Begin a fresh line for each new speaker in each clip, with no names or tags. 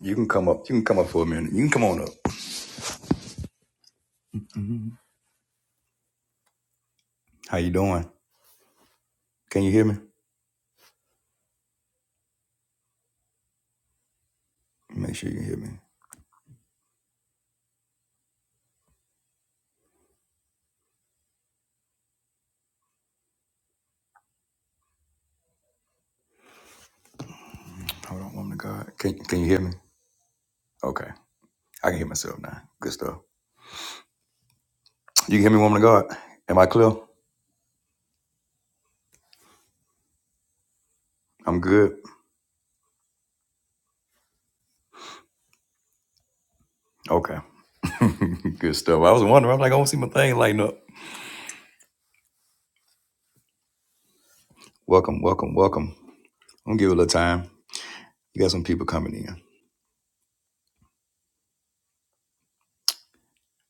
You can come up. You can come up for a minute. You can come on up. How you doing? Can you hear me? Make sure you can hear me. Hold on, woman of God. Can Can you hear me? Okay, I can hear myself now. Good stuff. You can hear me, woman of God. Am I clear? I'm good. Okay. good stuff. I was wondering. I'm like, I don't see my thing lighting up. Welcome, welcome, welcome. I'm gonna give it a little time. You got some people coming in.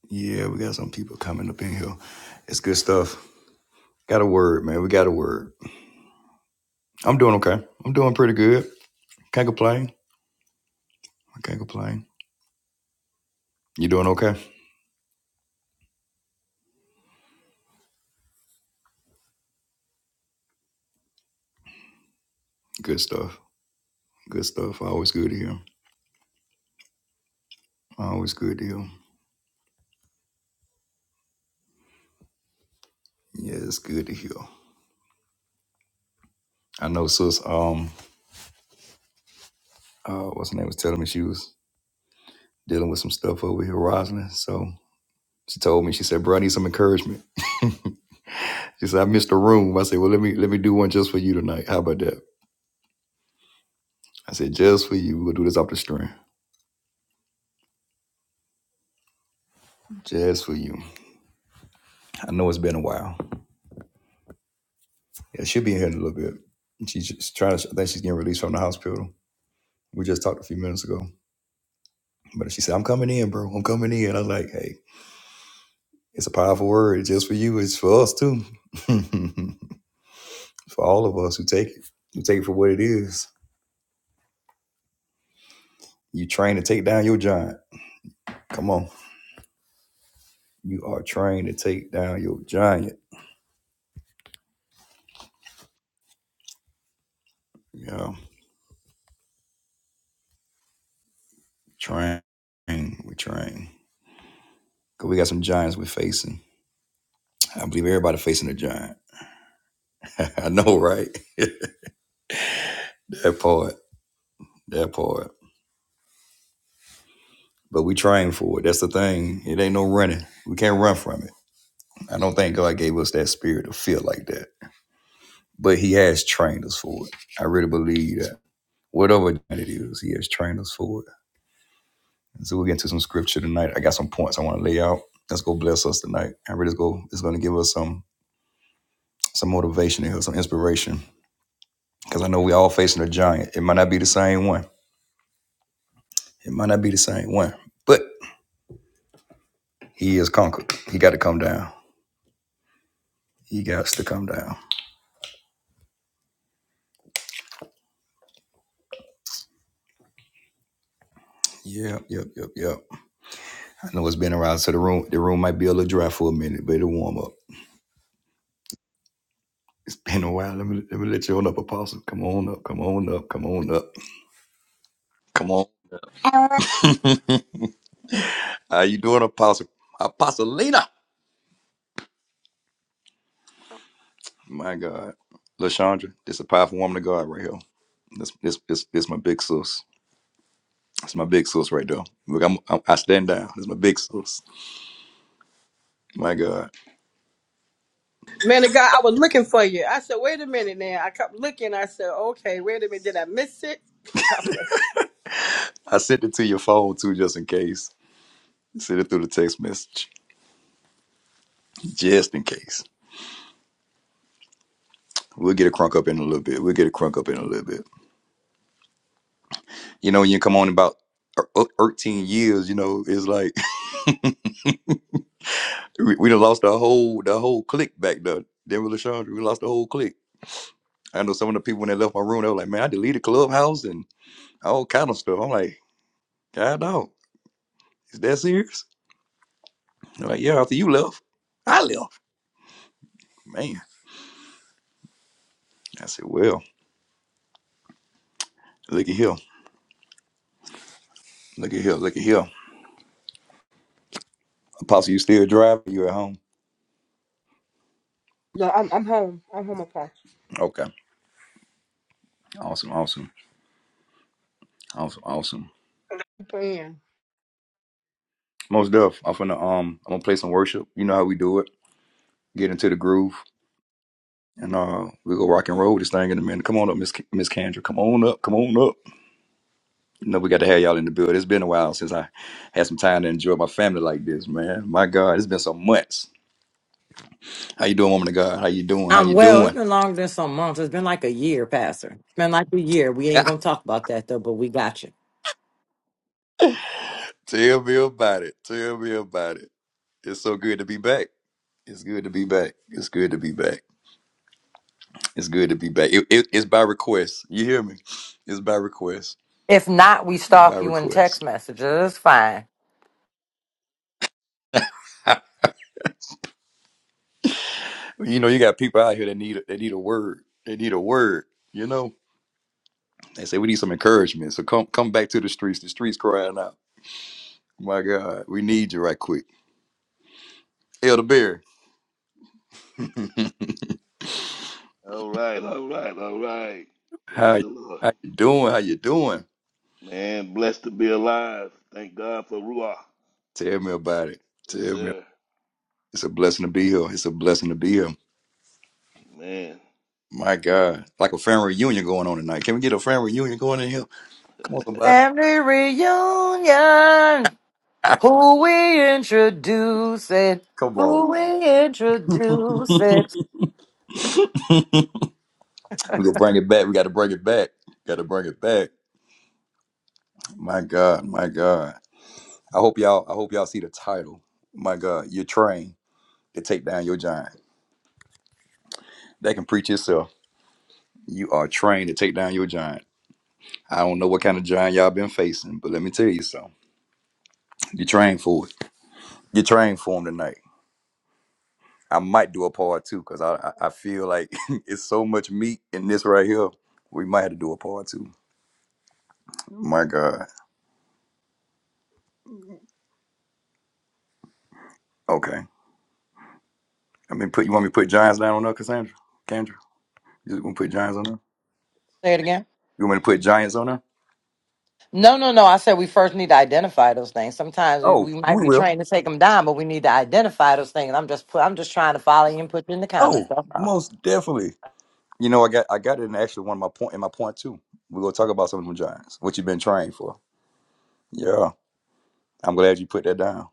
Yeah, we got some people coming up in here. It's good stuff. Got a word, man. We got a word. I'm doing okay. I'm doing pretty good. Can't complain. I can't complain. You doing okay? Good stuff. Good stuff. Always good to hear. Always good to hear. Yeah, it's good to hear. I know sis, um, uh, what's her name was telling me she was dealing with some stuff over here, Rosalind. So she told me, she said, bro, I need some encouragement. she said, I missed the room. I said, well, let me let me do one just for you tonight. How about that? I said, just for you. We'll do this off the string. Just for you. I know it's been a while. Yeah, she'll be in here in a little bit. She's just trying to, I think she's getting released from the hospital. We just talked a few minutes ago. But she said, I'm coming in, bro. I'm coming in. I was like, hey, It's a powerful word. It's just for you. It's for us too. for all of us who take it. you take it for what it is. You trained to take down your giant. Come on. You are trained to take down your giant. Yeah. Train. We train. Cause we got some giants we're facing. I believe everybody facing a giant. I know, right? That part. That part. But we train for it. That's the thing. It ain't no running. We can't run from it. I don't think God gave us that spirit to feel like that. But he has trained us for it. I really believe that. whatever it is, he has trained us for it. And so we'll get into some scripture tonight. I got some points I want to lay out. Let's go bless us tonight. I really go it's gonna give us some some motivation here, some inspiration. Cause I know we all facing a giant. It might not be the same one. It might not be the same one. But he is conquered. He got to come down. He got to come down. Yep, yep, yep, yep. I know it's been a while. so the room the room might be a little dry for a minute, but it'll warm up. It's been a while. Let me let me let you on up, Apostle. Come on up. Come on up. Come on up. Come on. How you doing, Apostle? Apostolina. My God. LaShondra, this is a powerful woman of God right here. This this this this my big sis. It's my big sis right there. Look, I'm, I'm I stand down. It's my big sis. My God.
Man of God, I was looking for you. I said, wait a minute now. I kept looking. I said, okay, wait a minute. Did I miss it? God bless
I sent it to your phone too, just in case. Sent it through the text message. Just in case. We'll get a crunk up in a little bit. We'll get a crunk up in a little bit. You know, when you come on about er- er- 13 years, you know, it's like we, we done lost the whole the whole clique back there. Then with LaShondra, we lost the whole clique. I know some of the people when they left my room, they were like, "Man, I deleted Clubhouse and all kind of stuff." I'm like, "God, dog, is that serious?" They're like, "Yeah." After you left, I left. Man, I said, "Well, look at here, look at here, look at here." Apostle, you still driving? You at home?
you. No, I'm, I'm home. I'm home, Apostle.
Okay, awesome, awesome, awesome, awesome.
Man.
Most Def, I'm gonna um, I'm gonna play some worship. You know how we do it. Get into the groove, and uh, we go rock and roll with this thing in a minute. Come on up, Miss Miss Kendra. Come on up. Come on up. No, we got to have y'all in the build. It's been a while since I had some time to enjoy my family like this, man. My God, it's been some months. How you doing, woman of God? How you doing? How
Um,
you
well, it's
doing?
been longer than some months. It's been like a year, Pastor. It's been like a year. We ain't gonna talk about that though, but we got you.
Tell me about it. Tell me about it. It's so good to be back. It's good to be back. It's good to be back. It's good to be back. It, it- it's by request. You hear me? It's by request.
If not, we
It's by
stalk you in text
request.
messages. It's fine.
you know, you got people out here that need they need a word. They need a word. You know, they say we need some encouragement. So come come back to the streets. The streets crying out. My God, we need you right quick. Elder Bear,
All right, all right, all right.
how
Praise
you,
the Lord.
how you doing? How you doing?
Man, blessed to be alive. Thank God for Ruah.
Tell me about it.
Yes,
Tell me.
sir.
It's a blessing to be here. It's a blessing to be here.
Man.
My God, like a family reunion going on tonight. Can we get a family reunion going in here? Come on, somebody.
Family reunion. Who we introduce it?
Come on.
Who we introduce it?
we gonna bring it back. We got to bring it back. Got to bring it back. My God, my God. I hope y'all. I hope y'all see the title. My God, you're trained to take down your giant. That can preach itself. You are trained to take down your giant. I don't know what kind of giant y'all been facing, but let me tell you something. You trained for it. You trained for him tonight. I might do a part two because I, I I feel like it's so much meat in this right here. We might have to do a part two. My God. Okay. I mean, put you want me to put giants down on her, Cassandra? Kendra, you want to put giants on her?
Say it again.
You want me to put giants on her?
No, no, no. I said we first need to identify those things. Sometimes we,
Oh,
we might
we
be
will.
trained to take them down, but we need to identify those things. I'm just put, I'm just trying to follow you and put you in the comments.
Oh,
That's all.
most definitely. You know, I got I got it in actually one of my point in my point too. We're gonna talk about some of them giants. What you've been trained for. Yeah. I'm glad you put that down.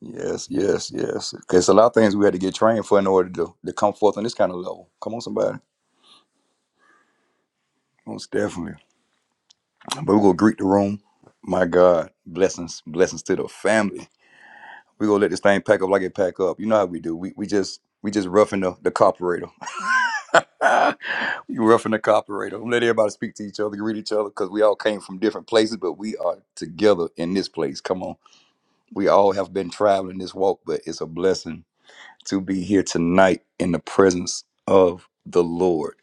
Yes, yes, yes. Because a lot of things we had to get trained for in order to, to come forth on this kind of level. Come on, somebody. Most definitely. But we're going to greet the room. My God, blessings, blessings to the family. We're going to let this thing pack up like it pack up. You know how we do. We, we just we just roughing the, the carburetor. we roughing the carburetor. Let everybody speak to each other, greet each other, because we all came from different places, but we are together in this place. Come on. We all have been traveling this walk, but it's a blessing to be here tonight in the presence of the Lord.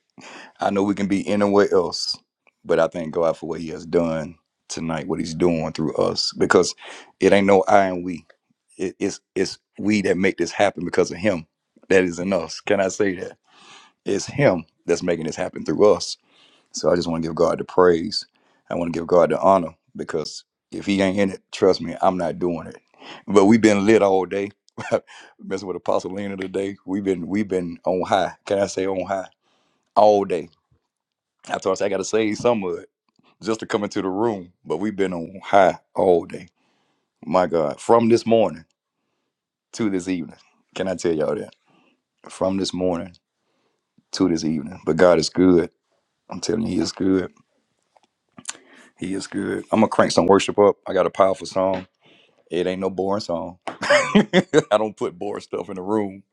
I know we can be anywhere else, but I thank God for what He has done tonight, what He's doing through us, because it ain't no I and we. It- it's it's we that make this happen because of Him that is in us. Can I say that? It's Him that's making this happen through us so I just want to give God the praise. I want to give God the honor because if He ain't in it, trust me, I'm not doing it. But we've been lit all day, messing with Apostle Lena today. We've been we've been on high. Can I say on high all day? I thought I said I got to save some of it just to come into the room, but we've been on high all day. My God, from this morning to this evening. Can I tell y'all that? From this morning to this evening. But God is good. I'm telling you, He is good. He is good. I'm gonna crank some worship up. I got a powerful song. It ain't no boring song. I don't put boring stuff in the room,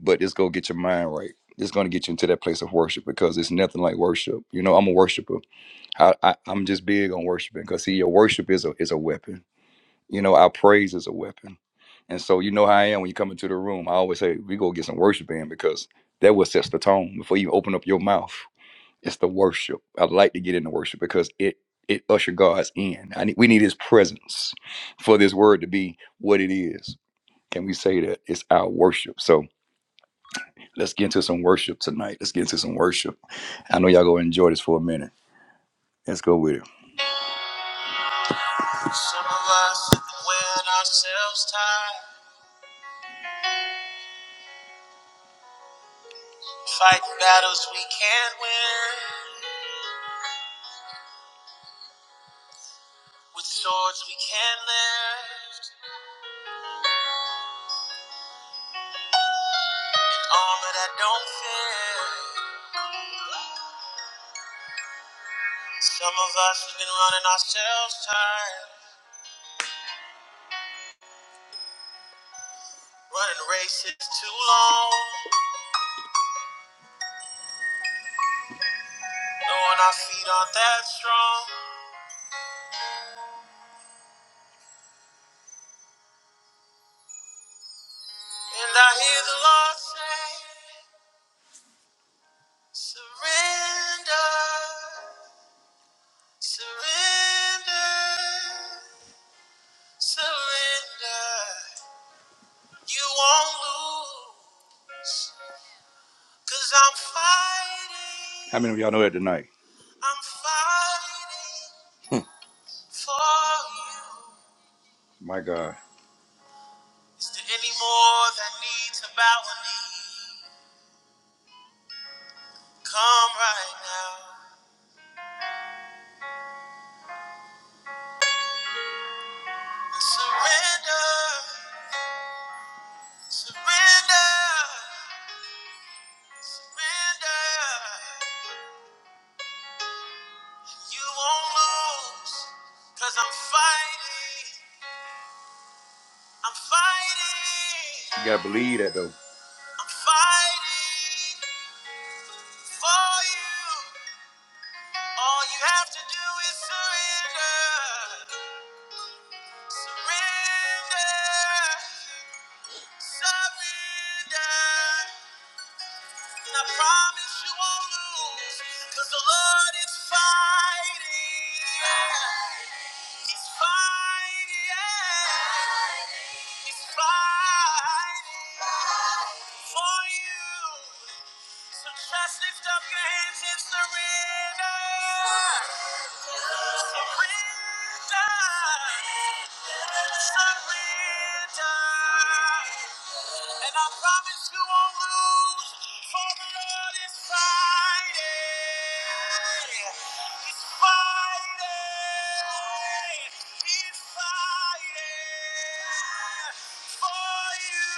but it's gonna get your mind right. It's gonna get you into that place of worship because it's nothing like worship. You know, I'm a worshiper. I, I I'm just big on worshiping because see, your worship is a is a weapon. You know, our praise is a weapon. And so you know how I am when you come into the room. I always say we go get some worship in because that what sets the tone before you open up your mouth. It's the worship. I'd like to get into worship because it it usher God's in. I need, we need His presence for this word to be what it is. Can we say that it's our worship? So let's get into some worship tonight. Let's get into some worship. I know y'all gonna enjoy this for a minute. Let's go with it. Some of us wearing ourselves tired, fighting battles we can't win, with swords we can't lift, armor that don't fit. Some of us have been running ourselves tired, running races too long, knowing our feet aren't that strong. And I hear the Lord say, surrender, surrender, surrender. You won't lose, cause I'm fighting. How many of y'all know that tonight? I'm fighting for you. My God. Is there any more that needs to bow a knee? Come right now and surrender, surrender, surrender. You won't lose, cause I'm fighting, I'm fighting. You gotta believe that though. I'm fighting for you. All you have to do is surrender, surrender. Surrender, and I promise you won't lose, 'cause the Lord is fighting, yeah. He's fighting, yeah. He's fighting for you. So just lift up your hands and surrender. Surrender. Surrender. And I promise you won't lose, for the Lord is fighting. He's fighting. He's fighting for you.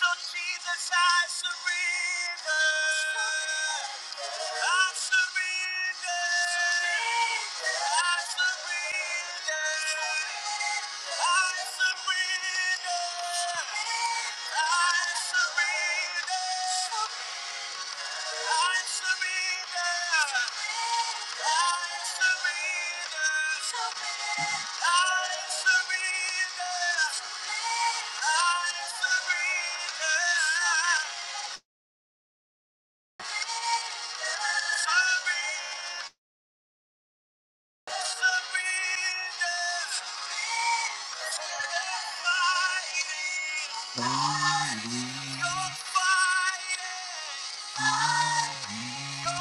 So Jesus, I surrender surrender. Fire. Too often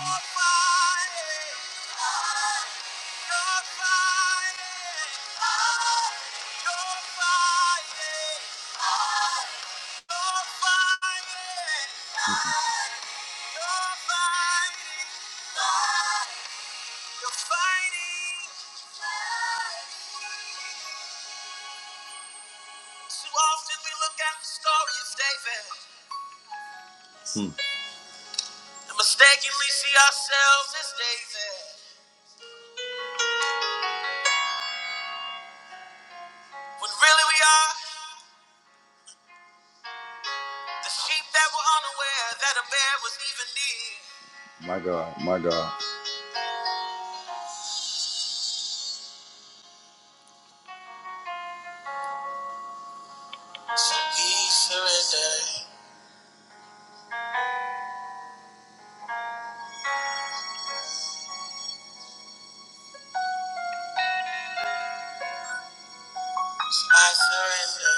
we look at the story of David and mistakenly see ourselves as David when really we are. The sheep that were unaware that a bear was even near. My God, my God. So he surrendered. I surrender.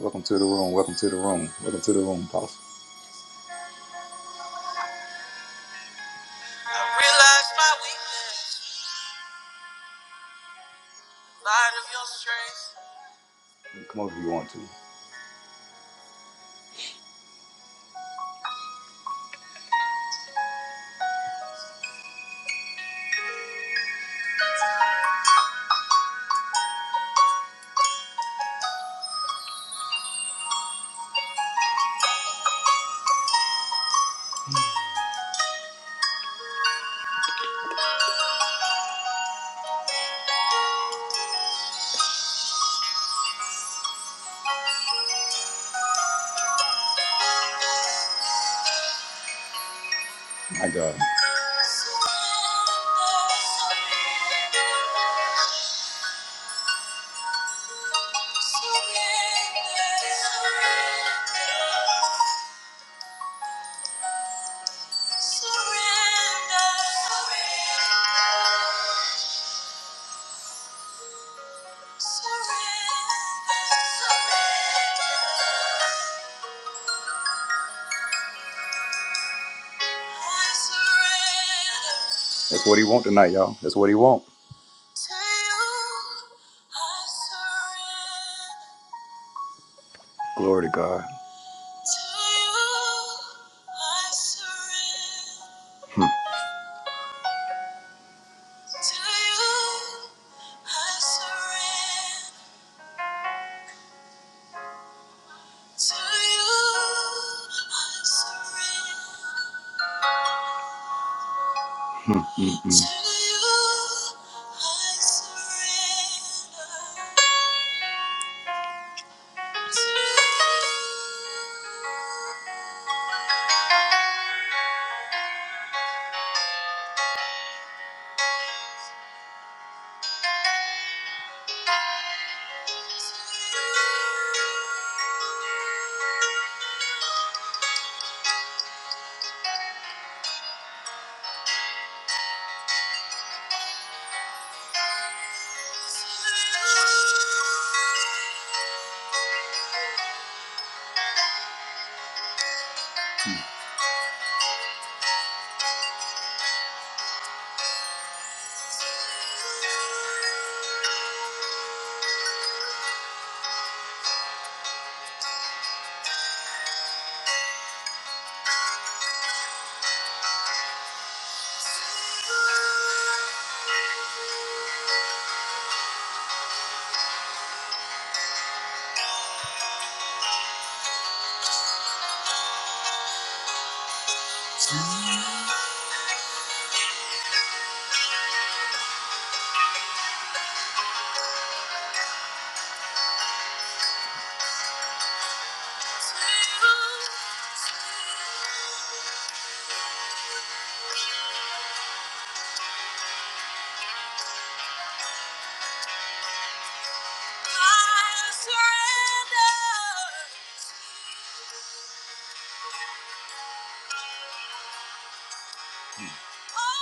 Welcome to the room. Welcome to the room. Welcome to the room, Apostle. I realize my weakness, light of your strength. Come over if you want to. My God. Surrender, surrender, surrender. Surrender. Surrender. Surrender. I surrender. That's what he want tonight, y'all. That's what he want. To you, I surrender. Glory to God. To you, I surrender. Hmm. To you, I surrender. To you, I surrender. Mm-mm. Mm. I surrender. Thank you.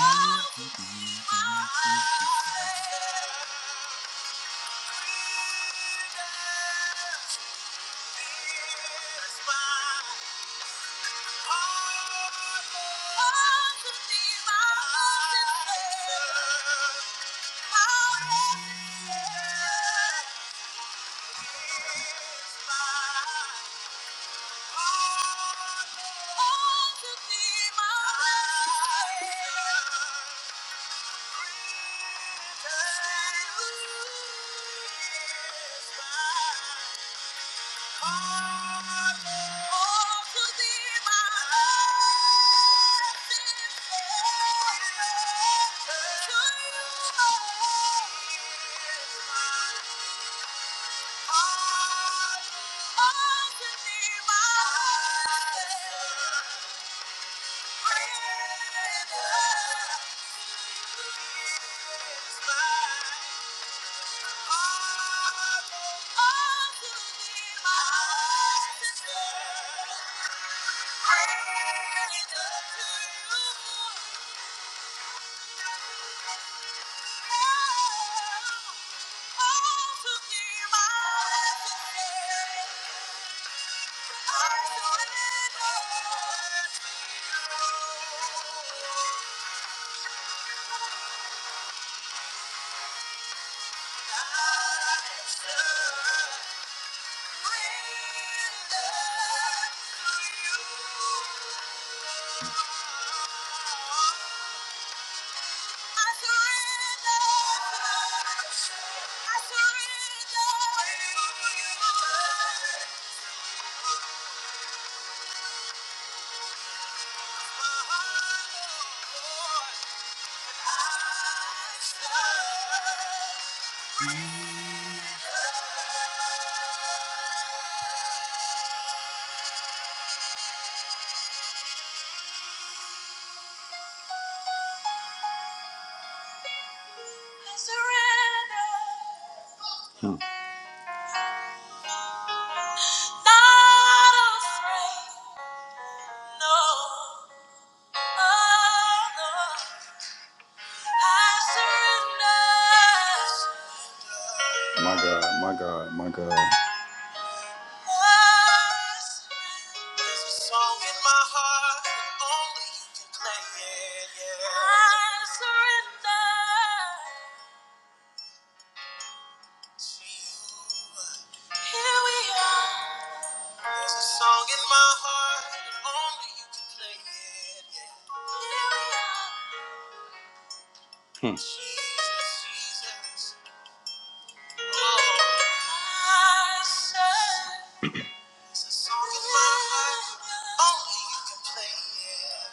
Oh, Thank you. Oh, surrender to you. Hmm. My God, my God, my God. song in my heart only you can play. Yeah, yeah. I surrender to you. Here we are. There's a song in my heart only you can play. Yeah, yeah. Here we are. Hmm. Jesus, Jesus. Oh. I surrender. There's a song in my heart only you can play. Yeah.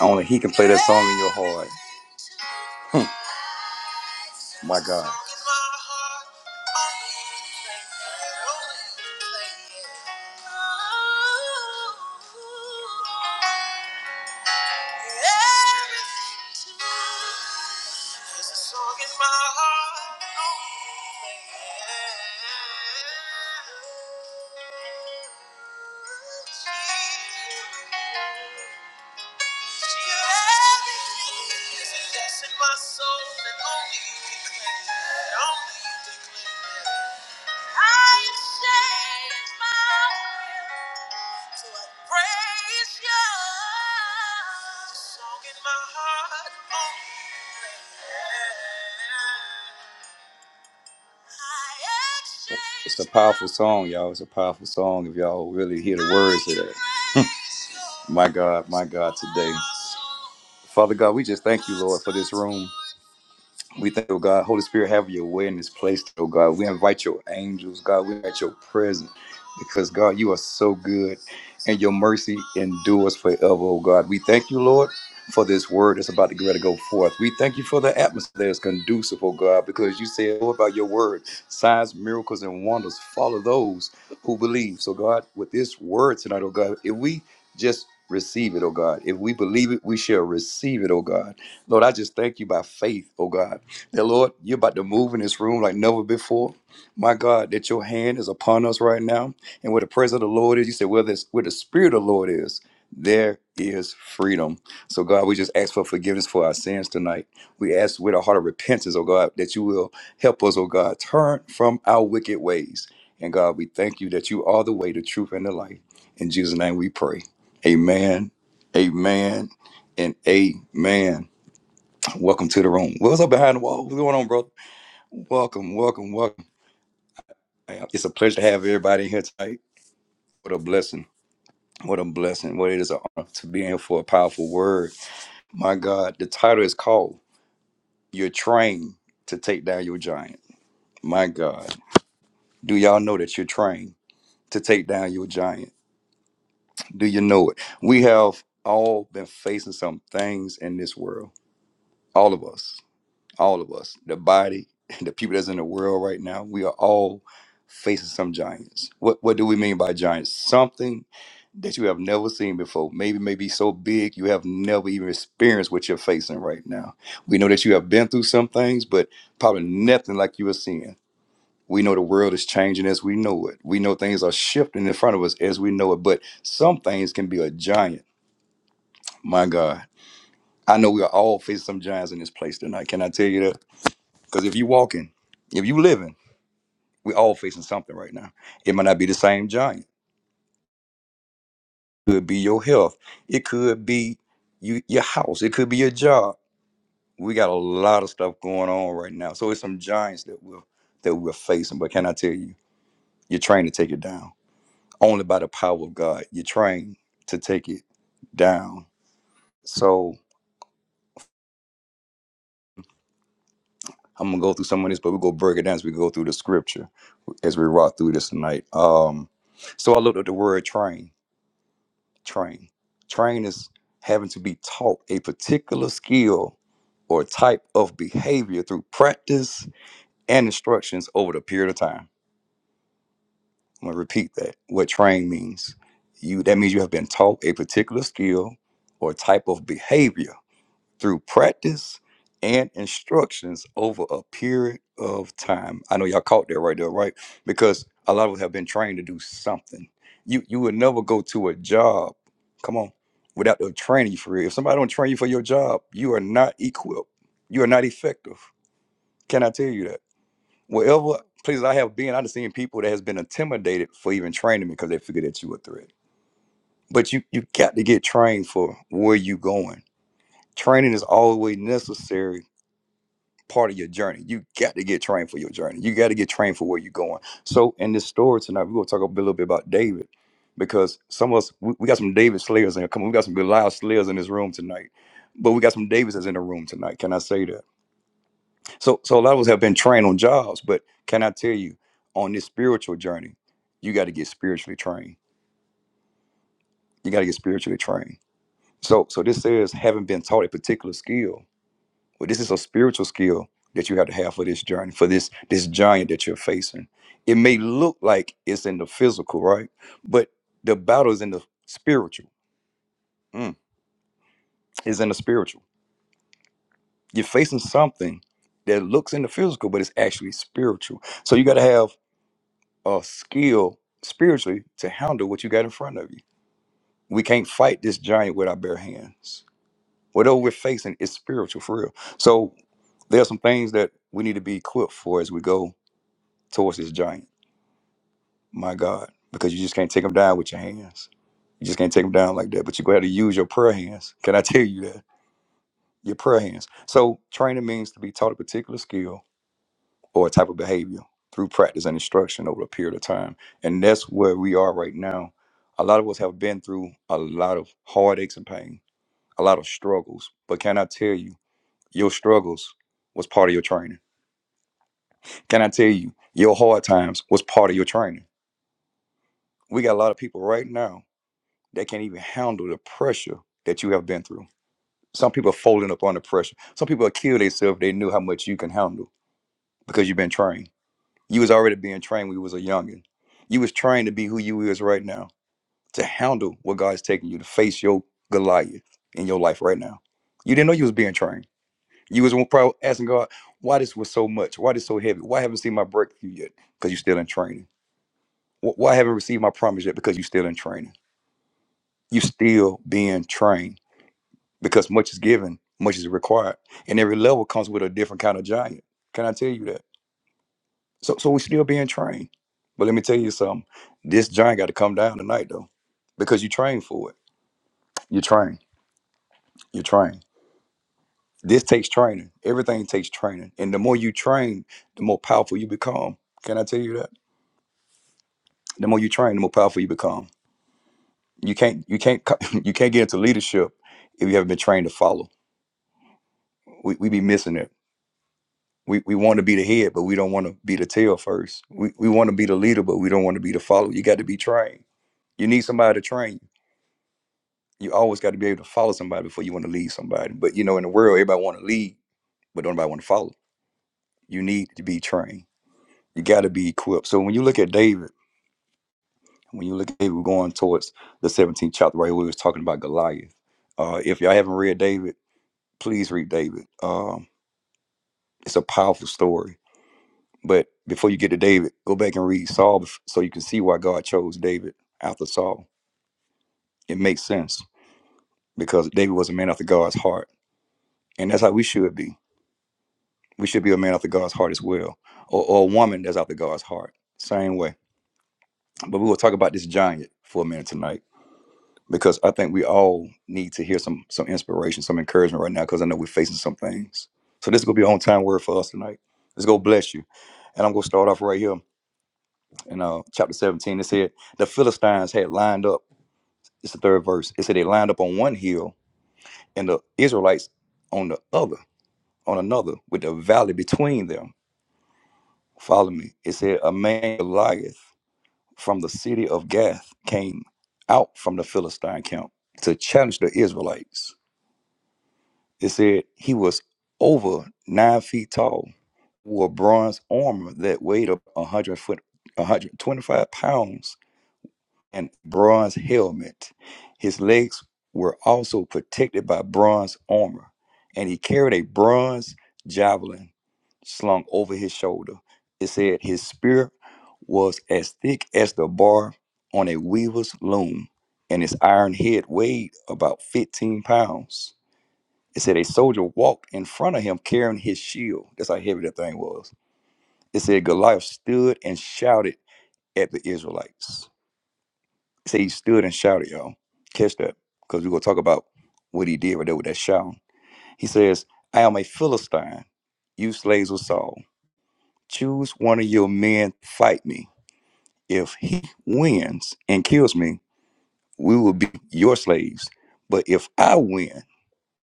Only he can play that song in your heart. Hmm. My God. Song in my heart, only you declare. It's a powerful song, y'all. It's a powerful song if y'all really hear the words of that. my God, my God, today. Father God, we just thank you, Lord, for this room. We thank you, oh God. Holy Spirit, have your way in this place, oh God. We invite your angels, God. We invite your presence because, God, you are so good and your mercy endures forever, oh God. We thank you, Lord, for this word that's about to get ready to go forth. We thank you for the atmosphere that's conducive, oh God, because you said, Lord, by your word, signs, miracles, and wonders follow those who believe. So, God, with this word tonight, oh God, if we just receive it, oh God, if we believe it, we shall receive it, oh God. Lord, I just thank you by faith, oh God that Lord, you're about to move in this room like never before. My God, that your hand is upon us right now. And where the presence of the Lord is, you said, where, this, where the Spirit of the Lord is, there is freedom. So, God, we just ask for forgiveness for our sins tonight. We ask with a heart of repentance, oh God, that you will help us, oh God, turn from our wicked ways. And God, we thank you that you are the way, the truth, and the light. In Jesus' name we pray. Amen, amen, and amen. Welcome to the room. What's up behind the wall? What's going on, bro? Welcome, welcome, welcome. Man, It's a pleasure to have everybody here tonight. What a blessing. What a blessing. What it is an honor to be here for a powerful word. My God, the title is called You're Trained to Take Down Your Giant. My God, do y'all know that you're trained to take down your giant? Do you know it? We have all been facing some things in this world, all of us. all of us, the body, the people that's in the world right now, we are all facing some giants. What what do we mean by giants? Something that you have never seen before. Maybe maybe so big you have never even experienced what you're facing right now. We know that you have been through some things, but probably nothing like you are seeing. We know the world is changing as we know it. We know things are shifting in front of us as we know it, but some things can be a giant. My God. I know we are all facing some giants in this place tonight. Can I tell you that? Because if you walking, if you living, we all facing something right now. It might not be the same giant. It could be your health. It could be you your house. It could be your job. We got a lot of stuff going on right now. So it's some giants that we're that we're facing. But can I tell you, you're trained to take it down. Only by the power of God. You're trained to take it down. So I'm gonna go through some of this, but we're going break it down as we go through the scripture as we rock through this tonight. Um so I looked at the word train train. Train is having to be taught a particular skill or type of behavior through practice and instructions over the period of time. I'm gonna repeat that. What train means. You that means you have been taught a particular skill or type of behavior through practice and instructions over a period of time. I know y'all caught that right there, right? Because a lot of us have been trained to do something. You you would never go to a job, come on, without the training you for real. If somebody don't train you for your job, you are not equipped. You are not effective. Can I tell you that? Wherever places I have been, I've seen people that has been intimidated for even training me because they figured that you a threat. But you you got to get trained for where you going. Training is always necessary part of your journey. You got to get trained for your journey. You got to get trained for where you're going. So in this story tonight, we're gonna talk a little bit about David because some of us we, we got some David slayers in here. Come on, we got some Goliath slayers in this room tonight. But we got some Davises in the room tonight. Can I say that? So so a lot of us have been trained on jobs, but can I tell you on this spiritual journey, you got to get spiritually trained. You got to get spiritually trained. So so this says having been taught a particular skill Well, this is a spiritual skill that you have to have for this journey, for this this giant that you're facing. It may look like it's in the physical, right? But the battle is in the spiritual. Mm, it's in the spiritual. You're facing something that looks in the physical, but it's actually spiritual. So you got to have a skill spiritually to handle what you got in front of you. We can't fight this giant with our bare hands. Whatever we're facing is spiritual for real. So there are some things that we need to be equipped for as we go towards this giant My God, because you just can't take them down with your hands. You just can't take them down like that. But you go have to use your prayer hands. Can I tell you that? Your prayer hands. So training means to be taught a particular skill or a type of behavior through practice and instruction over a period of time. And that's where we are right now. A lot of us have been through a lot of heartaches and pain, a lot of struggles. But can I tell you, your struggles was part of your training. Can I tell you, your hard times was part of your training. We got a lot of people right now that can't even handle the pressure that you have been through. Some people are folding up under pressure. Some people will kill themselves if they knew how much you can handle because you've been trained. You was already being trained when you was a youngin. You was trained to be who you is right now, to handle what God's taking you, to face your Goliath in your life right now. You didn't know you was being trained. You was probably asking God, why this was so much? Why this so heavy? Why haven't I seen my breakthrough yet? Because you still in training. Why haven't I received my promise yet? Because you still in training. You still being trained because much is given, much is required, and every level comes with a different kind of giant. Can I tell you that? So, so we're still being trained. But let me tell you something. This giant got to come down tonight, though, because you train for it. You train. You train. This takes training. Everything takes training, and the more you train, the more powerful you become. Can I tell you that? The more you train, the more powerful you become. You can't. You can't. co- You can't get into leadership if you haven't been trained to follow. We, we be missing it we, we want to be the head, but we don't want to be the tail first. We, we want to be the leader, but we don't want to be the follower. You got to be trained. You need somebody to train you. You always got to be able to follow somebody before you want to lead somebody. But you know, in the world, everybody want to lead, but don't nobody want to follow. You need to be trained. You got to be equipped. So when you look at David, when you look at David going towards the 17th chapter, right where we was talking about Goliath. Uh, if y'all haven't read David, please read David. Um, it's a powerful story But before you get to David, go back and read Saul so you can see why God chose David after Saul. It makes sense because David was a man after God's heart. And that's how we should be. We should be a man after God's heart as well, or, or a woman that's after God's heart. Same way. But we will talk about this giant for a minute tonight because I think we all need to hear some some inspiration, some encouragement right now because I know we're facing some things. So this is going to be an on time word for us tonight. Let's go bless you. And I'm going to start off right here. in uh, chapter 17. It said the Philistines had lined up. It's the third verse. It said they lined up on one hill and the Israelites on the other, on another, with the valley between them. Follow me. It said a man Goliath from the city of Gath came out from the Philistine camp to challenge the Israelites. It said he was over nine feet tall, wore bronze armor that weighed a 100 foot, 125 pounds and bronze helmet. His legs were also protected by bronze armor, and he carried a bronze javelin slung over his shoulder. It said his spear was as thick as the bar on a weaver's loom, and his iron head weighed about 15 pounds. It said a soldier walked in front of him carrying his shield. That's how heavy that thing was. It said Goliath stood and shouted at the Israelites. Say he stood and shouted, y'all. Catch that, because we're gonna talk about what he did right there with that shout. He says, "I am a Philistine, you slaves of Saul. Choose one of your men, fight me. If he wins and kills me, we will be your slaves. But if I win,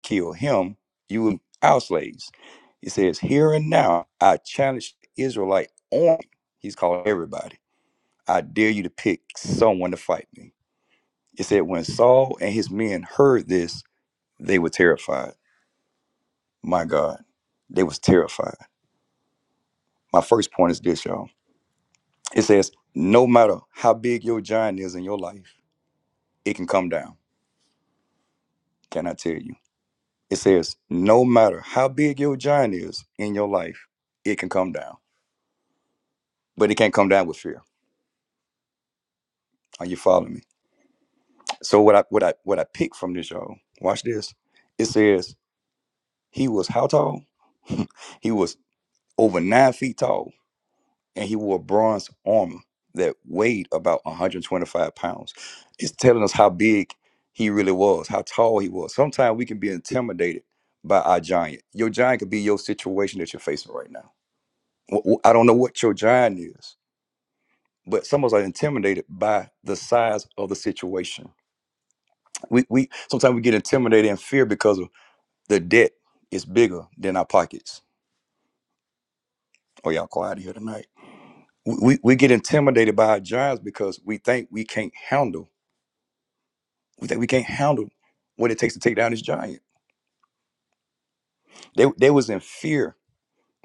kill him, you will be our slaves." He says, "Here and now, I challenge the Israelite army." He's calling everybody. I dare you to pick someone to fight me. It said, when Saul and his men heard this, they were terrified. My God, they was terrified. My first point is this, y'all. It says, no matter how big your giant is in your life, it can come down. Can I tell you? It says, no matter how big your giant is in your life, it can come down. But it can't come down with fear. Are you following me? So what I what I what I picked from this, y'all, watch this. It says, he was how tall? he was over nine feet tall and he wore bronze armor that weighed about 125 pounds. It's telling us how big he really was, how tall he was. Sometimes we can be intimidated by our giant. Your giant could be your situation that you're facing right now. Wh- I don't know what your giant is, but some of us are intimidated by the size of the situation. We, we sometimes we get intimidated and fear because of the debt is bigger than our pockets. Oh, y'all quiet here tonight. We, we, we get intimidated by our giants because we think we can't handle We think we can't handle what it takes to take down this giant. They they was in fear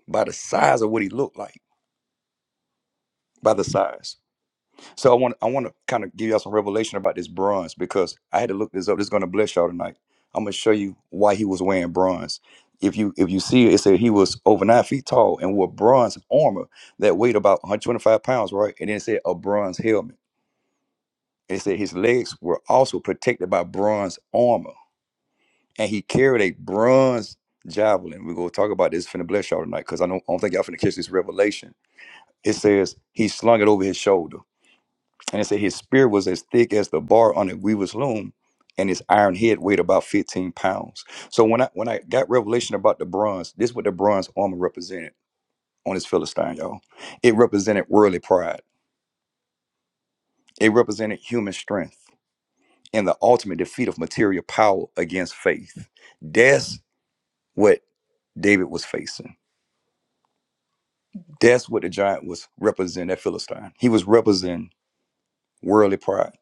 by the size of what he looked like, by the size. So I want I want to kind of give y'all some revelation about this bronze because I had to look this up. This is gonna bless y'all tonight. I'm gonna show you why he was wearing bronze. If you if you see it, it said he was over nine feet tall and wore bronze armor that weighed about 125 pounds, right? And then it said a bronze helmet. It said his legs were also protected by bronze armor. and he carried a bronze javelin. We're gonna talk about this. Finna bless y'all tonight, cause I don't, I don't think y'all finna catch this revelation. It says he slung it over his shoulder, and it said his spear was as thick as the bar on a weaver's loom, and his iron head weighed about fifteen pounds. So when I when I got revelation about the bronze, this is what the bronze armor represented on this Philistine, y'all. It represented worldly pride. It represented human strength and the ultimate defeat of material power against faith. That's what David was facing. That's what the giant was representing, that Philistine. He was representing worldly pride,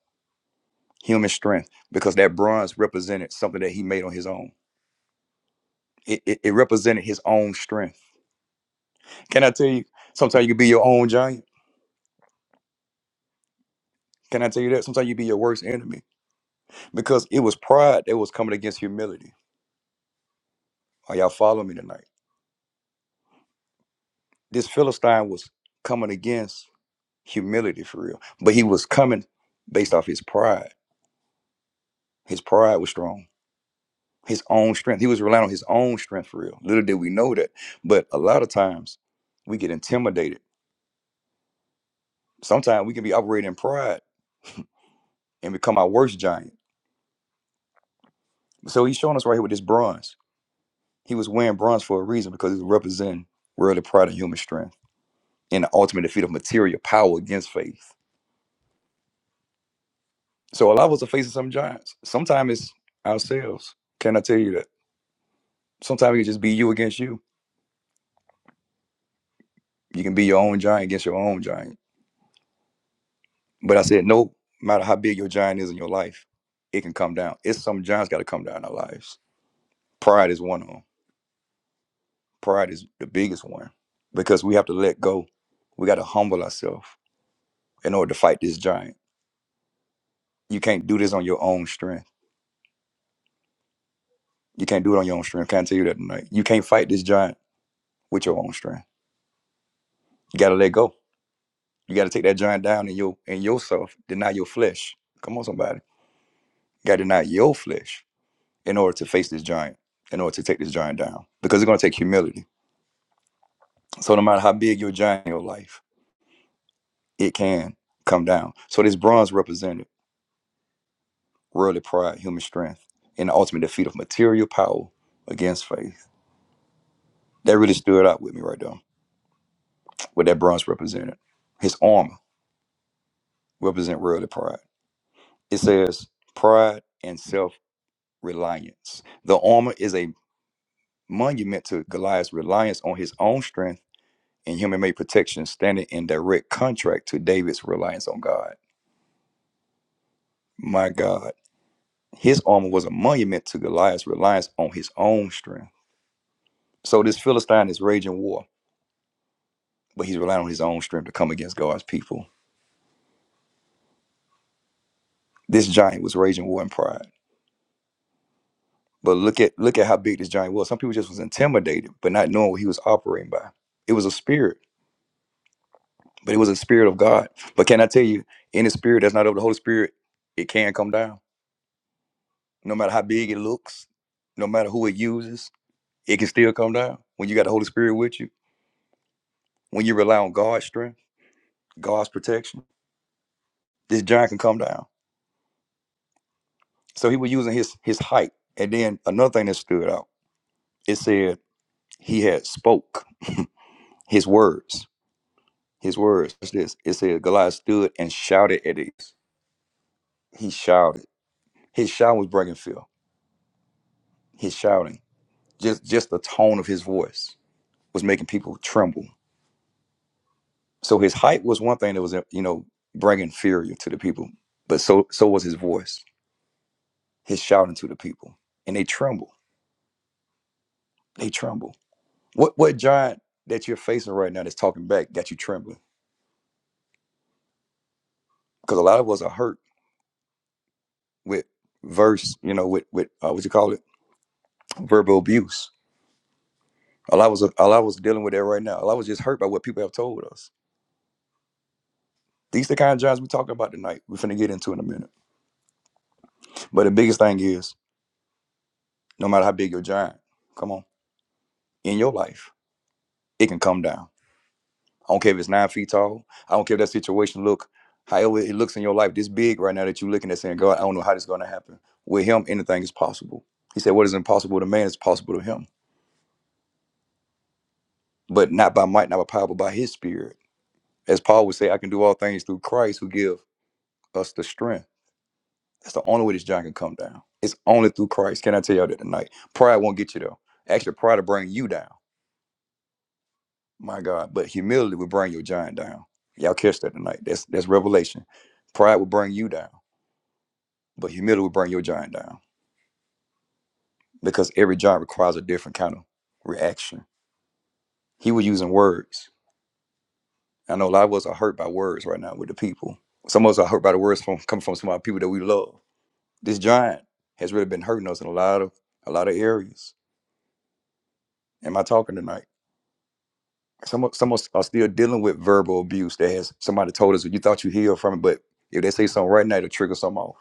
human strength, because that bronze represented something that he made on his own. It, it, it represented his own strength. Can I tell you, sometimes you can be your own giant? Can I tell you that? Sometimes you be your worst enemy because it was pride that was coming against humility. Are y'all following me tonight? This Philistine was coming against humility for real, but he was coming based off his pride. His pride was strong his own strength. He was relying on his own strength for real. Little did we know that. But a lot of times we get intimidated. Sometimes we can be operating in pride and become our worst giant. So he's showing us right here with this bronze. He was wearing bronze for a reason because it representing worldly pride and human strength and the ultimate defeat of material power against faith. So a lot of us are facing some giants. Sometimes it's ourselves. Can I tell you that? Sometimes it can just be you against you. You can be your own giant against your own giant But I said, no matter how big your giant is in your life, it can come down. It's some giants got to come down in our lives. Pride is one of them. Pride is the biggest one because we have to let go. We got to humble ourselves in order to fight this giant. You can't do this on your own strength. You can't do it on your own strength. Can't tell you that tonight. You can't fight this giant with your own strength. You got to let go. You got to take that giant down in your in yourself. Deny your flesh. Come on, somebody. You got to deny your flesh in order to face this giant. In order to take this giant down, because it's going to take humility So no matter how big your giant in your life, it can come down. So this bronze represented worldly pride, human strength, and the ultimate defeat of material power against faith. That really stood out with me right there. What that bronze represented. His armor represent worldly pride. It says pride and self-reliance. The armor is a monument to Goliath's reliance on his own strength and human-made protection, standing in direct contract to David's reliance on God. My God His armor was a monument to Goliath's reliance on his own strength. So this Philistine is raging war, but he's relying on his own strength to come against God's people. This giant was raging war in pride. But look at look at how big this giant was. Some people just was intimidated, but not knowing what he was operating by. It was a spirit, but it was a spirit of God. But can I tell you, any spirit that's not of the Holy Spirit, it can come down. No matter how big it looks, no matter who it uses, it can still come down. When you got the Holy Spirit with you, when you rely on God's strength, God's protection. this giant can come down. So he was using his his height. And then another thing that stood out, it said he had spoke his words. His words. Watch this. It said Goliath stood and shouted at it. He shouted. His shout was breaking fear. His shouting. Just just the tone of his voice was making people tremble. So his height was one thing that was you know bringing fear to the people, but so so was his voice. His shouting to the people, and they tremble. They tremble What what giant that you're facing right now that's talking back got you trembling? Because a lot of us are hurt with verse, you know, with with uh, what you call it, verbal abuse. A lot was us, are- a lot of dealing with that right now. A lot was just hurt by what people have told us. These the kind of giants we're talking about tonight. We're finna get into in a minute. But the biggest thing is, no matter how big your giant, come on, in your life, it can come down. I don't care if it's nine feet tall. I don't care if that situation look however it looks in your life this big right now that you're looking at saying, God, I don't know how this is gonna happen. With him, anything is possible. He said, What is impossible to man is possible to him. But not by might, not by power, but by his spirit. As Paul would say, I can do all things through Christ who give us the strength. That's the only way this giant can come down. It's only through Christ. Can I tell y'all that tonight? Pride won't get you though. Actually, pride will bring you down. My God. But humility will bring your giant down. Y'all catch that tonight. That's that's revelation. Pride will bring you down. But humility will bring your giant down because every giant requires a different kind of reaction. He was using words. I know a lot of us are hurt by words right now with the people. Some of us are hurt by the words from coming from some of our people that we love. This giant has really been hurting us in a lot of a lot of areas. Am I talking tonight? Some of, some of us are still dealing with verbal abuse that has somebody told us you thought you healed from it, but if they say something right now, it'll trigger something off.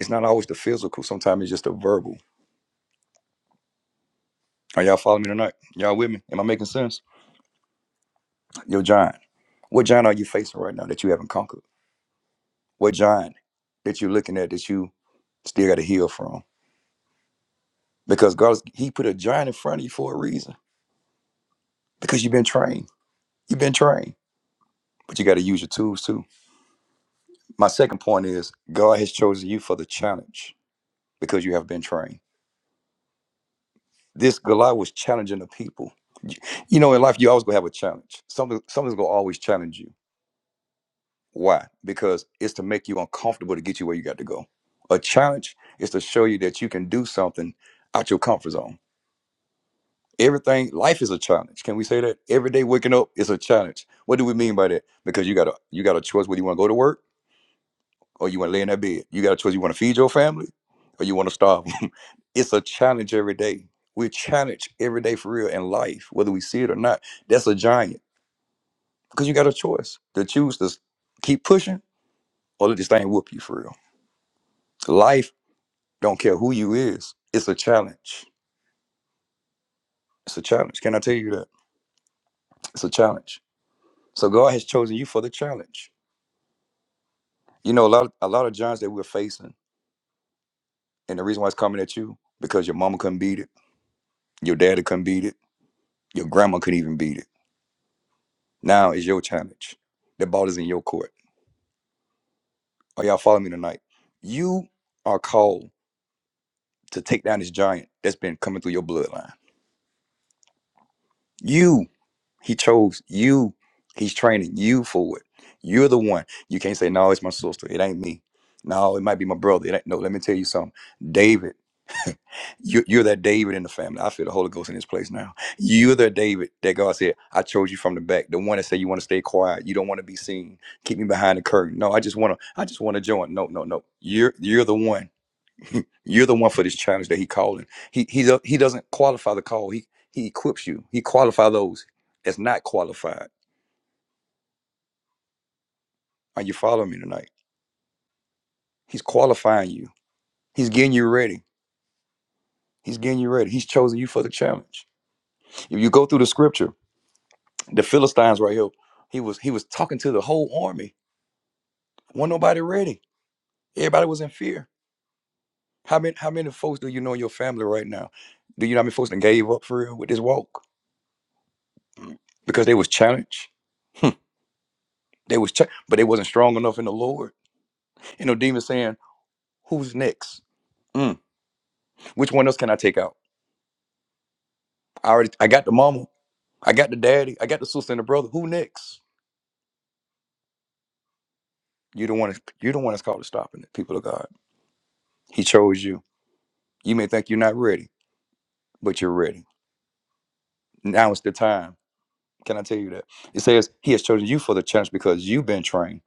It's not always the physical. Sometimes it's just the verbal. Are y'all following me tonight? Y'all with me? Am I making sense? Your giant. What giant are you facing right now that you haven't conquered? What giant that you're looking at that you still got to heal from? Because God's He put a giant in front of you for a reason. Because you've been trained. You've been trained, but you got to use your tools too. My second point is God has chosen you for the challenge because you have been trained. This Goliath was challenging the people. You you know, in life, you always gonna have a challenge. Something, something's gonna always challenge you. Why? Because it's to make you uncomfortable to get you where you got to go. A challenge is to show you that you can do something out your comfort zone. Everything, life is a challenge. Can we say that? Every day waking up is a challenge. What do we mean by that? Because you got a you got a choice whether you want to go to work or you want to lay in that bed. You got a choice you want to feed your family or you want to starve. it's a challenge every day. We're challenged every day for real in life, whether we see it or not. That's a giant because you got a choice to choose to keep pushing or let this thing whoop you for real. Life Don't care who you is. It's a challenge. It's a challenge. Can I tell you that? It's a challenge. So God has chosen you for the challenge. You know, a lot of, a lot of giants that we're facing, and the reason why it's coming at you, because your mama couldn't beat it, your daddy couldn't beat it, your grandma couldn't even beat it. Now is your challenge. The ball is in your court. Are y'all following me tonight? You are called to take down this giant that's been coming through your bloodline. You He chose you. He's training you for it. You're the one. You can't say, no, it's my sister. It ain't me. No, it might be my brother. It ain't, no, let me tell you something. David, you, you're that David in the family. I feel the Holy Ghost in this place now. You're that David that God said, I chose you from the back. The one that said you want to stay quiet. You don't want to be seen. Keep me behind the curtain. No, I just want to, I just want to join. No, no, no. You're you're the one. you're the one for this challenge that he calling. He he do- he doesn't qualify the call. He he equips you. He qualify those that's not qualified Are you following me tonight? He's qualifying you. He's getting you ready. He's getting you ready. He's chosen you for the challenge. If you go through the scripture, the Philistines right here, he was he was talking to the whole army. Wasn't nobody ready. Everybody was in fear. How many how many folks do you know in your family right now? Do you know how many folks that gave up for real with this walk? Because they was challenged. Hmm. They was ch- but they wasn't strong enough in the Lord. You know, demons saying, Who's next? Mm. Which one else can I take out? I already I got the mama, I got the daddy, I got the sister and the brother. Who next? You the one. that's- You the one that's called to stopping it. People of God, He chose you. You may think you're not ready, but you're ready. Now is the time. Can I tell you that? It says He has chosen you for the challenge because you've been trained.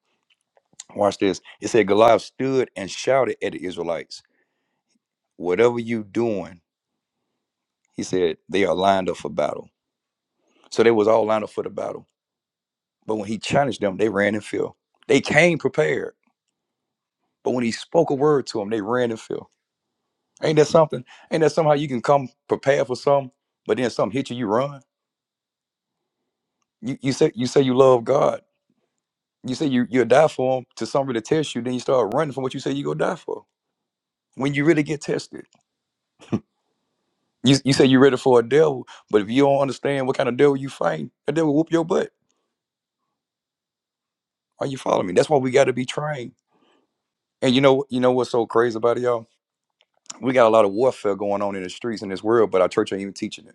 Watch this. It said Goliath stood and shouted at the Israelites, "Whatever you doing," he said, "they are lined up for battle." So they was all lined up for the battle. But when he challenged them, they ran and fell. They came prepared. But when he spoke a word to them, they ran and fell. Ain't that something? Ain't that somehow you can come prepared for something, but then something hit you, you run. You you say you say you love God. You say you you'll die for him to somebody to test you, then you start running from what you say you gonna die for. When you really get tested. You you say you're ready for a devil, but if you don't understand what kind of devil you fighting, that devil whoop your butt. Are you following me? That's why we gotta be trained. And you know you know what's so crazy about it, y'all? We got a lot of warfare going on in the streets in this world, but our church ain't even teaching it.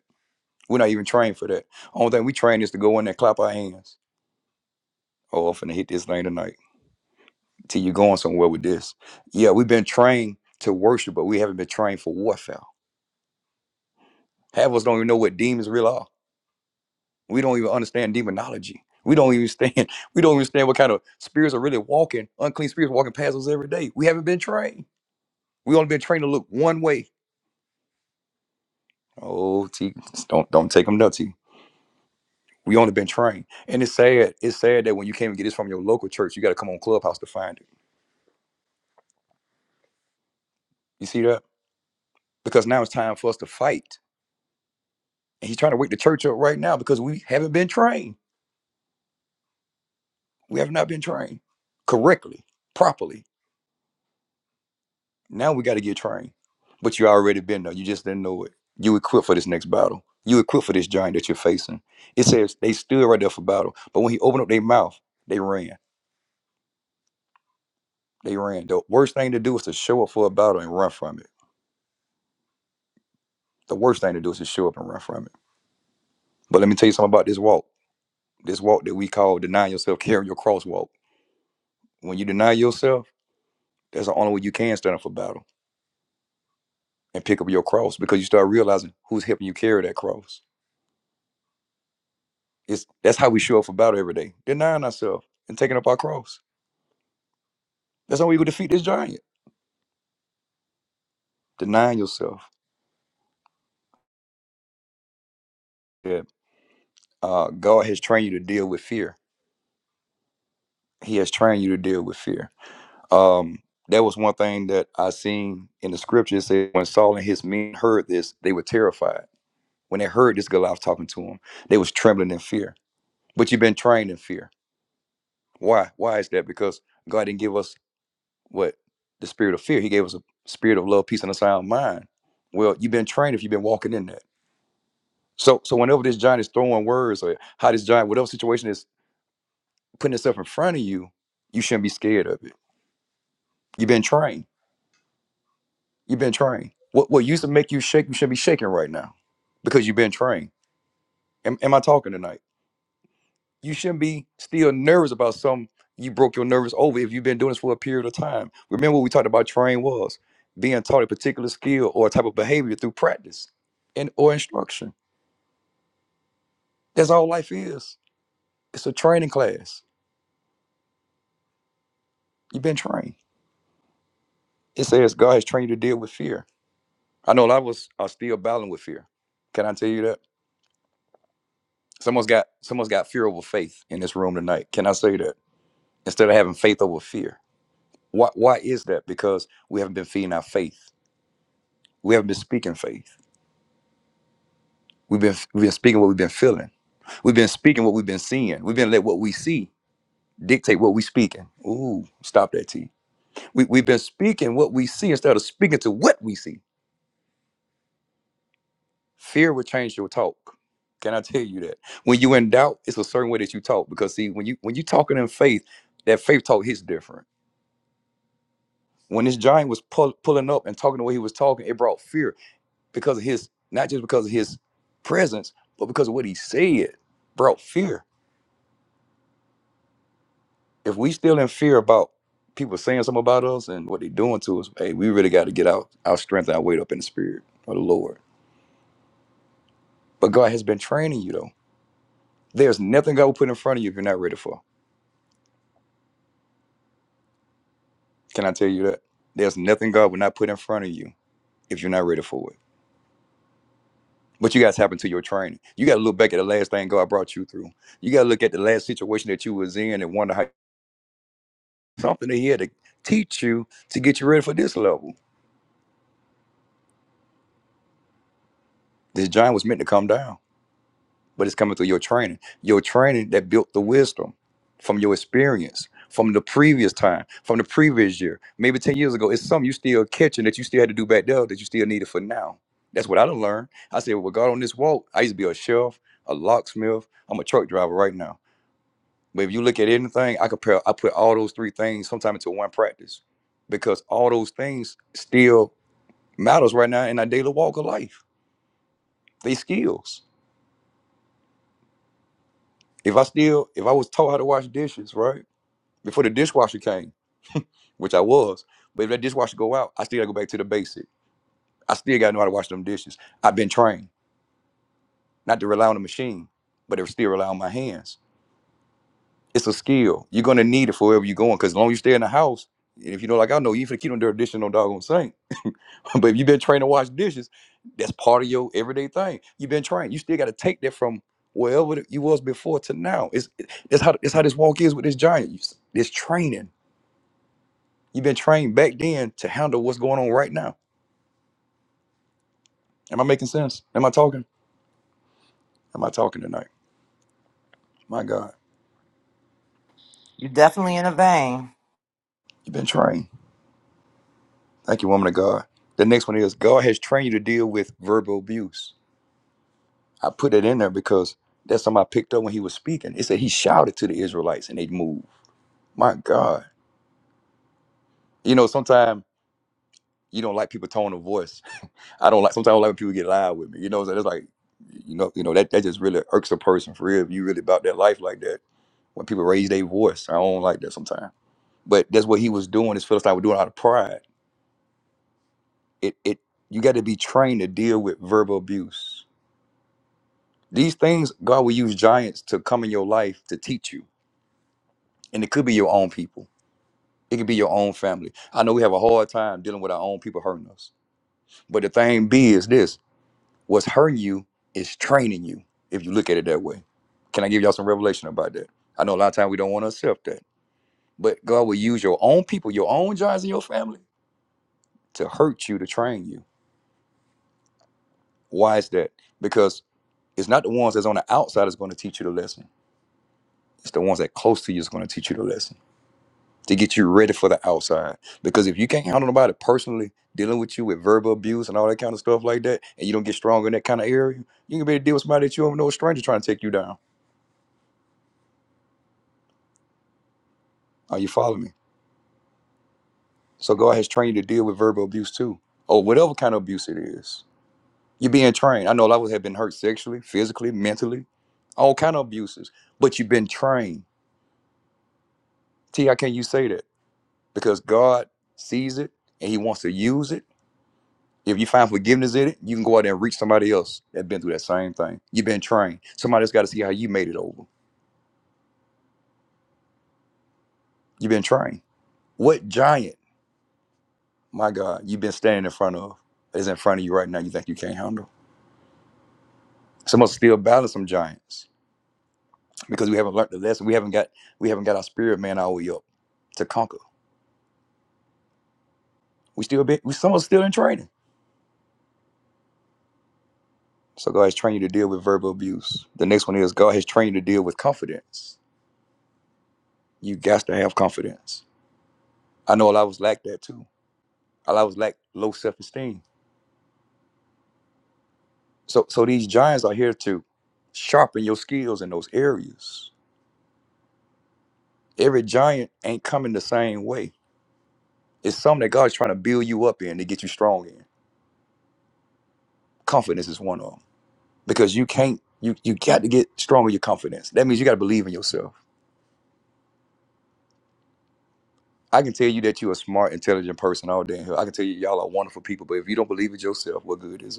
We're not even trained for that. Only thing we train is to go in there and clap our hands. Oh, I'm finna hit this thing tonight. to you going somewhere with this. Yeah, we've been trained to worship, but we haven't been trained for warfare. Half of us don't even know what demons really are. We don't even understand demonology. We don't even understand. We don't even understand what kind of spirits are really walking. Unclean spirits walking past us every day. We haven't been trained. We only been trained to look one way. Oh, T, don't don't take them nuts. T. We only been trained, and it's sad. It's sad that when you can't even get this from your local church, you got to come on Clubhouse to find it. You see that? Because now it's time for us to fight, and he's trying to wake the church up right now because we haven't been trained. We have not been trained correctly, properly. Now we got to get trained. But you already been there. You just didn't know it. You equipped for this next battle. You equipped for this giant that you're facing. It says they stood right there for battle. But when he opened up their mouth, they ran. They ran. The worst thing to do is to show up for a battle and run from it. The worst thing to do is to show up and run from it. But let me tell you something about this walk. This walk that we call deny yourself, carry your cross walk. When you deny yourself, that's the only way you can stand up for battle and pick up your cross because you start realizing who's helping you carry that cross It's that's how we show up for battle every day. Denying ourselves and taking up our cross. That's how we will defeat this giant. Denying yourself. Yeah. Uh, God has trained you to deal with fear. He has trained you to deal with fear. Um, that was one thing that I seen in the scripture. It said when Saul and his men heard this, they were terrified. When they heard this Goliath talking to them, they was trembling in fear. But you've been trained in fear. Why? Why is that? Because God didn't give us what the spirit of fear. He gave us a spirit of love, peace, and a sound mind. Well, you've been trained if you've been walking in that. So, so whenever this giant is throwing words or how this giant, whatever situation is putting itself in front of you, you shouldn't be scared of it. You've been trained. You've been trained. What what used to make you shake, you should not be shaking right now, because you've been trained. Am, am I talking tonight? you shouldn't be still nervous about something you broke your nervous over if you've been doing this for a period of time. Remember what we talked about train was being taught a particular skill or type of behavior through practice and or instruction. That's all life is. It's a training class. You've been trained. It says God has trained you to deal with fear. I know a lot of us are still battling with fear. Can I tell you that? Someone's got someone's got fear over faith in this room tonight. Can I say that? Instead of having faith over fear. Why why is that? Because we haven't been feeding our faith. We haven't been speaking faith We've been we've been speaking what we've been feeling. We've been speaking what we've been seeing. We've been let what we see dictate what we speaking. Ooh, stop that T. We we've been speaking what we see instead of speaking to what we see. Fear will change your talk. Can I tell you that? When you in doubt, it's a certain way that you talk. Because see, when you when you talking in faith, that faith talk hits different. When this giant was pull, pulling up and talking the way he was talking, it brought fear because of his not just because of his presence, but because of what he said brought fear. if we still in fear about people saying something about us and what they're doing to us, hey, we really got to get out our strength and our weight up in the spirit of the Lord. But God has been training you though. There's nothing God will put in front of you if you're not ready for. Can I tell you that? There's nothing God will not put in front of you if you're not ready for it. But you got to tap into your training. You got to look back at the last thing God brought you through. You got to look at the last situation that you was in and wonder how something they had to teach you to get you ready for this level. This giant was meant to come down but it's coming through your training. Your training that built the wisdom from your experience, from the previous time, from the previous year, maybe 10 years ago. It's something you still catching that you still had to do back there that you still needed for now. That's what I done learned. I said, well, God, on this walk, I used to be a chef, a locksmith. I'm a truck driver right now. But if you look at anything, I compare, I put all those three things sometimes into one practice because all those things still matters right now in our daily walk of life. They skills. If I still, if I was taught how to wash dishes, right? before the dishwasher came, which I was. But if that dishwasher go out, I still gotta go back to the basic. I still gotta know how to wash them dishes. I've been trained not to rely on the machine, but to still rely on my hands. It's a skill. You're gonna need it for wherever you're going, because as long as you stay in the house, and if you know, like I know, you finna keep them dirty dishes in no doggone sink. but if you've been trained to wash dishes, that's part of your everyday thing. You've been trained. You still gotta take that from wherever you was before to now. It's it's how it's how this walk is with this giant. It's training. You've been trained back then to handle what's going on right now Am I making sense? Am I talking? Am I talking tonight? My God,
You're definitely in a vein.
you've been trained. Thank you, woman of God. The next one is God has trained you to deal with verbal abuse. I put that in there because that's something I picked up when he was speaking. It said he shouted to the Israelites and they moved. My God. You know, sometimes you don't like people tone of voice. I don't like sometimes I don't like when people get loud with me. You know, so that's like you know, you know, that, that just really irks a person for real. If you really about that life like that when people raise their voice. I don't like that sometimes. But that's what he was doing. His Philistine was doing out of pride. it it you got to be trained to deal with verbal abuse. These things God will use giants to come in your life to teach you, and it could be your own people. It could be your own family. I know we have a hard time dealing with our own people hurting us, but the thing be is this: what's hurting you is training you. If you look at it that way, can I give y'all some revelation about that? I know a lot of times we don't want to accept that, but God will use your own people, your own giants in your family, to hurt you to train you. Why is that? Because it's not the ones that's on the outside that's going to teach you the lesson It's the ones that close to you is going to teach you the lesson to get you ready for the outside. Because if you can't handle nobody personally dealing with you with verbal abuse and all that kind of stuff like that, and you don't get strong in that kind of area, you can be able to deal with somebody that you don't even know a stranger trying to take you down. Are you following me? So God has trained you to deal with verbal abuse too, or whatever kind of abuse it is. You're being trained. I know a lot of us have been hurt sexually, physically, mentally, all kind of abuses, but you've been trained. T, how can you say that? Because God sees it and He wants to use it If you find forgiveness in it, you can go out there and reach somebody else that's been through that same thing. You've been trained. Somebody's got to see how you made it over. You've been trained. What giant, my God, you've been standing in front of is in front of you right now you think you can't handle? Some of us still battle some giants because we haven't learned the lesson. We haven't got we haven't got our spirit man all the way up to conquer. We still be we some of us still in training. So God has trained you to deal with verbal abuse. The next one is God has trained you to deal with confidence. You got to have confidence. I know a lot of us lack that too. I always lack low self esteem. So, so these giants are here to sharpen your skills in those areas. Every giant ain't coming the same way. It's something that God's trying to build you up in to get you strong in. Confidence is one of them because you can't. You you got to get strong with your confidence. That means you got to believe in yourself. I can tell you that you're a smart, intelligent person all day in here. I can tell you y'all are wonderful people, but if you don't believe it yourself, what good is it?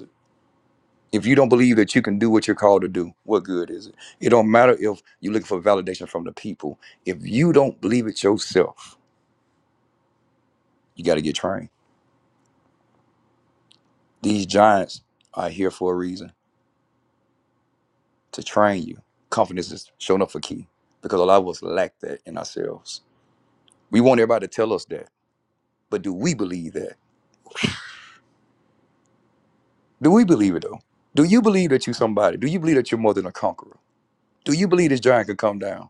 if you don't believe that you can do what you're called to do, what good is it? It don't matter if you're looking for validation from the people. If you don't believe it yourself, you got to get trained. These giants are here for a reason to train you. Confidence is showing up for key because a lot of us lack that in ourselves. We want everybody to tell us that, but do we believe that? Do we believe it though? Do you believe that you're somebody? Do you believe that you're more than a conqueror? Do you believe this giant could come down?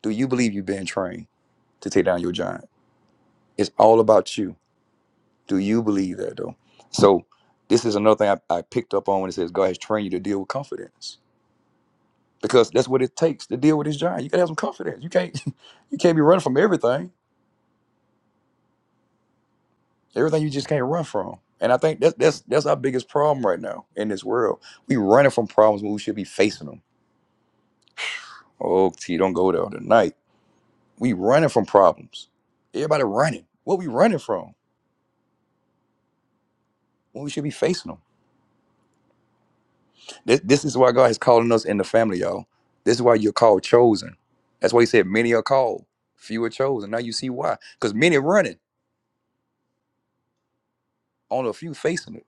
Do you believe you've been trained to take down your giant? It's all about you. Do you believe that though? So this is another thing I, I picked up on when it says God has trained you to deal with confidence. Because that's what it takes to deal with this giant. You gotta have some confidence. You can't you can't be running from everything. Everything you just can't run from. And I think that's that's that's our biggest problem right now in this world. We running from problems when we should be facing them. Oh T, don't go there tonight. We running from problems. Everybody running. What we running from? When we should be facing them. This, this is why God is calling us in the family, y'all. This is why you're called chosen. That's why he said many are called, few are chosen. Now you see why. Because many running, only a few facing it.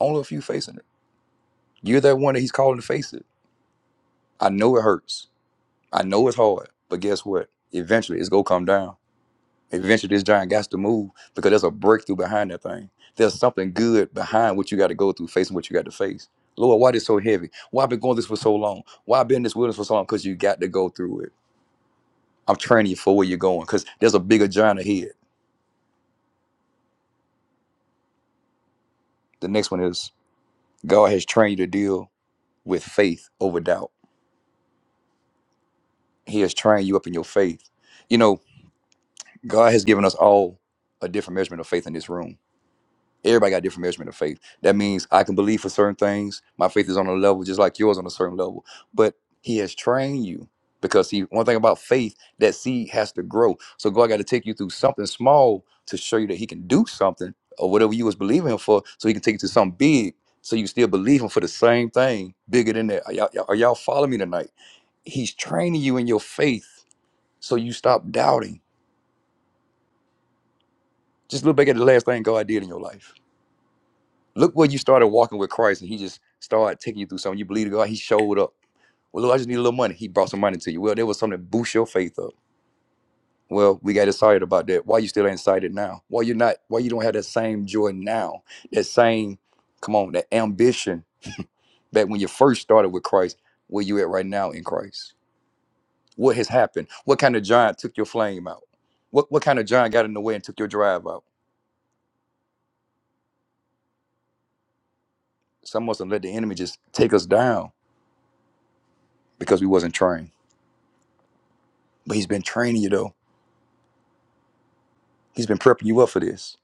Only a few facing it. You're that one that he's calling to face it. I know it hurts. I know it's hard. But guess what? Eventually it's gonna come down. Eventually this giant got to move because there's a breakthrough behind that thing. There's something good behind what you got to go through, facing what you got to face. Lord, why this so heavy? Why i been going this for so long? Why i been in this wilderness for so long? Because you got to go through it. I'm training you for where you're going because there's a bigger giant ahead. The next one is God has trained you to deal with faith over doubt. He has trained you up in your faith. You know, God has given us all a different measurement of faith in this room. Everybody got different measurement of faith. That means I can believe for certain things. My faith is on a level just like yours on a certain level. But he has trained you because see, one thing about faith, that seed has to grow. So God got to take you through something small to show you that he can do something or whatever you was believing Him for, so he can take you to something big. So you still believe him for the same thing, bigger than that. Are y'all, y'all- are y'all following me tonight? He's training you in your faith so you stop doubting. Just look back at the last thing God did in your life Look where you started walking with Christ, and He just started taking you through something. You believe in God. He showed up. Well, look, I just need a little money. He brought some money to you. Well, there was something to boost your faith up. Well, we got excited about that. Why you still ain't excited now? Why you are not? Why you don't have that same joy now? That same, come on, that ambition back when you first started with Christ. Where you at right now in Christ? What has happened? What kind of giant took your flame out? What what kind of giant got in the way and took your drive out? Some must have let the enemy just take us down because we wasn't trained. But he's been training you though He's been prepping you up for this.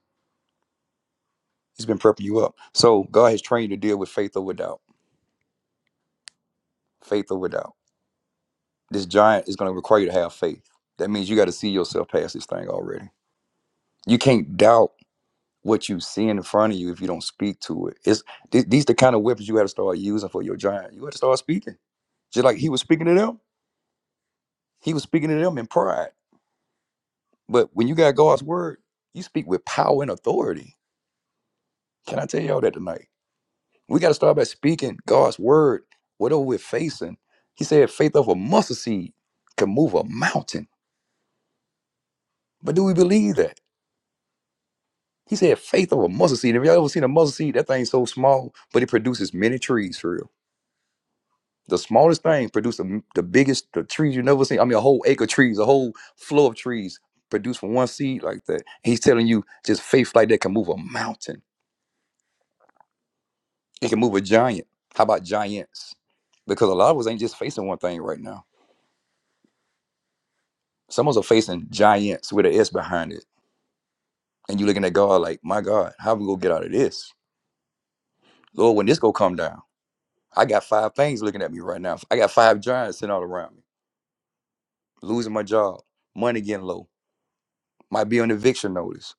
He's been prepping you up. So God has trained you to deal with faith over doubt. Faith over doubt. This giant is going to require you to have faith. That means you got to see yourself past this thing already. You can't doubt what you see in front of you if you don't speak to it. It's th- these the kind of weapons you got to start using for your giant. You got to start speaking. Just like he was speaking to them, he was speaking to them in pride. But when you got God's word, you speak with power and authority. Can I tell y'all that tonight? We got to start by speaking God's word, whatever we're facing. He said, faith of a mustard seed can move a mountain. But do we believe that? He said, faith of a mustard seed. Have y'all ever seen a mustard seed? That thing's so small, but it produces many trees for real. The smallest thing produces the, the biggest, the trees you've never seen. I mean, a whole acre of trees, a whole flow of trees produced from one seed like that. He's telling you just faith like that can move a mountain. It can move a giant. How about giants? Because a lot of us ain't just facing one thing right now. Someone's are facing giants with an S behind it. And you looking at God like, my God, how we gonna get out of this? Lord, when this go come down, I got five things looking at me right now. I got five giants sitting all around me. Losing my job, money getting low, might be on eviction notice.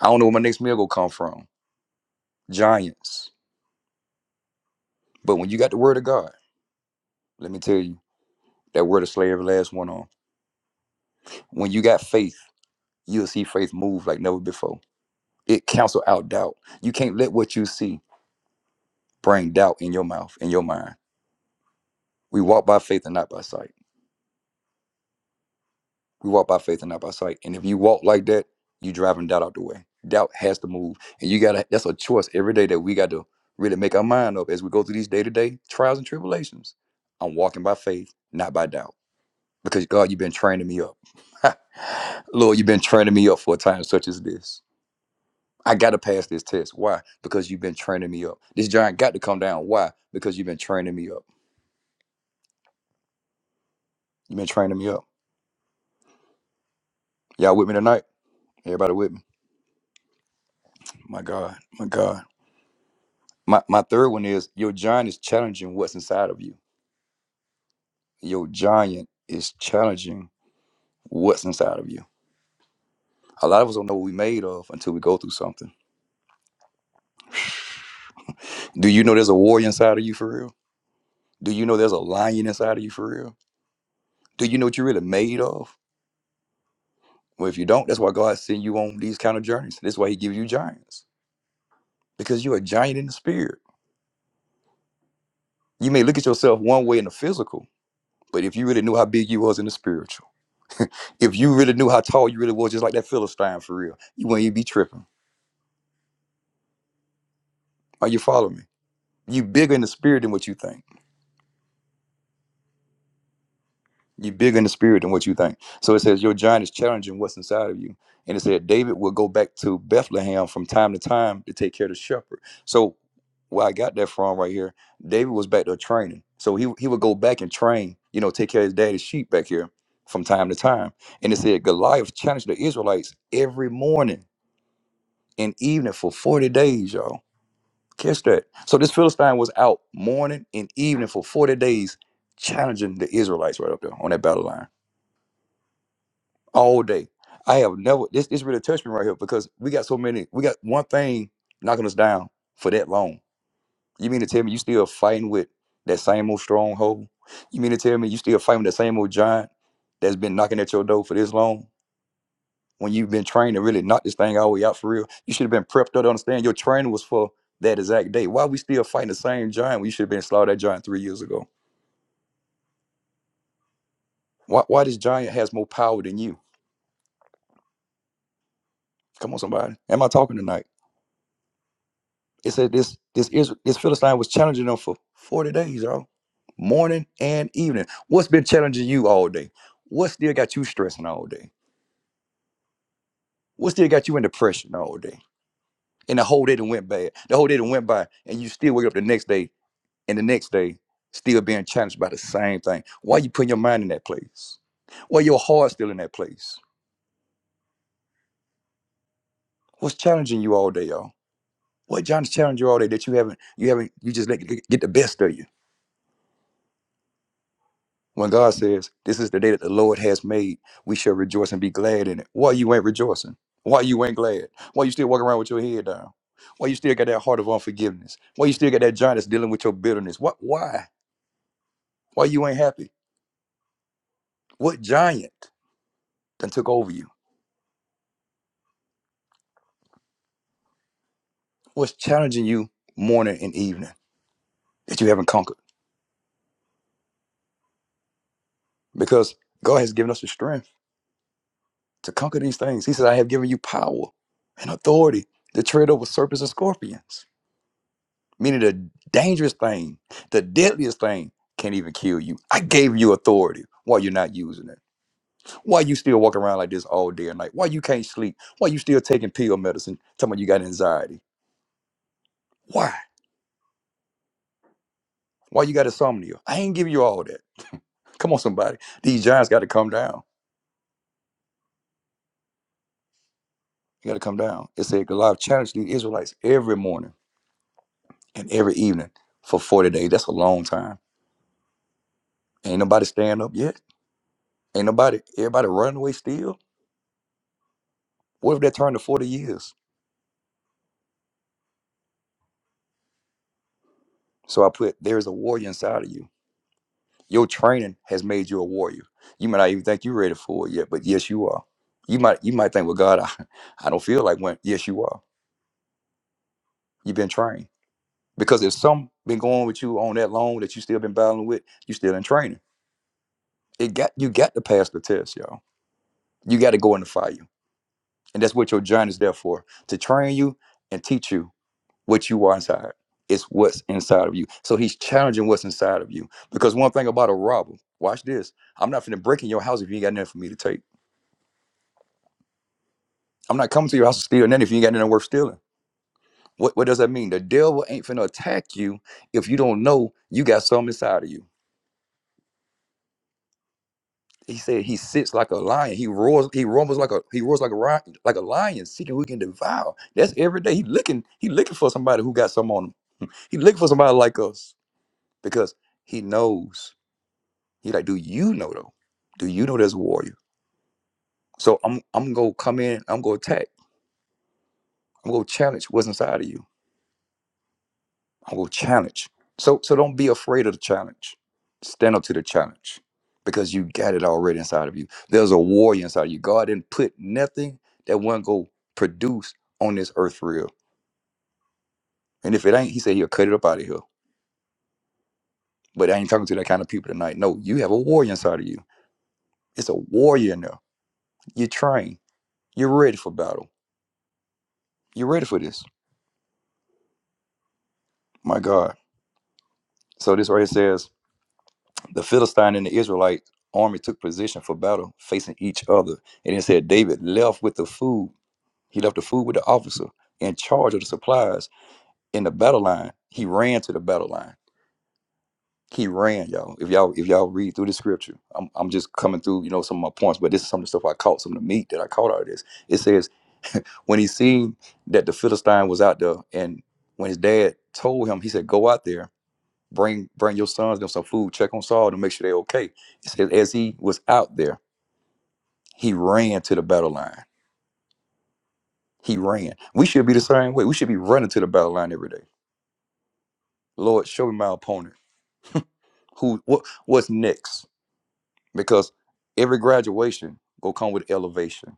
I don't know where my next meal gonna come from. Giants. But when you got the word of God, let me tell you, that word will slay every last one on. When you got faith, you'll see faith move like never before. It cancel out doubt. You can't let what you see bring doubt in your mouth, in your mind. We walk by faith and not by sight. We walk by faith and not by sight. And if you walk like that, you driving doubt out the way. Doubt has to move. And you gotta that's a choice every day that we got to really make our mind up as we go through these day-to-day trials and tribulations. I'm walking by faith, not by doubt. Because God, you've been training me up. Lord, you've been training me up for a time such as this. I gotta pass this test. Why? Because you've been training me up. This giant got to come down. Why? Because you've been training me up. You've been training me up. Y'all with me tonight? Everybody with me? My God, my God. My my third one is your giant is challenging what's inside of you. Your giant is challenging what's inside of you. A lot of us don't know what we are made of until we go through something. Do you know there's a warrior inside of you for real? Do you know there's a lion inside of you for real? Do you know what you're really made of? Well, if you don't, that's why God sent you on these kind of journeys. That's why He gives you giants because you're a giant in the spirit. You may look at yourself one way in the physical, but if you really knew how big you was in the spiritual, if you really knew how tall you really was, just like that Philistine for real, you wouldn't even be tripping. Are you following me? You bigger in the spirit than what you think. You bigger in the spirit than what you think. So it says your giant is challenging what's inside of you. And it said David will go back to Bethlehem from time to time to take care of the shepherd. So where I got that from right here, David was back there training. So he he would go back and train, you know, take care of his daddy's sheep back here from time to time. And it said Goliath challenged the Israelites every morning and evening for 40 days, y'all. Catch that. So this Philistine was out morning and evening for 40 days challenging the Israelites right up there on that battle line all day. I have never, this, this really touched me right here because we got so many, we got one thing knocking us down for that long. You mean to tell me you still fighting with that same old stronghold? You mean to tell me you still fighting with that same old giant that's been knocking at your door for this long? when you've been trained to really knock this thing all the way out for real. You should have been prepped up to understand your training was for that exact day. Why are we still fighting the same giant when you should have been slaughtered that giant three years ago? Why, why this giant has more power than you? Come on, somebody. Am I talking tonight? It said this this Israel, this Philistine was challenging them for 40 days, y'all. Morning and evening. What's been challenging you all day? What still got you stressing all day? What still got you in depression all day? And the whole day done went bad. The whole day done went by, and you still wake up the next day and the next day still being challenged by the same thing. Why you putting your mind in that place? Why your heart still in that place? What's challenging you all day, y'all? What John's challenging you all day that you haven't, you haven't, you just let get the best of you. When God says, "This is the day that the Lord has made, we shall rejoice and be glad in it." Why you ain't rejoicing? Why you ain't glad? Why you still walking around with your head down? Why you still got that heart of unforgiveness? Why you still got that giant that's dealing with your bitterness? What? Why? Why you ain't happy? What giant done took over you? What's challenging you morning and evening that you haven't conquered? Because God has given us the strength to conquer these things. He said, I have given you power and authority to tread over serpents and scorpions, meaning the dangerous thing, the deadliest thing can't even kill you. I gave you authority. Why you're not using it? Why you still walking around like this all day and night? Why you can't sleep? Why you still taking pill medicine? Talking about you got anxiety. Why? Why you got insomnia? I ain't giving you all that. Come on, somebody. These giants got to come down. You got to come down. It said Goliath challenged the Israelites every morning and every evening for 40 days. That's a long time. Ain't nobody stand up yet. Ain't nobody, everybody running away still. What if that turned to 40 years? So I put, there is a warrior inside of you. Your training has made you a warrior. You might not even think you're ready for it yet, but yes, you are. You might, you might think, well, God, I, I don't feel like one. Yes, you are. You've been trained. Because if some been going with you on that long that you still been battling with, you still in training. It got you got to pass the test, y'all You got to go in the fire. And that's what your journey is there for to train you and teach you what you are inside. It's what's inside of you. So he's challenging what's inside of you. Because one thing about a robber, watch this. I'm not finna break in your house if you ain't got nothing for me to take. I'm not coming to your house to steal nothing if you ain't got nothing worth stealing. What, what does that mean? The devil ain't finna attack you if you don't know you got something inside of you. He said he sits like a lion. He roars. He rumbles like a he roars like a ri- like a lion, seeking who he can devour. That's every day. He looking. He looking for somebody who got something on him. He looking for somebody like us because he knows. He like, do you know though? Do you know there's a warrior? So I'm I'm gonna come in. I'm gonna attack. I'm gonna challenge what's inside of you. I'm gonna challenge. So so don't be afraid of the challenge. Stand up to the challenge because you got it already inside of you. There's a warrior inside of you. God didn't put nothing that won't go produce on this earth real. And if it ain't, he said he'll cut it up out of here. But I ain't talking to that kind of people tonight. No, you have a warrior inside of you. It's a warrior in there. You train. You're ready for battle. You're ready for this. My God. So this right here says the Philistine and the Israelite army took position for battle, facing each other. And it said David left with the food. He left the food with the officer in charge of the supplies in the battle line. He ran to the battle line. He ran, y'all. If y'all if y'all read through the scripture, I'm, I'm just coming through, you know, some of my points, but this is some of the stuff I caught, some of the meat that I caught out of this. It says when he seen that the Philistine was out there and when his dad told him, he said, Go out there. Bring bring your sons them some food. Check on Saul to make sure they're okay. It says as he was out there, he ran to the battle line. He ran. We should be the same way. We should be running to the battle line every day. Lord, show me my opponent. Who what what's next? Because every graduation will come with elevation.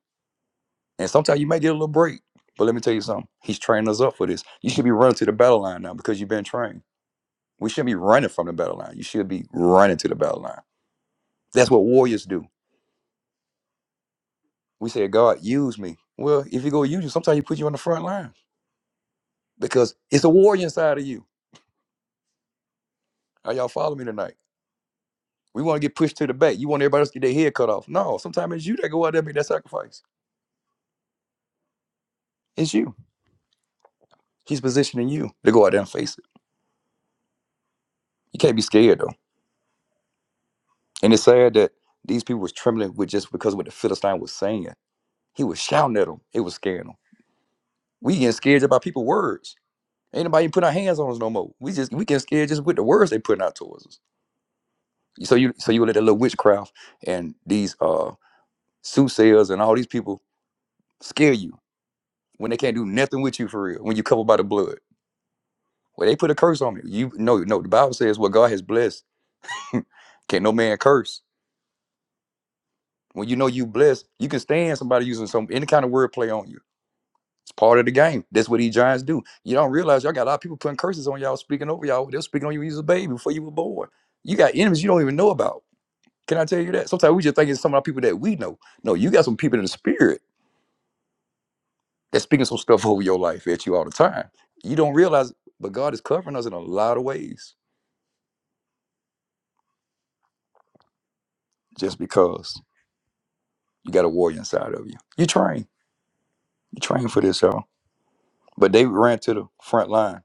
And sometimes you may get a little break. But let me tell you something. He's training us up for this. You should be running to the battle line now because you've been trained. We shouldn't be running from the battle line. You should be running to the battle line. That's what warriors do. We said, God, use me. Well, if you go use you, sometimes he put you on the front line because it's a warrior inside of you. Are y'all following me tonight? We want to get pushed to the back. You want everybody else to get their head cut off. No, sometimes it's you that go out there and make that sacrifice. It's you. He's positioning you to go out there and face it. You can't be scared though. And it's sad that these people was trembling with just because of what the Philistine was saying. He was shouting at them. It was scaring them. We getting scared about people's words. Ain't nobody putting our hands on us no more. We just we getting scared just with the words they putting out towards us. So you so you let that little witchcraft and these uh soothsayers and all these people scare you when they can't do nothing with you for real, when you covered by the blood. Well, they put a curse on you. You no, no, the Bible says what God has blessed, can not no man curse. When you know you blessed, you can stand somebody using some any kind of wordplay on you. It's part of the game. That's what these giants do. You don't realize y'all got a lot of people putting curses on y'all, speaking over y'all. They're speaking on you when you was a baby before you were born. You got enemies you don't even know about. Can I tell you that? Sometimes we just think it's some of our people that we know. No, you got some people in the spirit They're speaking some stuff over your life at you all the time. You don't realize, but God is covering us in a lot of ways just because you got a warrior inside of you. You train. You train for this, y'all. But David ran to the front line.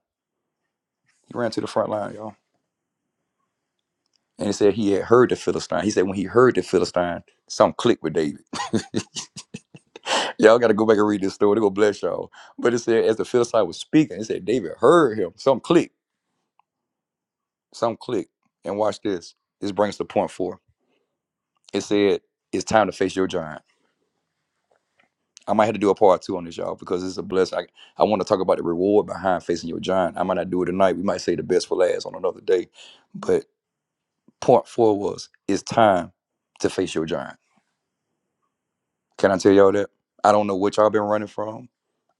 He ran to the front line, y'all. And he said he had heard the Philistine. He said when he heard the Philistine, something clicked with David. Y'all got to go back and read this story. They're going to bless y'all. But it said, as the Philistine was speaking, it said David heard him. Something clicked. Something clicked. And watch this. This brings us to point four. It said, it's time to face your giant. I might have to do a part two on this, y'all, because it's a blessing. I, I want to talk about the reward behind facing your giant. I might not do it tonight. We might say the best for last on another day. But part four was it's time to face your giant. Can I tell y'all that? I don't know what y'all been running from.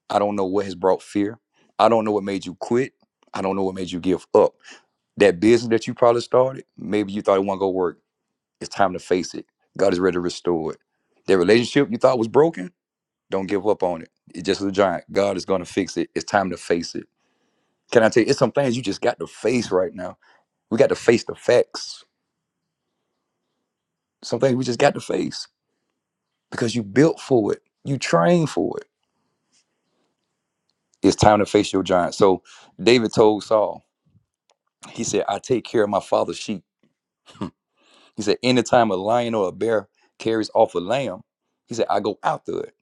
I don't know what has brought fear. I don't know what made you quit. I don't know what made you give up. That business that you probably started, maybe you thought thought it it. it. wasn't was gonna to to work. It's time to face it. God is ready to restore it. That relationship you thought was broken. Don't give up on it. It's just a giant. God is going to fix it. It's time to face it. Can I tell you, it's some things you just got to face right now. We got to face the facts. Some things we just got to face because you built for it. You trained for it. It's time to face your giant. So David told Saul, he said, I take care of my father's sheep. He said, anytime a lion or a bear carries off a lamb, he said, I go after it.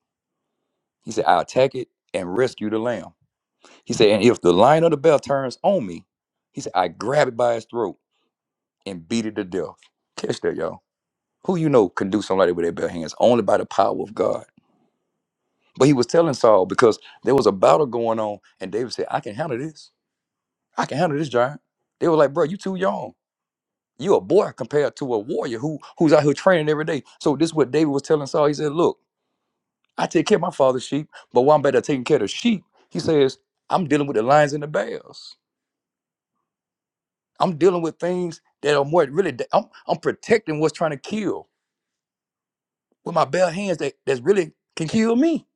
He said, I attack it and rescue the lamb. He said, and if the lion or the bear turns on me, he said, I grab it by its throat. and beat it to death. Catch that, y'all. Who you know can do somebody with their bare hands only by the power of God. But he was telling Saul because there was a battle going on, and David said, I can handle this. I can handle this giant. They were like, bro, you too young. You a boy compared to a warrior who who's out here training every day. So this is what David was telling Saul. He said, Look, I take care of my father's sheep, but while I'm better taking care of the sheep, he says, I'm dealing with the lions and the bears. I'm dealing with things that are more really da- I'm, I'm protecting what's trying to kill. with my bare hands that that's really can kill me,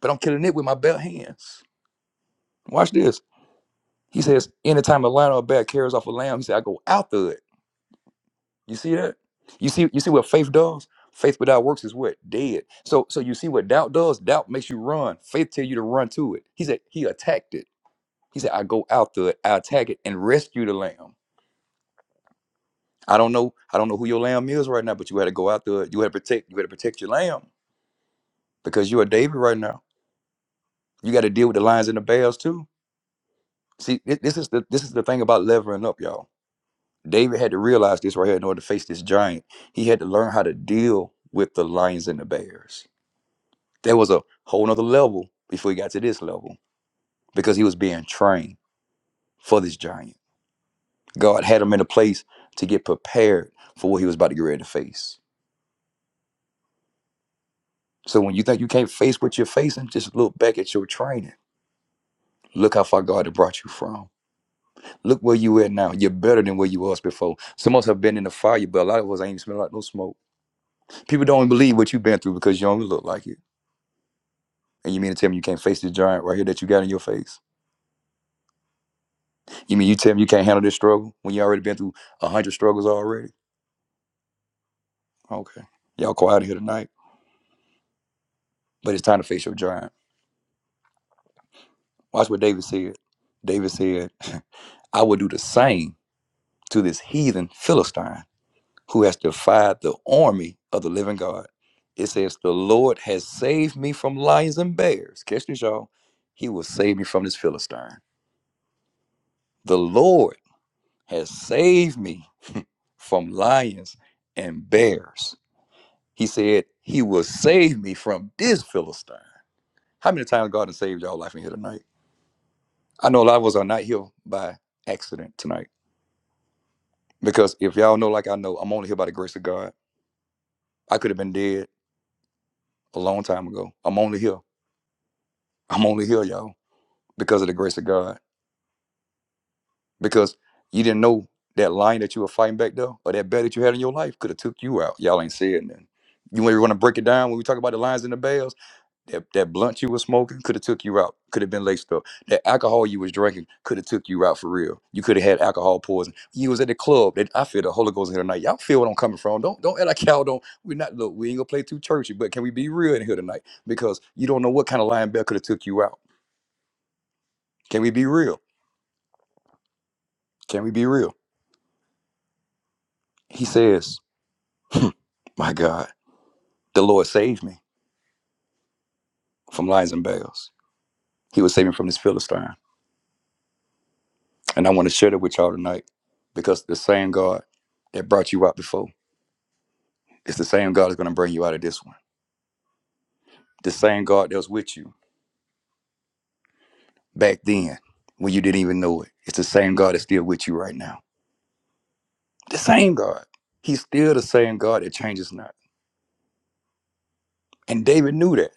but I'm killing it with my bare hands. Watch this. He says, anytime a lion or a bear carries off a lamb, he said, I go after it. You see that? You see, you see what faith does? Faith without works is what? Dead. So so you see what doubt does? Doubt makes you run. Faith tell you to run to it. He said, he attacked it. He said, I go after it, I attack it and rescue the lamb. I don't know, I don't know who your lamb is right now, but you had to go after it. You had to protect, you had to protect your lamb because you're a David right now. You got to deal with the lions and the bears too. See, thi- this is the this is the thing about leveling up, y'all. David had to realize this right here in order to face this giant. He had to learn how to deal with the lions and the bears. There was a whole nother level before he got to this level because he was being trained for this giant. God had him in a place to get prepared for what he was about to get ready to face. So when you think you can't face what you're facing, just look back at your training. Look how far God had brought you from. Look where you at now. You're better than where you was before. Some of us have been in the fire, but a lot of us ain't even smelling like no smoke. People don't believe what you've been through because you don't look like it. And you mean to tell me you can't face this giant right here that you got in your face? You mean you tell me you can't handle this struggle when you already been through a hundred struggles already? Okay. Y'all quiet here tonight. But it's time to face your giant. Watch what David said. David said, I will do the same to this heathen Philistine who has defied the army of the living God. It says, The Lord has saved me from lions and bears. Catch this, y'all. He will save me from this Philistine. The Lord has saved me from lions and bears. He said he will save me from this Philistine. How many times God has saved y'all life in here tonight? I know a lot of us are not here by accident tonight. Because if y'all know, like I know, I'm only here by the grace of God. I could have been dead a long time ago. I'm only here. I'm only here, y'all, because of the grace of God. Because you didn't know that lion that you were fighting back there or that bear that you had in your life could have took you out. Y'all ain't said nothing. You want to break it down when we talk about the lions and the bears? That that blunt you was smoking could have took you out. Could have been laced up. That alcohol you was drinking could have took you out for real. You could have had alcohol poison. You was at the club. That I feel the Holy Ghost in here tonight. Y'all feel what I'm coming from. Don't don't act like y'all don't. We're not look. We ain't gonna play too churchy, but can we be real in here tonight? Because you don't know what kind of linebacker could have took you out. Can we be real? Can we be real? He says, "My God, the Lord saved me from lions and bears. He was saving from this Philistine." And I want to share that with y'all tonight because the same God that brought you out before. It's the same God that's going to bring you out of this one. The same God that was with you back then when you didn't even know it. It's the same God that's still with you right now. The same God. He's still the same God that changes not. And David knew that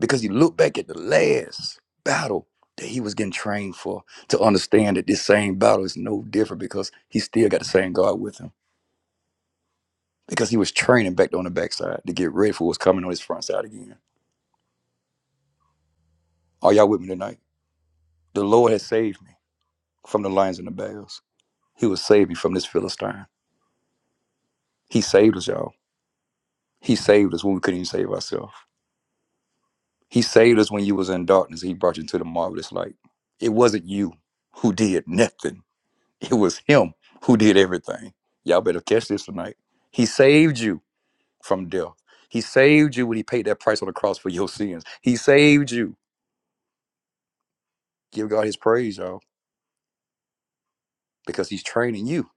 because he looked back at the last battle that he was getting trained for to understand that this same battle is no different because he still got the same God with him. Because he was training back on the backside to get ready for what's coming on his front side again. Are y'all with me tonight? The Lord has saved me from the lions and the bears. He would save me from this Philistine. He saved us, y'all. He saved us when we couldn't even save ourselves. He saved us when you was in darkness. He brought you into the marvelous light. It wasn't you who did nothing. It was him who did everything. Y'all better catch this tonight. He saved you from death. He saved you when he paid that price on the cross for your sins. He saved you. Give God his praise, y'all, because he's training you.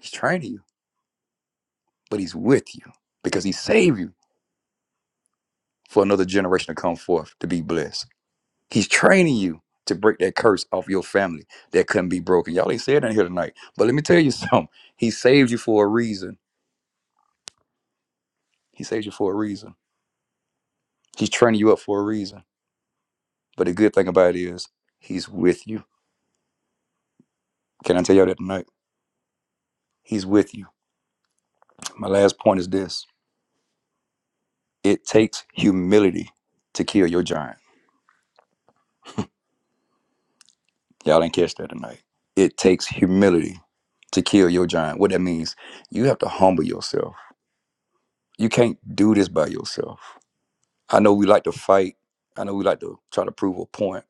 He's training you, but he's with you because he saved you for another generation to come forth to be blessed. He's training you to break that curse off your family that couldn't be broken. Y'all ain't said that here tonight. But let me tell you something. He saved you for a reason. He saved you for a reason. He's training you up for a reason. But the good thing about it is, he's with you. Can I tell y'all that tonight? He's with you. My last point is this it takes humility to kill your giant. Y'all didn't catch that tonight. It takes humility to kill your giant. What that means, you have to humble yourself. You can't do this by yourself I know we like to fight. I know we like to try to prove a point.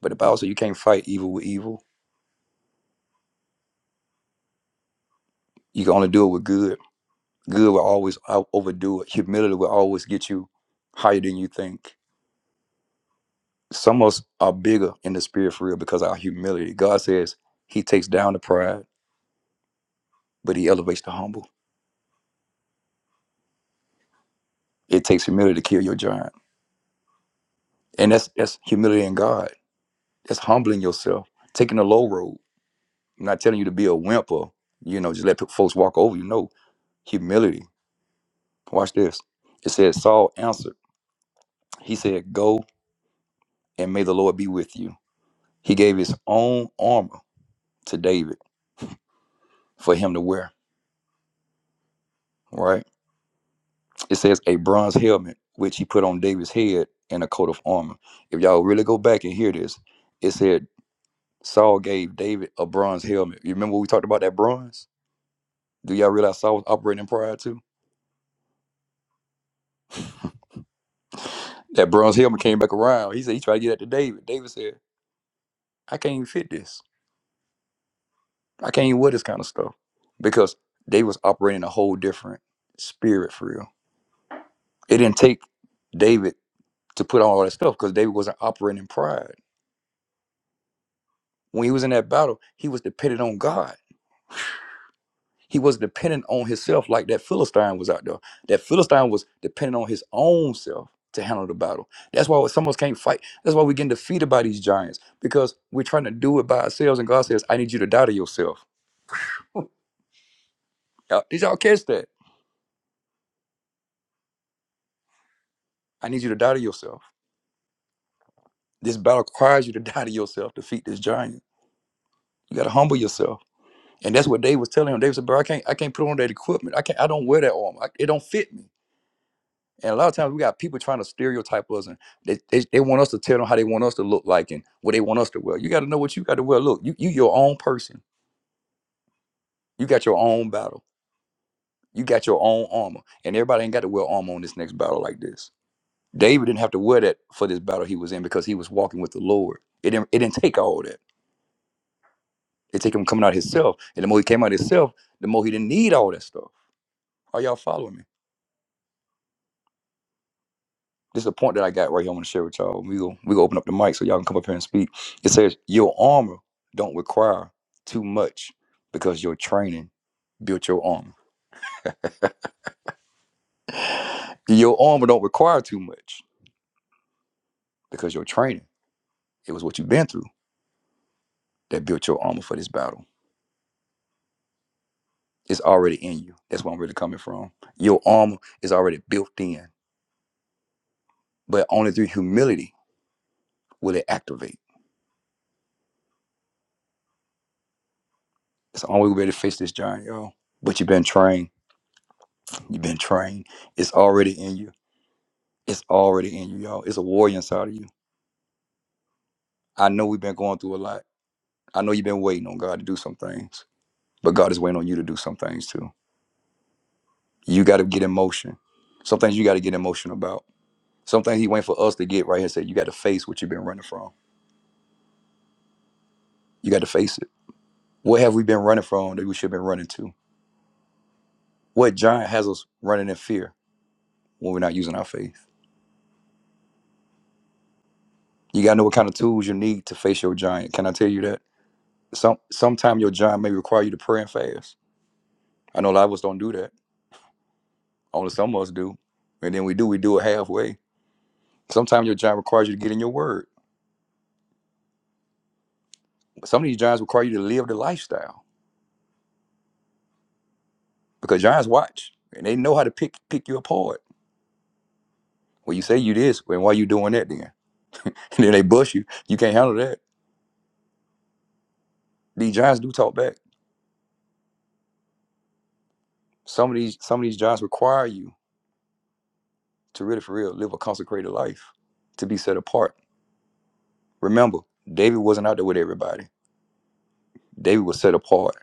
But the Bible says you can't fight evil with evil. You can only do it with good. Good will always out- overdo it. Humility will always get you higher than you think. Some of us are bigger in the spirit for real because of our humility. God says He takes down the pride, but He elevates the humble. It takes humility to kill your giant. And that's that's humility in God. That's humbling yourself, taking the low road. I'm not telling you to be a wimp or you know, just let folks walk over you. No, humility. Watch this. It says Saul answered. He said, Go and may the Lord be with you. He gave his own armor to David for him to wear. Right? It says a bronze helmet, which he put on David's head and a coat of armor. If y'all really go back and hear this, it said Saul gave David a bronze helmet. You remember we talked about that bronze? Do y'all realize Saul was operating prior to? That bronze helmet came back around. He said he tried to get that to David. David said, I can't even fit this. I can't even wear this kind of stuff because they was operating a whole different spirit for real. It didn't take David to put on all that stuff because David wasn't operating in pride. When he was in that battle, he was dependent on God. He was dependent on himself like that Philistine was out there. That Philistine was dependent on his own self to handle the battle. That's why some of us can't fight. That's why we're getting defeated by these giants because we're trying to do it by ourselves. And God says, I need you to die to yourself. you Did y'all catch that? I need you to die to yourself. This battle requires you to die to yourself, defeat this giant. You gotta humble yourself. And that's what Dave was telling him. Dave said, bro, I can't I can't put on that equipment. I can't I don't wear that armor. I, it don't fit me. And a lot of times we got people trying to stereotype us and they, they, they want us to tell them how they want us to look like and what they want us to wear. You gotta know what you gotta wear. Look, you you your own person. You got your own battle. You got your own armor. And everybody ain't got to wear armor on this next battle like this. David didn't have to wear that for this battle he was in because he was walking with the Lord. It didn't, it didn't take all that. It take him coming out himself. And the more he came out himself, the more he didn't need all that stuff. Are y'all following me? This is a point that I got right here. I want to share with y'all. We go we go open up the mic so y'all can come up here and speak. It says your armor don't require too much because your training built your armor. Your armor don't require too much because your training, it was what you've been through that built your armor for this battle. It's already in you. That's where I'm really coming from. Your armor is already built in, but only through humility will it activate. It's the only way to face this giant, y'all. But you've been trained. You've been trained. It's already in you. It's already in you, y'all. It's a warrior inside of you. I know we've been going through a lot. I know you've been waiting on God to do some things, but God is waiting on you to do some things too. You got to get in motion. Some things you got to get emotional about. Some things He waiting for us to get right here. and Say you got to face what you've been running from. You got to face it. What have we been running from that we should have been running to? What giant has us running in fear when we're not using our faith? You got to know what kind of tools you need to face your giant. Can I tell you that? Some sometime your job may require you to pray and fast. I know a lot of us don't do that. Only some of us do. And then we do, we do it halfway. Sometimes your job requires you to get in your word. some of these jobs require you to live the lifestyle. Because giants watch and they know how to pick pick you apart. Well, you say you this, and why you doing that then? And then they bust you. You can't handle that. These giants do talk back. Some of these some of these jobs require you to really for real live a consecrated life, to be set apart. Remember, David wasn't out there with everybody. David was set apart,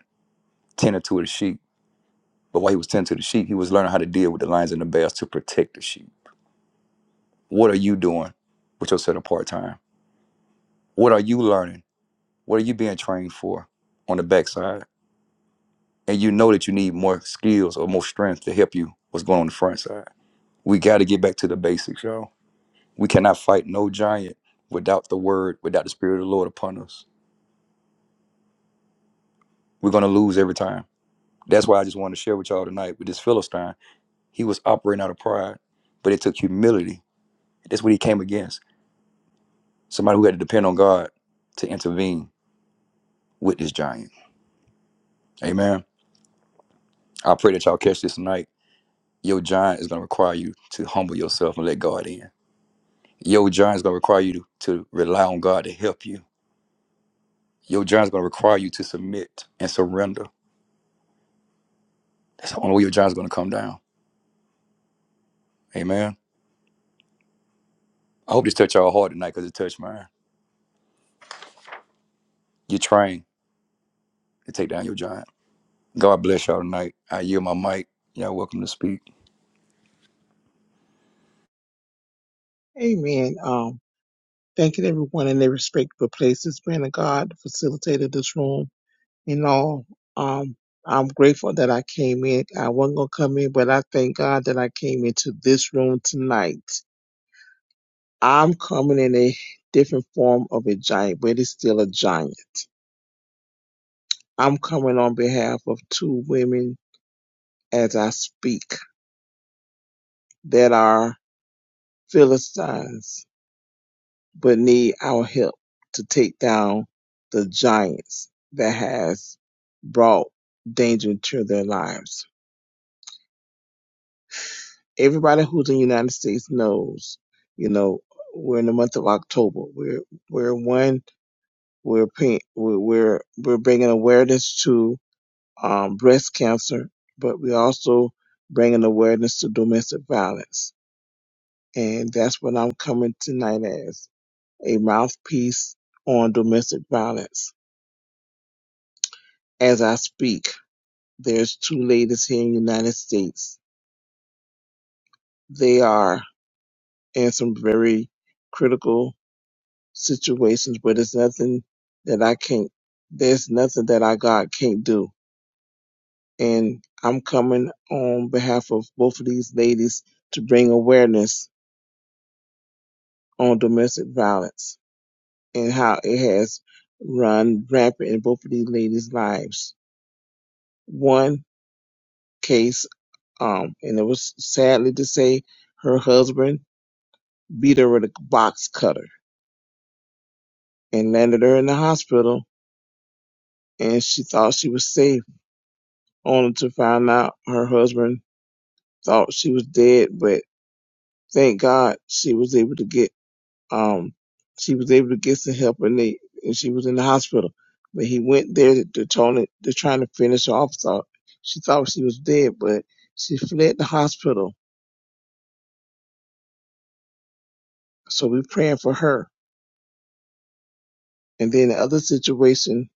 tending to the sheep. But while he was tending to the sheep, he was learning how to deal with the lions and the bears to protect the sheep. What are you doing with yourself in part time? What are you learning? What are you being trained for on the backside? And you know that you need more skills or more strength to help you what's going on the front side. We got to get back to the basics, y'all. We cannot fight no giant without the word, without the spirit of the Lord upon us. We're going to lose every time. That's why I just wanted to share with y'all tonight with this Philistine. He was operating out of pride, but it took humility. That's what he came against Somebody who had to depend on God to intervene with this giant. Amen. I pray that y'all catch this tonight. Your giant is going to require you to humble yourself and let God in. Your giant is going to require you to, to rely on God to help you. Your giant is going to require you to submit and surrender. That's the only way your giant is going to come down. Amen. I hope this touched y'all hard tonight because it touched mine. You're trying to take down your giant. God bless y'all tonight. I yield my mic. Y'all welcome to speak.
Amen. Um, thanking everyone in their respectful places, man of God, facilitated this room and all. Um, I'm grateful that I came in. I wasn't gonna come in, but I thank God that I came into this room tonight. I'm coming in a different form of a giant, but it's still a giant. I'm coming on behalf of two women as I speak that are Philistines but need our help to take down the giants that has brought danger to their lives. Everybody who's in the United States knows, you know, we're in the month of October. We're we're one. We're paying, we're we're we're bringing awareness to um, breast cancer, but we also bringing awareness to domestic violence, and that's what I'm coming tonight as a mouthpiece on domestic violence As I speak, there's two ladies here in the United States. They are in some very critical situations, but it's nothing that I can't, there's nothing that I God can't do. And I'm coming on behalf of both of these ladies to bring awareness on domestic violence and how it has run rampant in both of these ladies' lives. One case, um, and it was sadly to say her husband beat her with a box cutter and landed her in the hospital. And she thought she was safe, only to find out her husband thought she was dead. But thank God she was able to get um she was able to get some help and they and she was in the hospital. But he went there to, to Tony to trying to finish her off. Thought she thought she was dead, but she fled the hospital. So we're praying for her. And then the other situation,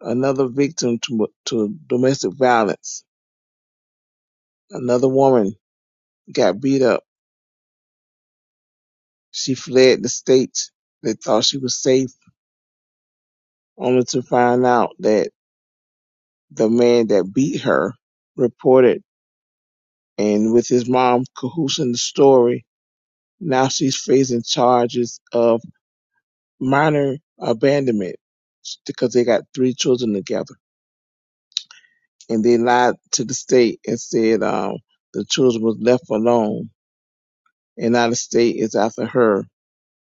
another victim to to domestic violence, another woman got beat up. She fled the States. They thought she was safe, only to find out that the man that beat her reported and with his mom cahoots in the story. Now she's facing charges of minor abandonment because they got three children together. And they lied to the state and said um, the children was left alone. And now the state is after her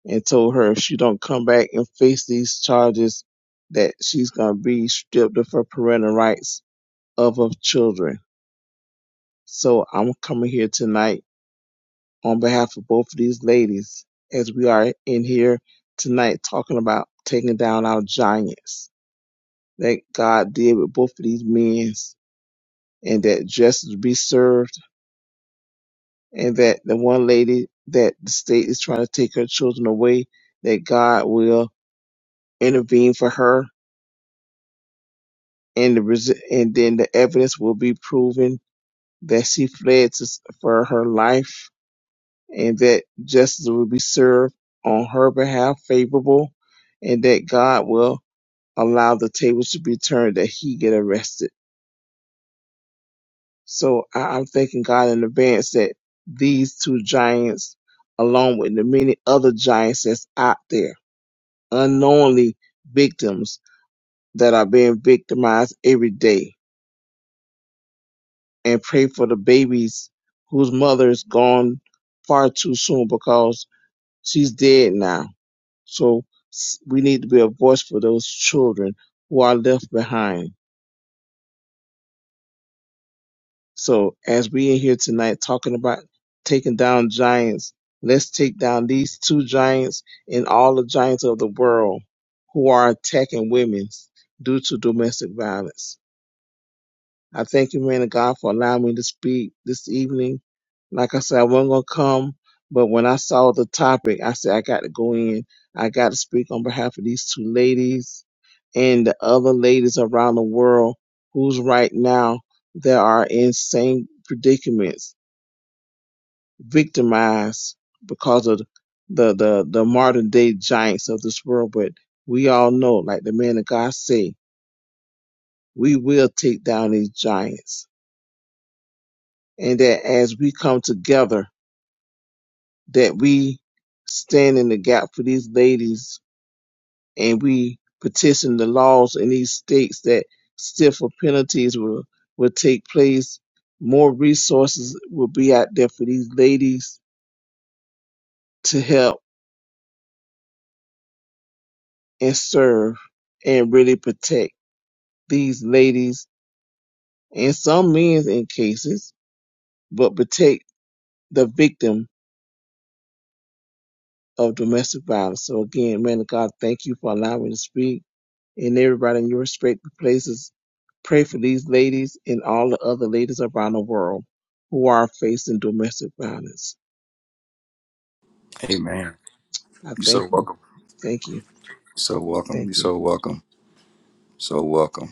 and told her if she don't come back and face these charges that she's going to be stripped of her parental rights of her children. So I'm coming here tonight on behalf of both of these ladies as we are in here tonight talking about taking down our giants that God did with both of these men and that justice be served and that the one lady that the state is trying to take her children away that God will intervene for her and the res- and then the evidence will be proven that she fled to, s- for her life and that justice will be served on her behalf favorable and that God will allow the tables to be turned that he get arrested. So I, I'm thanking God in advance that these two giants, along with the many other giants that's out there, unknowingly victims that are being victimized every day and pray for the babies whose mother is gone far too soon because she's dead now. So s- we need to be a voice for those children who are left behind. So as we in here tonight talking about taking down giants, let's take down these two giants and all the giants of the world who are attacking women due to domestic violence. I thank you, man of God, for allowing me to speak this evening. Like I said, I wasn't gonna come, but when I saw the topic, I said I got to go in. I got to speak on behalf of these two ladies and the other ladies around the world who's right now that are in same predicaments, victimized because of the the the modern day giants of this world. But we all know, like the man of God say, we will take down these giants and that as we come together, that we stand in the gap for these ladies and we petition the laws in these states that stiffer penalties will, will take place. More resources will be out there for these ladies to help and serve and really protect these ladies and some men in cases, but protect the victim of domestic violence. So again, man of God, thank you for allowing me to speak and everybody in your respective places. Pray for these ladies and all the other ladies around the world who are facing domestic violence.
Amen.
I
You're
thank
so
you,
welcome.
thank you,
You're so welcome. You're
thank you.
so welcome. So welcome.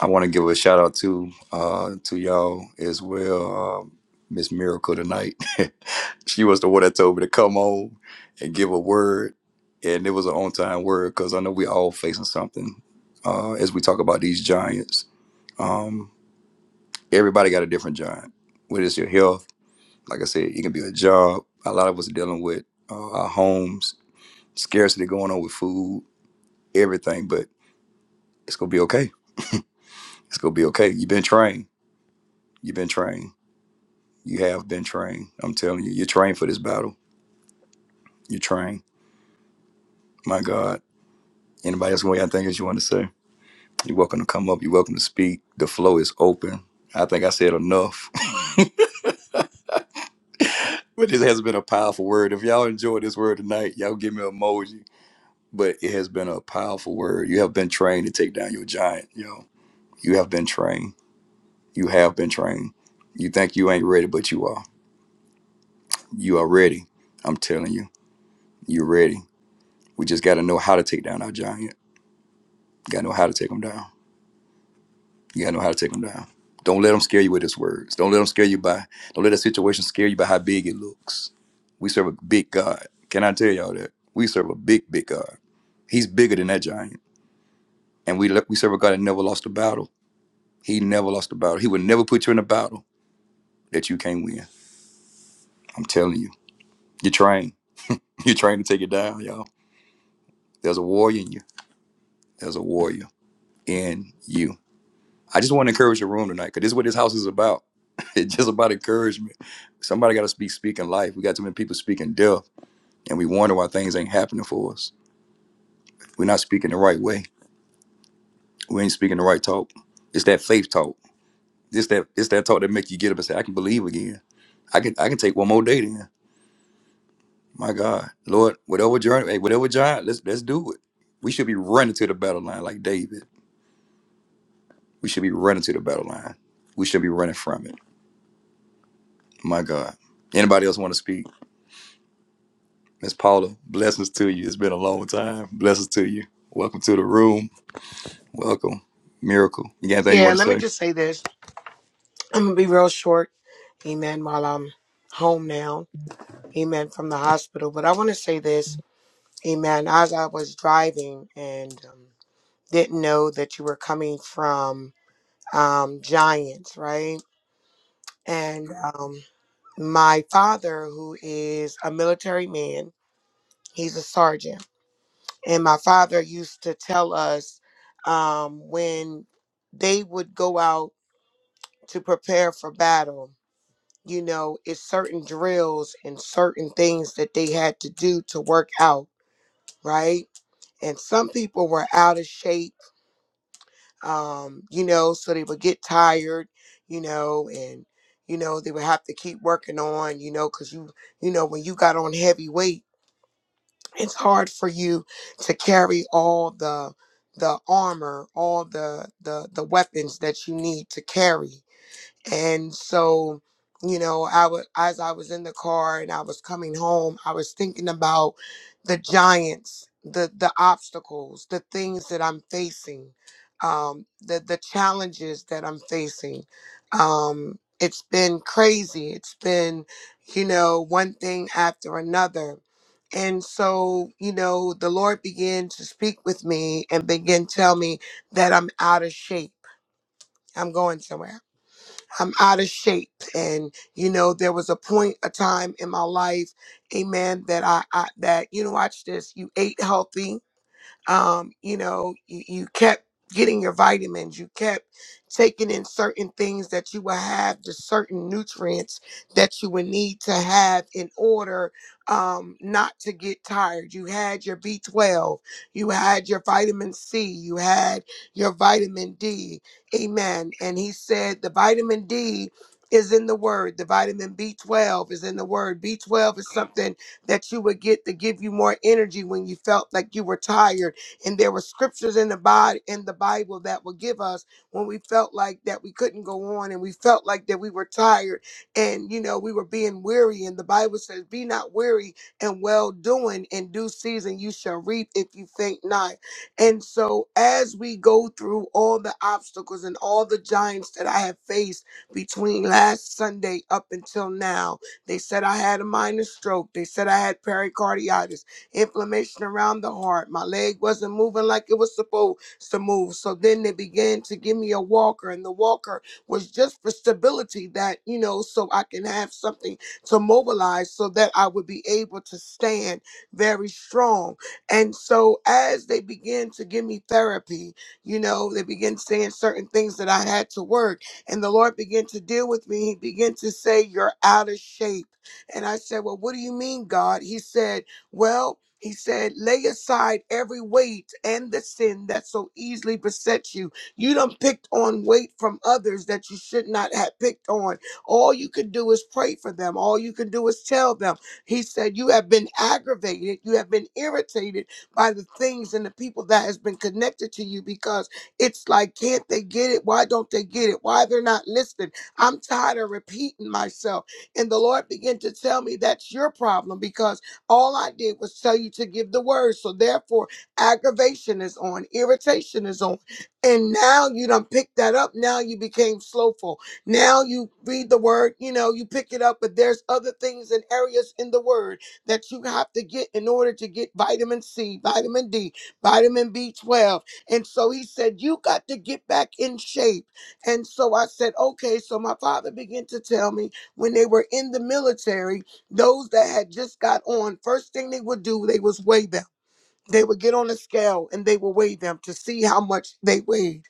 I want to give a shout out to uh, to y'all as well, um, Miss Miracle tonight. she was the one that told me to come on and give a word, and it was an on time word because I know we all facing something uh, as we talk about these giants. Um, everybody got a different giant. Whether it's your health, like I said, it can be a job. A lot of us are dealing with uh, our homes, scarcity going on with food, everything. But it's gonna be okay. It's gonna be okay. You've been trained. You've been trained You have been trained. I'm telling you, you're trained for this battle. You're trained. My God. Anybody else want anything else you want to say? You're welcome to come up. You're welcome to speak. The flow is open. I think I said enough. but this has been a powerful word. If y'all enjoyed this word tonight, y'all give me an emoji. But it has been a powerful word. You have been trained to take down your giant, yo. You have been trained. You have been trained. You think you ain't ready, but you are. You are ready. I'm telling you, you're ready. We just got to know how to take down our giant. You gotta know how to take them down. You gotta know how to take them down. Don't let them scare you with his words. Don't let them scare you by. Don't let that situation scare you by how big it looks. We serve a big God. Can I tell y'all that? We serve a big, big God. He's bigger than that giant. And we we serve a God that never lost a battle. He never lost a battle. He would never put you in a battle that you can't win. I'm telling you. You're trained. You're trained to take it down, y'all. There's a warrior in you. There's a warrior in you. I just want to encourage the room tonight because this is what this house is about. It's just about encouragement. Somebody got to speak speaking life. We got too many people speaking death, and we wonder why things ain't happening for us. We're not speaking the right way. We ain't speaking the right talk. It's that faith talk. It's that it's that talk that make you get up and say, "I can believe again. I can I can take one more day then." My God, Lord, whatever journey, hey, whatever giant, let's let's do it. We should be running to the battle line like David. We should be running to the battle line. We should be running from it. My God. Anybody else want to speak? Miss Paula, blessings to you. It's been a long time. Blessings to you. Welcome to the room. Welcome. Miracle. You got anything you
Yeah,
want to
let me
say?
just say this. I'm gonna be real short, amen, while I'm home now, amen, from the hospital. But I wanna say this, amen, as I was driving and um, didn't know that you were coming from um, Giants, right? And um, my father, who is a military man, he's a sergeant. And my father used to tell us um, when they would go out to prepare for battle You know, it's certain drills and certain things that they had to do to work out, right? And some people were out of shape, um, you know, so they would get tired, you know, and you know they would have to keep working on, you know, because you, you know, when you got on heavy weight, it's hard for you to carry all the the armor, all the the the weapons that you need to carry And so, you know, I was as I was in the car and I was coming home, I was thinking about the giants, the the obstacles, the things that I'm facing, um, the the challenges that I'm facing. Um, it's been crazy. It's been, you know, one thing after another. And so, you know, the Lord began to speak with me and begin to tell me that I'm out of shape. I'm going somewhere. I'm out of shape. And, you know, there was a point, a time in my life, amen, that I, I that, you know, watch this, you ate healthy um, you know, you, you kept getting your vitamins, you kept taking in certain things that you would have the certain nutrients that you would need to have in order um, not to get tired. You had your B12, you had your vitamin C, you had your vitamin D. Amen. And he said the vitamin D is in the word. The vitamin B12 is in the word. B12 is something that you would get to give you more energy when you felt like you were tired and there were scriptures in the Bible in the Bible that would give us when we felt like that we couldn't go on and we felt like that we were tired and you know we were being weary. And the Bible says, Be not weary and well doing in due season you shall reap if you faint not. And so as we go through all the obstacles and all the giants that I have faced between last Sunday up until now, they said I had a minor stroke. They said I had pericarditis inflammation around the heart. My leg wasn't moving like it was supposed to move. So then they began to give me a walker, and the walker was just for stability that, you know, so I can have something to mobilize so that I would be able to stand very strong. And so as they began to give me therapy, you know, they began saying certain things that I had to work. And the Lord began to deal with me. He began to say, You're out of shape. And I said, Well, what do you mean, God? He said, Well, he said, lay aside every weight and the sin that so easily besets you. You done picked on weight from others that you should not have picked on. All you can do is pray for them. All you can do is tell them. He said, you have been aggravated. You have been irritated by the things and the people that has been connected to you because it's like, can't they get it? Why don't they get it? Why they're not listening? I'm tired of repeating myself. And the Lord began to tell me that's your problem because all I did was tell you to give the word. So therefore, aggravation is on, irritation is on. And now you done picked that up. Now you became slowful. Now you read the word, you know, you pick it up, but there's other things and areas in the word that you have to get in order to get vitamin C, vitamin D, vitamin B12. And so he said, You got to get back in shape. And so I said, Okay. So my father began to tell me when they were in the military, those that had just got on, first thing they would do, they was weigh them. They would get on a scale and they would weigh them to see how much they weighed.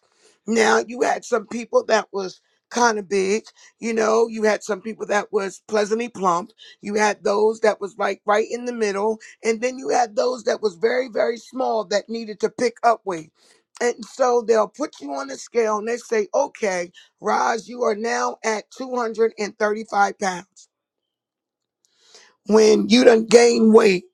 Now you had some people that was kind of big, you know, you had some people that was pleasantly plump, you had those that was like right in the middle, and then you had those that was very, very small that needed to pick up weight. And so they'll put you on the scale and they say, okay, Raj, you are now at 235 pounds when you done gain weight,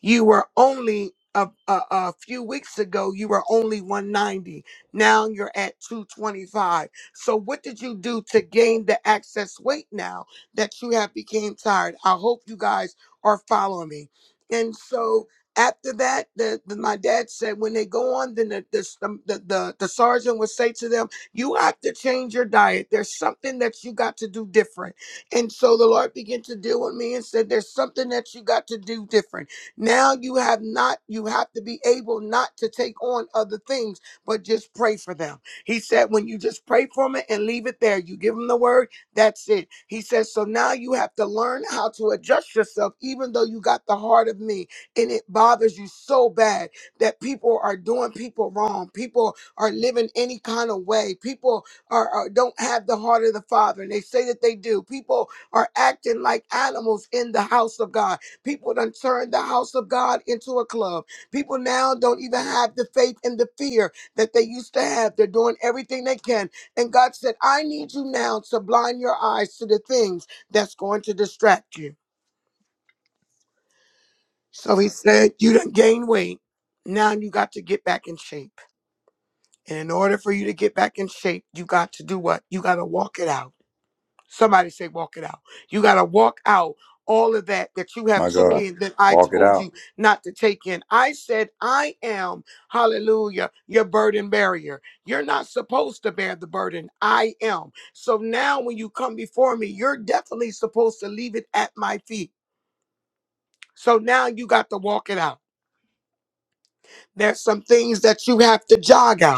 you were only a, a, a few weeks ago you were only 190 now you're at 225 so what did you do to gain the excess weight now that you have became tired i hope you guys are following me and so after that the, the- my dad said when they go on then the, the, the, the, the sergeant would say to them you have to change your diet there's something that you got to do different and so the lord began to deal with me and said there's something that you got to do different now you have not, you have to be able not to take on other things, but just pray for them. He said, when you just pray for them and leave it there, you give them the word, that's it. He says, so now you have to learn how to adjust yourself, even though you got the heart of me and it bothers you so bad that people are doing people wrong. People are living any kind of way. People are, are- don't have the heart of the Father and they say that they do. People are acting like animals in the house of God People done turned the house of God into a club. People now don't even have the faith and the fear that they used to have. They're doing everything they can. And God said, I need you now to blind your eyes to the things that's going to distract you. So he said, You done gained weight. Now you got to get back in shape. And in order for you to get back in shape, you got to do what? You got to walk it out. Somebody say, walk it out. You got to walk out all of that that you have
My
took
God.
in that I
Walk it
told
out.
you not to take in. I said, I am, hallelujah, your burden barrier. You're not supposed to bear the burden. I am. So now when you come before me, you're definitely supposed to leave it at my feet. So now you got to walk it out. There's some things that you have to jog out.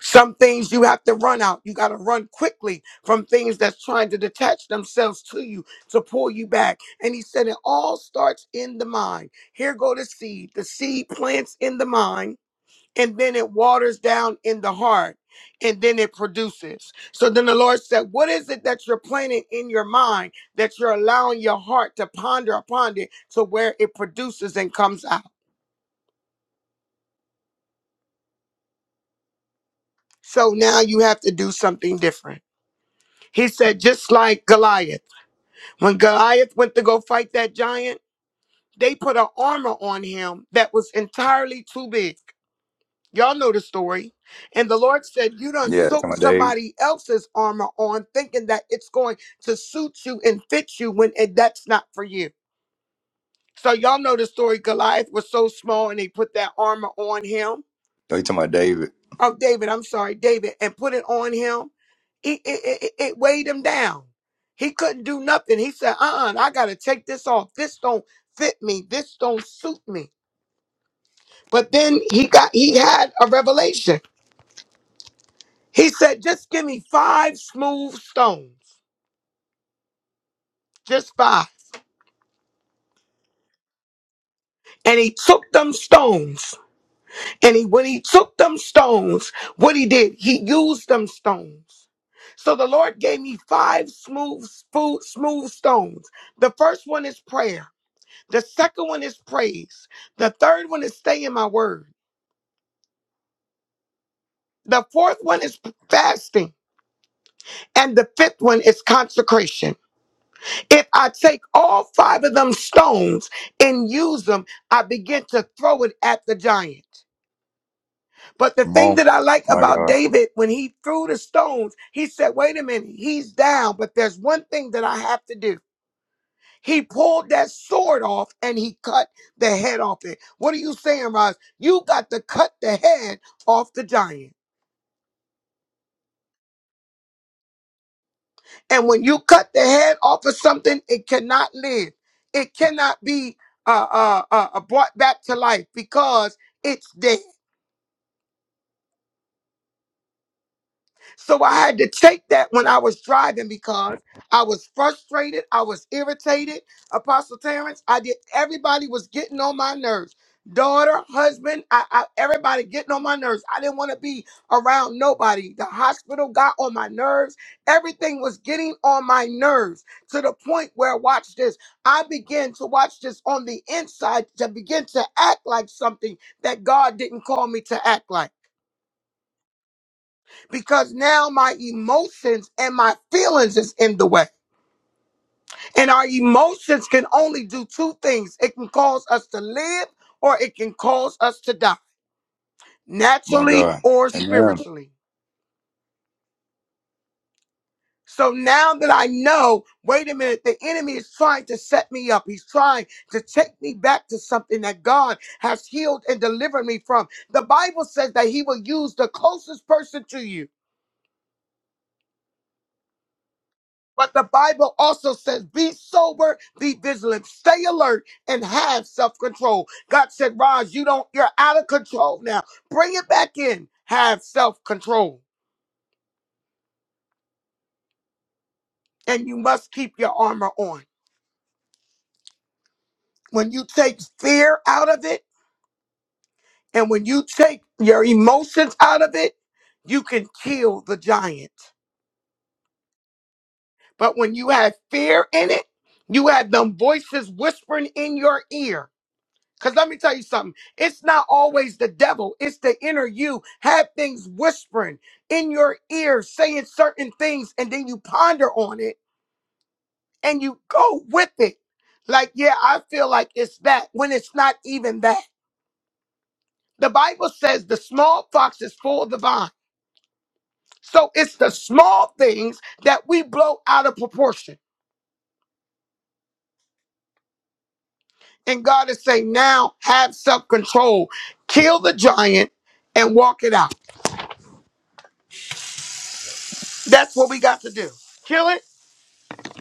Some things you have to run out. You got to run quickly from things that's trying to detach themselves to you to pull you back. And he said it all starts in the mind. Here go the seed. The seed plants in the mind and then it waters down in the heart and then it produces. So then the Lord said, What is it that you're planting in your mind that you're allowing your heart to ponder upon it to where it produces and comes out? So now you have to do something different. He said, just like Goliath. When Goliath went to go fight that giant, they put an armor on him that was entirely too big. Y'all know the story. And the Lord said, You done
Yeah, talking
took
about Dave.
somebody else's armor on, thinking that it's going to suit you and fit you when it, that's not for you. So, y'all know the story. Goliath was so small and they put that armor on him.
Oh, you talking about David.
of David, I'm sorry, David, and put it on him, it, it, it, it it weighed him down. He couldn't do nothing. He said, uh-uh, I gotta take this off. This don't fit me. This don't suit me. But then he got he had a revelation. He said, just give me five smooth stones. Just five. And he took them stones And he, when he took them stones, what he did, he used them stones. So the Lord gave me five smooth, smooth, smooth stones. The first one is prayer. The second one is praise. The third one is stay in my word. The fourth one is fasting. And the fifth one is consecration. If I take all five of them stones and use them, I begin to throw it at the giant. But the
Come
thing
on.
that I like
My
about
God.
David, when he threw the stones, he said, wait a minute, he's down, but there's one thing that I have to do. He pulled that sword off and he cut the head off it. What are you saying, Roz? You got to cut the head off the giant. And when you cut the head off of something, it cannot live. It cannot be uh, uh, uh, brought back to life because it's dead. So I had to take that when I was driving because I was frustrated. I was irritated. Apostle Terrence, I did. Everybody was getting on my nerves. Daughter, husband, I, I, everybody getting on my nerves. I didn't want to be around nobody. The hospital got on my nerves. Everything was getting on my nerves to the point where, watch this, I began to watch this on the inside to begin to act like something that God didn't call me to act like because now my emotions and my feelings is in the way. And our emotions can only do two things. It can cause us to live or it can cause us to die,
My
naturally
God.
or
Amen.
spiritually. So now that I know, wait a minute, the enemy is trying to set me up. He's trying to take me back to something that God has healed and delivered me from. The Bible says that he will use the closest person to you But the Bible also says, be sober, be vigilant, stay alert, and have self-control. God said, Roz, you don't, you're out of control now. Bring it back in. Have self-control. And you must keep your armor on. When you take fear out of it, and when you take your emotions out of it, you can kill the giant. But when you have fear in it, you have them voices whispering in your ear Because let me tell you something. It's not always the devil, it's the inner you. Have things whispering in your ear, saying certain things, and then you ponder on it and you go with it. Like, yeah, I feel like it's that when it's not even that. The Bible says the small fox is full of the vine. So it's the small things that we blow out of proportion. And God is saying, now have self control, kill the giant and walk it out. That's what we got to do. Kill it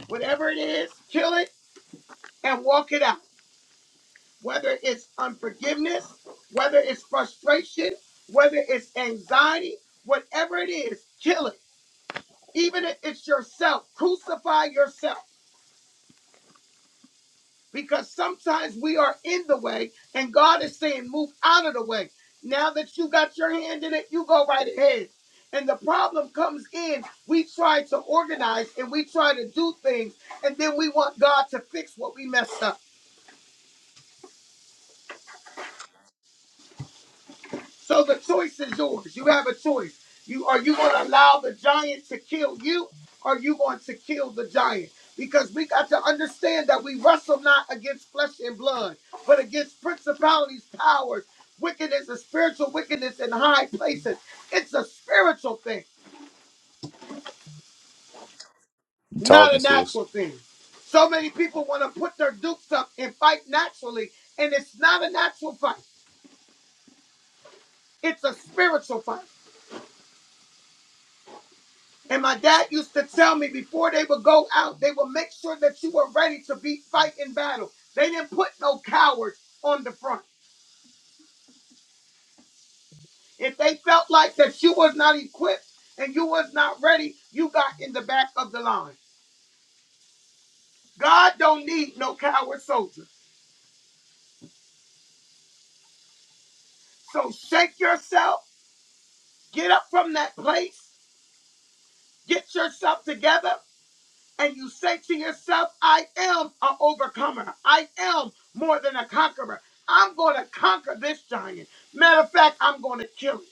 whatever it is, kill it and walk it out. Whether it's unforgiveness, whether it's frustration, whether it's anxiety, whatever it is, kill it. Even if it's yourself, crucify yourself. Because sometimes we are in the way and God is saying, move out of the way. Now that you got your hand in it, you go right ahead. And the problem comes in, we try to organize and we try to do things, and then we want God to fix what we messed up. So the choice is yours. You have a choice. You are you going to allow the giant to kill you, or are you going to kill the giant? Because we got to understand that we wrestle not against flesh and blood, but against principalities, powers, wickedness, and spiritual wickedness in high places. It's a spiritual thing,
You
not a
talking, sis.
natural thing. So many people want to put their dukes up and fight naturally, and it's not a natural fight. It's a spiritual fight. And my dad used to tell me before they would go out, they would make sure that you were ready to be fight in battle. They didn't put no cowards on the front. If they felt like that you was not equipped and you was not ready, you got in the back of the line. God don't need no coward soldier. So shake yourself, get up from that place, get yourself together, and you say to yourself, I am an overcomer. I am more than a conqueror. I'm going to conquer this giant. Matter of fact, I'm going to kill it.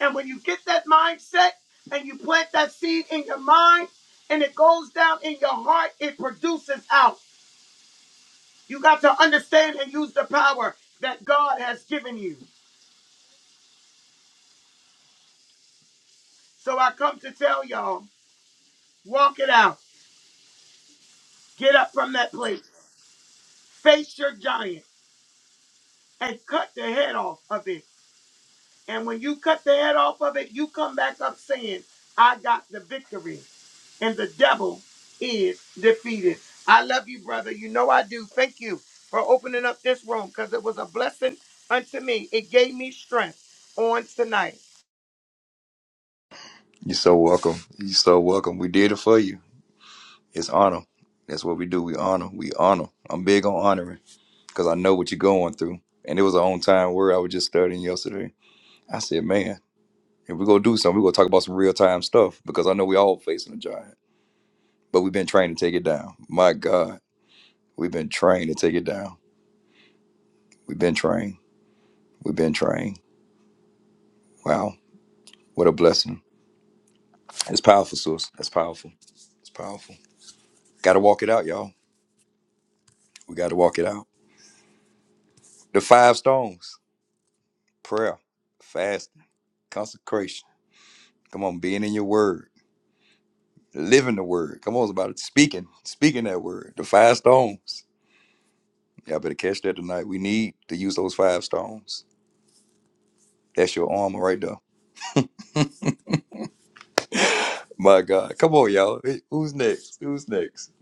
And when you get that mindset and you plant that seed in your mind and it goes down in your heart, it produces out. You got to understand and use the power that God has given you. So I come to tell y'all walk it out, get up from that place, face your giant, and cut the head off of it. And when you cut the head off of it, you come back up saying, I got the victory and the devil is defeated. I love you, brother. You know I do. Thank you for opening up this room because it was a blessing unto me. It gave me strength on tonight.
You're so welcome. You're so welcome. We did it for you. It's honor. That's what we do. We honor. We honor. I'm big on honoring because I know what you're going through. And it was a on time word I was just studying yesterday. I said, man, If we're gonna do something, we're gonna talk about some real time stuff because I know we all facing a giant. But we've been trained to take it down. My God, we've been trained to take it down. We've been trained. We've been trained. Wow, what a blessing. It's powerful, sis. That's powerful. It's powerful. Gotta walk it out, y'all. We gotta walk it out. The five stones: prayer, fasting, consecration. Come on, being in your word, living the word. Come on, it's about it. Speaking, speaking that word. The five stones. Y'all better catch that tonight. We need to use those five stones That's your armor right there. My God. Come on, y'all. Hey, Who's next? Who's next?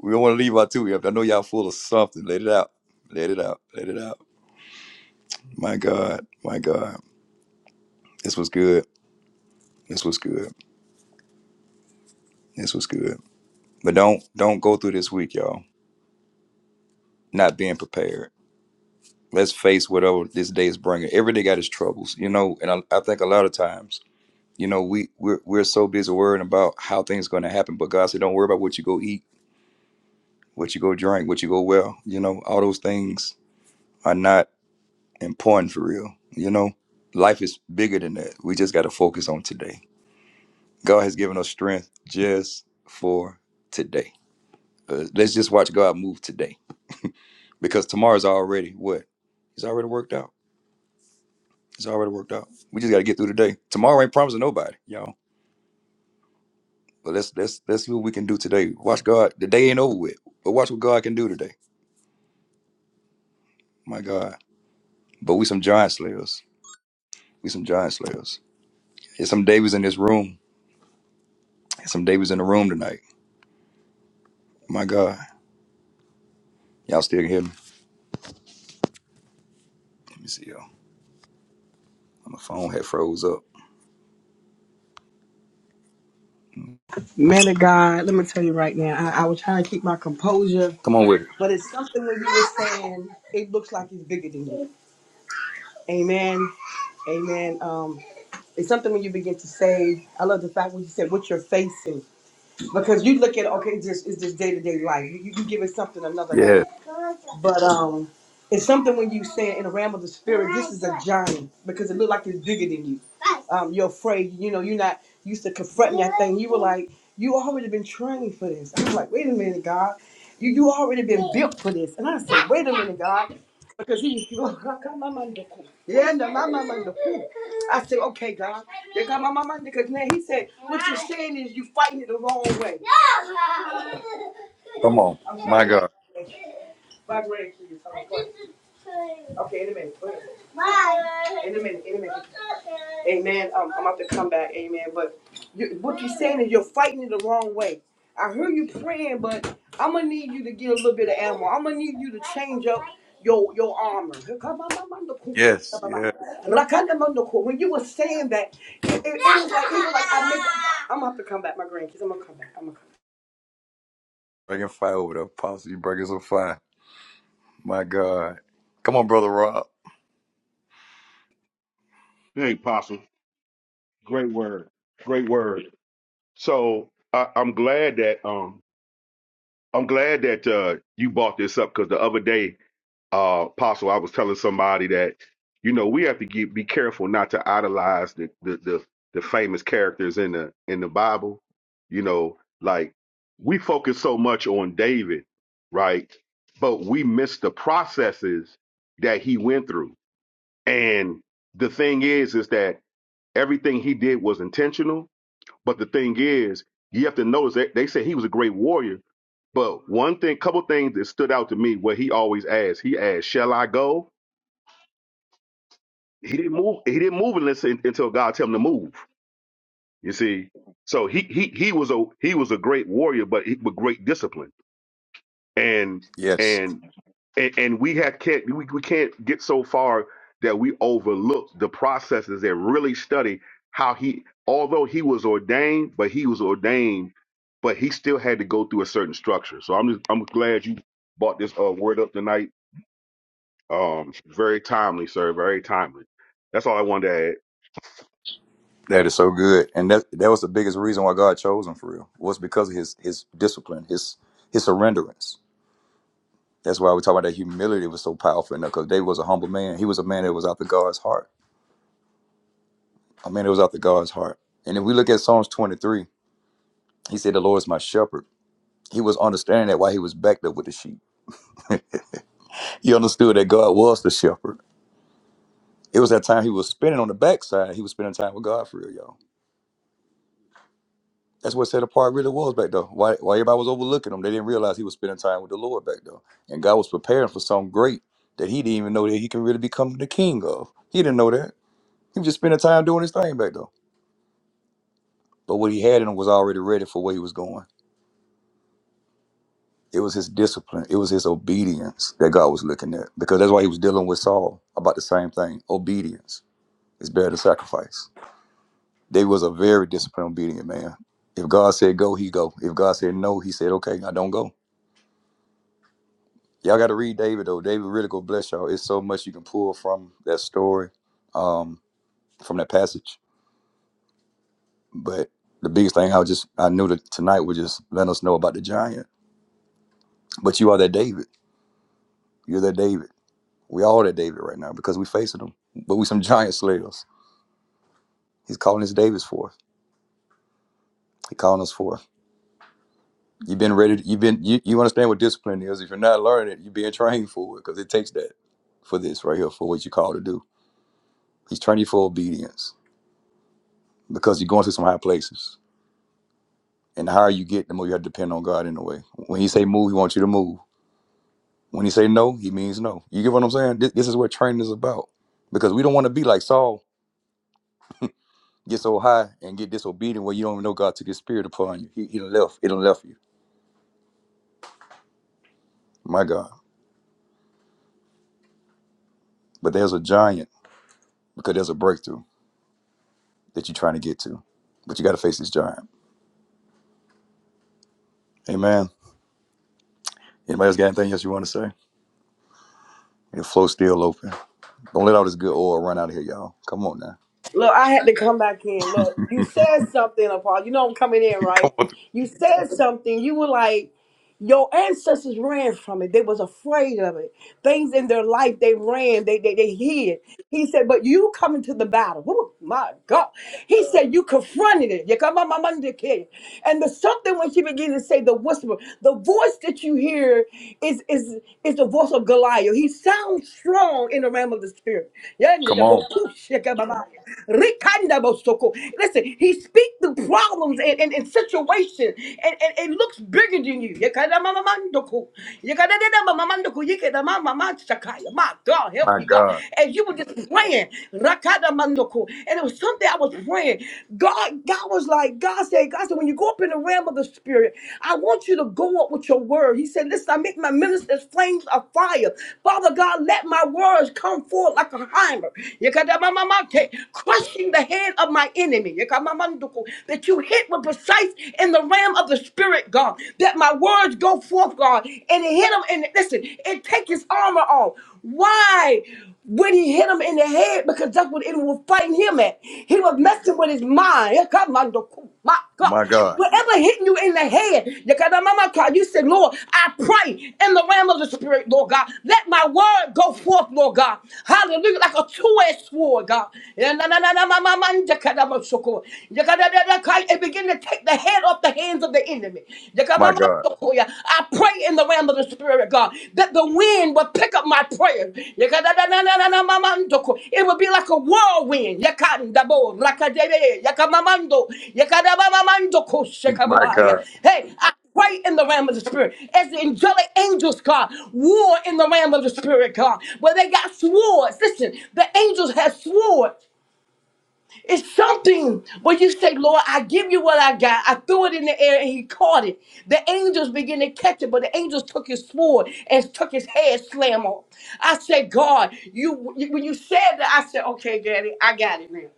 We don't want to leave out too empty. I know y'all full of something. Let it out. Let it out. Let it out. My God. My God. This was good. This was good. This was good. But don't don't go through this week, y'all, not being prepared. Let's face whatever this day is bringing. Every day got its troubles, you know. And I, I think a lot of times, you know, we we're, we're so busy worrying about how things going to happen. But God said, don't worry about what you go eat, what you go drink, what you go well. You know, all those things are not important for real. You know, life is bigger than that. We just got to focus on today. God has given us strength just for today. Uh, let's just watch God move today because tomorrow's already what? It's already worked out. It's already worked out. We just got to get through today. Tomorrow ain't promising nobody, y'all. But let's let's let's see what we can do today. Watch God. The day ain't over with, but watch what God can do today. My God. But we some giant slayers. We some giant slayers. There's some Davies in this room. There's some Davies in the room tonight. My God. Y'all still can hear me? Let me see y'all. My phone had froze up.
Man of God, let me tell you right now. I, I was trying to keep my composure,
Come on with it.
but it's something when you were saying it looks like it's bigger than you. Amen. Amen. Um, it's something when you begin to say, I love the fact when you said what you're facing. Because you look at okay, it's just it's just day to day life. You, you you give it something another name.
Yeah.
But um, it's something when you say it in the realm of the spirit, this is a giant because it looked like it's bigger than you. Um, you're afraid, you know, you're not used to confronting that thing. You were like, you already been trained for this. I was like, wait a minute, God, you you already been built for this. And I said, wait a minute, God, because he, yeah, no, my mama, the fool. I said, okay, God, they got my mama because now he said, what you're saying is you fighting it the wrong way.
Come on.
I'm
My
sorry, God.
God.
Vibrate to you. Okay, in a minute. Wait In a minute. In a minute. Amen. Um, I'm about to come back. Amen. But you, what you're saying is you're fighting it the wrong way. I hear you praying, but I'm gonna need you to get a little bit of ammo. I'm gonna need you to change up your your armor.
Yeah.
When you were saying that, it, it, it was like it was like I make, I'm gonna have to come back, my grandkids. I'm gonna come back. I'm gonna come back.
Breaking fire over there. Apostle, you breaking some fire. My God. Come on, brother Rob.
Hey, Apostle. Great word. Great word. So I, I'm glad that um I'm glad that uh you brought this up because the other day, uh, Apostle, I was telling somebody that you know we have to get, be careful not to idolize the, the the the famous characters in the in the Bible. You know, like we focus so much on David, right? But we miss the processes that he went through. And the thing is, is that everything he did was intentional But the thing is, you have to notice that they say he was a great warrior. But one thing, couple things that stood out to me, where he always asked, he asked, "Shall I go?" He didn't move. He didn't move unless until God tell him to move. You see, so he he he was a he was a great warrior, but he, with great discipline. and
Yes.
and and, and we have can't we, we can't get so far that we overlook the processes and really study how he although he was ordained but he was ordained but he still had to go through a certain structure so i'm just i'm glad you brought this uh, word up tonight um very timely sir very timely that's all i wanted to add
That is so good. And that that was the biggest reason why God chose him for real. Was because of his his discipline, his his surrenderance. That's why we talk about that humility was so powerful in there, because David was a humble man. He was a man that was out the God's heart. A man that was out the God's heart. And if we look at Psalms 23, he said, The Lord is my shepherd. He was understanding that while he was back there with the sheep. he understood that God was the shepherd. It was that time he was spending on the backside. He was spending time with God for real, y'all. That's what set apart really was back though. Why, why everybody was overlooking him, they didn't realize he was spending time with the Lord back though. And God was preparing for something great that he didn't even know that he could really become the king of. He didn't know that. He was just spending time doing his thing back though. But what he had in him was already ready for where he was going. It was his discipline. It was his obedience that God was looking at because that's why he was dealing with Saul about the same thing obedience It's better to sacrifice. They was a very disciplined, obedient man. If God said go, he go. If God said no, he said okay, I don't go. Y'all got to read David though. David really go bless y'all. It's so much you can pull from that story, um, from that passage. But the biggest thing I was just I knew that tonight would just let us know about the giant. But you are that David. You're that David. We all that David right now because we facing him. But we some giant slayers. He's calling his Davids forth. He calling us forth. You've been ready. To, you've been you, you understand what discipline is. If you're not learning it, you're being trained for it because it takes that for this right here for what you call to do. He's training you for obedience because you're going to some high places. And the higher you get, the more you have to depend on God in a way. When He say move, He wants you to move. When He say no, He means no. You get what I'm saying? This, this is what training is about because we don't want to be like Saul, get so high and get disobedient where you don't even know God took His spirit upon you. He, he left. It left you. My God. But there's a giant because there's a breakthrough. that you're trying to get to. But you got to face this giant. Amen. Anybody else got anything else you want to say? Your flow's still open. Don't let all this good oil run out of here, y'all. Come on now.
Look, I had to come back in. Look, you said something, Paul. You know I'm coming in, right? You said something. You were like, your ancestors ran from it. They was afraid of it. Things in their life they ran, they they, they hid. He said, but you come into the battle. Ooh, my God. He said, you confronted it. You come on, my mother kid. And the something when she began to say the whisper, the voice that you hear is is is the voice of Goliath. He sounds strong in the realm of the spirit.
Come on.
Listen, he speaks through problems and, and, and situations and, and it looks bigger than you. Yekada mama mandoku. Yekada dada mama Yekadamamamandoku. Yekadadadamamandoku. Yekedamamamanshakaya. My God, help
My
me, God.
God.
And you were just praying. Rakadamandoku. And it was something I was praying. God, God was like, God said, God said, when you go up in the realm of the spirit, I want you to go up with your word. He said, Listen, I make my ministers flames of fire. Father God, let my words come forth like a hammer. Yekada mama Yekadamamamake. Crushing the head of my enemy. Yekada mama Yekamamandoku. That you hit with precise in the realm of the spirit, God. That my words go forth, God. And it hit him and listen, it take his armor off. Why? When he hit him in the head, because that's what it was fighting him at. He was messing with his mind. Yeah, come on, the- cool, My God.
My God.
Whatever hitting you in the head, you got a mama call. You said, Lord, I pray in the realm of the spirit, Lord God. Let my word go forth, Lord God. Hallelujah. Like a two-edged sword, God. Shoko, it begin to take the head off the hands of the enemy.
My God.
I pray in the realm of the Spirit, God, that the wind will pick up my prayers. It will be like a whirlwind.
My God.
Hey, I pray in the realm of the Spirit as the angelic angels, God, war in the realm of the Spirit, God, where they got swords. Listen, the angels have swords. It's something where you say, Lord, I give you what I got. I threw it in the air and he caught it. The angels begin to catch it, but the angels took his sword and took his head slam off. I said, God, you you- when you said that, I said, okay, Daddy, I got it now.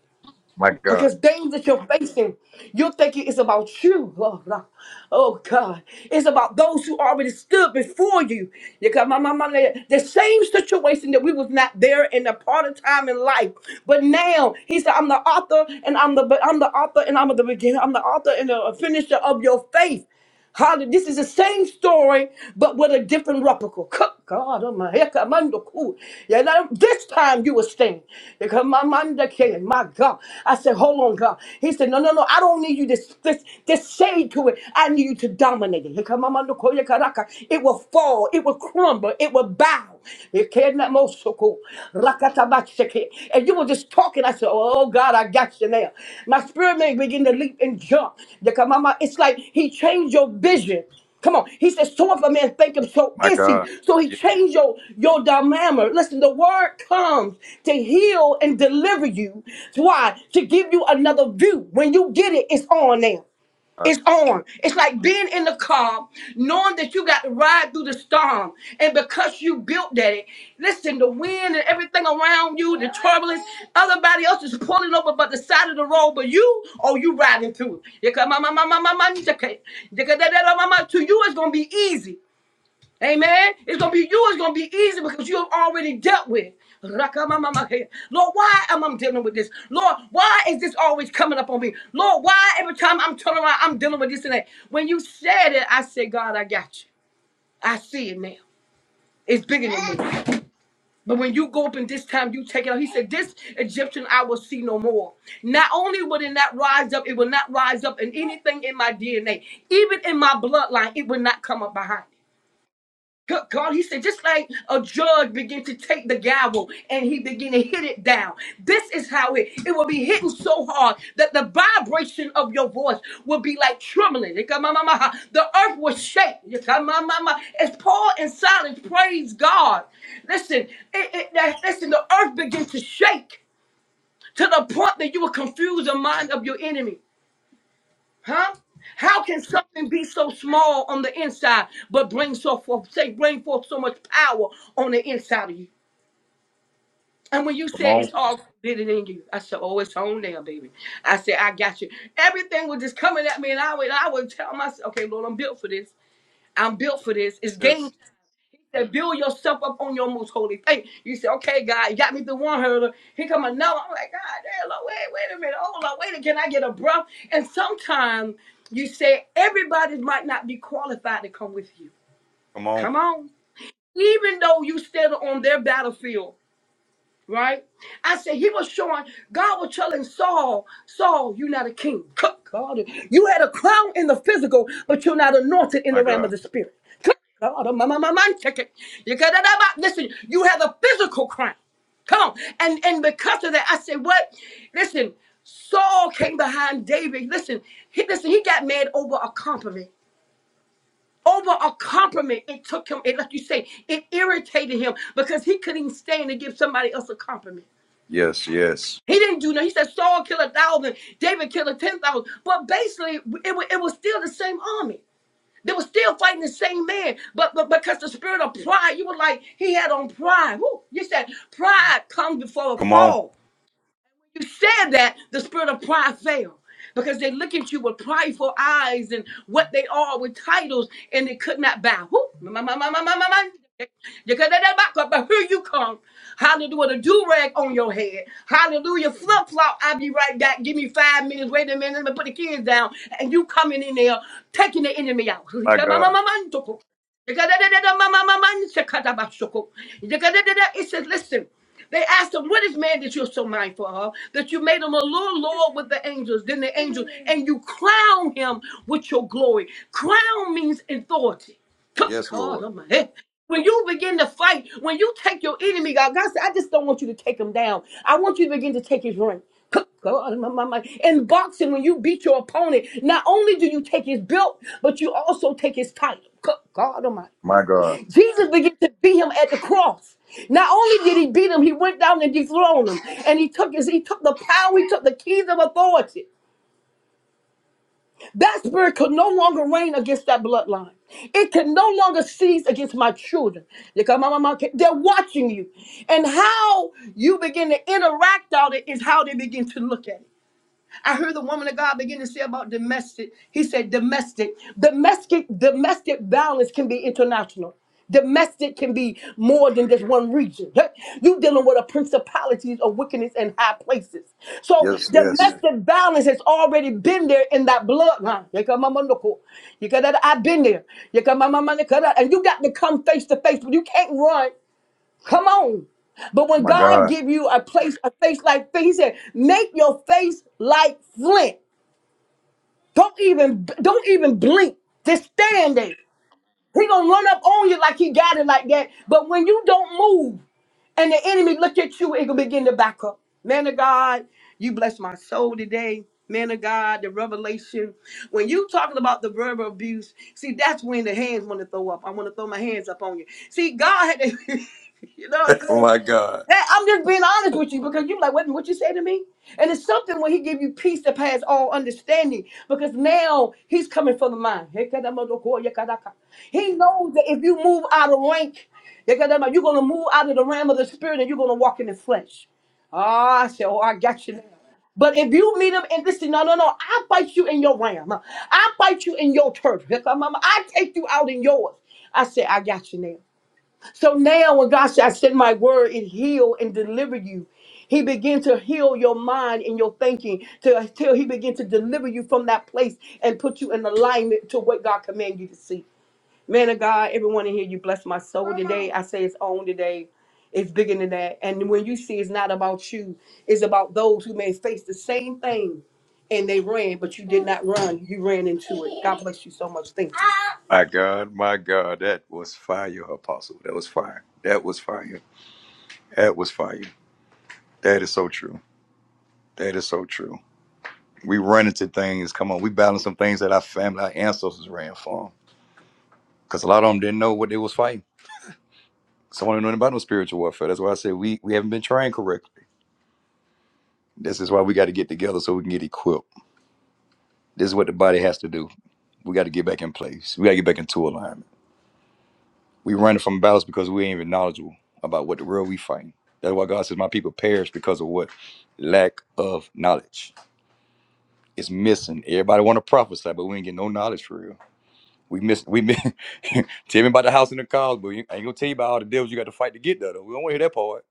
My God.
Because things that you're facing, you're thinking it's about you. Oh, no. Oh, God. It's about those who already stood before you. Because my, my, my, the same situation that we was not there in a part of time in life. But now he said, I'm the author and I'm the I'm the author and I'm the beginner. I'm the author and the finisher of your faith. Hallelujah. This is the same story, but with a different replica. Co- God, oh my heck, I'm under cool. Yeah, now this time you will were Here come my man, the king, my God. I said, hold on, God. He said, no, no, no, I don't need you to this, this shade to it. I need you to dominate it. Here come my man, the king, yeah, Karaka. It will fall, it will crumble, it will bow. It cannot most so cool. Rakatabashake. And you were just talking. I said, Oh God, I got you now. My spirit man begin to leap and jump. Yakamama, It's like he changed your vision. Come on. He said, So if a man think him, so
My
is he.
God.
So he
Yeah.
changed your, your dilemma. Listen, the word comes to heal and deliver you. Why? To give you another view. When you get it, it's on now. It's on. It's like being in the car, knowing that you got to ride through the storm. And because you built that, it, listen, the wind and everything around you, the turbulence, everybody else is pulling over but the side of the road, but you, oh, you riding through. it. Yeka ma ma ma ma ma ma, yeka- yeka da da da ma ma. To you, it's going to be easy. Amen. It's gonna be you. It's gonna be easy because you have already dealt with. Rakamamamake. Lord, why am I dealing with this? Lord, why is this always coming up on me? Lord, why every time I'm turning around, I'm dealing with this and that? When you said it, I said, God, I got you. I see it now. It's bigger than me. But when you go up and this time you take it out, he said, This Egyptian I will see no more. Not only will it not rise up, it will not rise up in anything in my DNA, even in my bloodline, it will not come up behind. Good God, he said, just like a judge began to take the gavel and he began to hit it down. This is how it, it will be hitting so hard that the vibration of your voice will be like trembling. Ikamamamaha. The earth will shake. Ikamamama. As Paul and Silas praise God, listen, it, it, that, listen, the earth begins to shake to the point that you will confuse the mind of your enemy. Huh? How can something be so small on the inside, but bring so forth, say, bring forth so much power on the inside of you? And when you
Come
said
on.
it's already bigger in you, I said, "Oh, it's on there, baby." I said, "I got you." Everything was just coming at me, and I would, I would tell myself, "Okay, Lord, I'm built for this. I'm built for this. It's game
Yes.
time said, build yourself up on your most holy faith. You say, okay, God, you got me through one hurdle. Here come another. I'm like, God, damn, Lord, wait, wait a minute. Oh, Lord, wait, a- can I get a breath? And sometimes you say, everybody might not be qualified to come with you.
Come on.
Come on. Even though you stand on their battlefield, right? I said he was showing, God was telling Saul, Saul, you're not a king. Good God, you had a crown in the physical, but you're not anointed in
My
the realm
God.
of the spirit. Good God, oh, my, my, my mind it. You got that listen, you have a physical crown. Come on. And and because of that, I said, what? Listen, Saul came behind David. Listen, he listen, he got mad over a compliment. Over a compliment, it took him, it like you say, it irritated him because he couldn't even stand to give somebody else a compliment.
Yes. Yes.
He didn't do nothing. He said Saul killed a thousand, David killed a ten thousand. But basically, it was, it was still the same army. They were still fighting the same man. But, but because the spirit of pride, you were like, he had on pride. Woo. You said pride comes before a
Come on.
fall you said that, the spirit of pride failed, because they look at you with prideful eyes and what they are with titles and they could not bow. Whoo! Ma, ma, ma, ma, ma, ma, ma. You could not back up, but here you come. Hallelujah, with a do rag on your head. Hallelujah, flip flop. I'll be right back. Give me five minutes. Wait a minute. Let me put the kids down. And you coming in there, taking the enemy out.
My God.
Zekadadadada, It says, listen, they asked him, What is man that you're so mindful of? That you made him a little Lord with the angels, than the angels, and you crown him with your glory. Crown means authority. Good
Yes,
God
Lord.
on my head. When you begin to fight, when you take your enemy, God, God said, I just don't want you to take him down. I want you to begin to take his ring. God, my, my, my. In boxing, when you beat your opponent, not only do you take his belt, but you also take his title. God God Almighty.
My God.
Jesus began to beat him at the cross. Not only did he beat him, he went down and dethroned him, and he took his, he took the power, he took the keys of authority. That spirit could no longer reign against that bloodline. It can no longer seize against my children. Because my mama, they're watching you, and how you begin to interact on it is how they begin to look at it. I heard the woman of God begin to say about domestic. He said domestic, domestic, domestic violence can be international. Domestic can be more than just one region. Hey, You dealing with a principalities of wickedness in high places. So
Yes. Yes.
domestic violence has already been there in that bloodline. Yekamamandoko. Yekadada, I've been there. Yekamamamandekada. And you got to come face to face. but You can't run. Come on. But when
My
God
God.
give you a place, a face like flint, He said, make your face like flint. Don't even, don't even blink. Just stand there. He gonna run up on you like he got it like that. But when you don't move and the enemy look at you, it gonna begin to back up. Man of God, you bless my soul today. Man of God, the revelation. When you talking about the verbal abuse, see that's when the hands want to throw up. I want to throw my hands up on you. See, God had to, you know what I'm saying?
my God.
That- I'm just being honest with you because you like, wait a minute, what you say to me? And it's something when he give you peace that pass all understanding because now he's coming from the mind. He knows that if you move out of rank, you're going to move out of the realm of the spirit and you're going to walk in the flesh. Ah, I said, oh, I got you now. But if you meet him and listen, no, no, no, I fight you in your realm. I fight you in your turf. I take you out in yours. I said, I got you now. So now, when God said, "I send my word it heal and deliver you, He began to heal your mind and your thinking till, till He began to deliver you from that place and put you in alignment to what God commanded you to see. Man of God, everyone in here, you bless my soul today. I say it's on today. It's bigger than that. And when you see it's not about you, it's about those who may face the same thing and they ran, but you did not run. You ran into it. God bless you so much. Thank you.
My God, my God, that was fire, Apostle. That was fire. That was fire. That was fire. That is so true. That is so true. We run into things. Come on, we balance some things that our family, our ancestors ran from. Because a lot of them didn't know what they was fighting. Some of them didn't know about no spiritual warfare. That's why I say we we haven't been trained correctly. This is why we got to get together so we can get equipped. This is what the body has to do. We got to get back in place. We got to get back into alignment. We running from battles because we ain't even knowledgeable about what the world we fighting. That's why God says my people perish because of what? Lack of knowledge. It's missing. Everybody want to prophesy, but we ain't getting no knowledge for real. We miss we miss tell me about the house and the cars, but we ain't I ain't gonna tell you about all the devils you got to fight to get there though. We don't want to hear that part.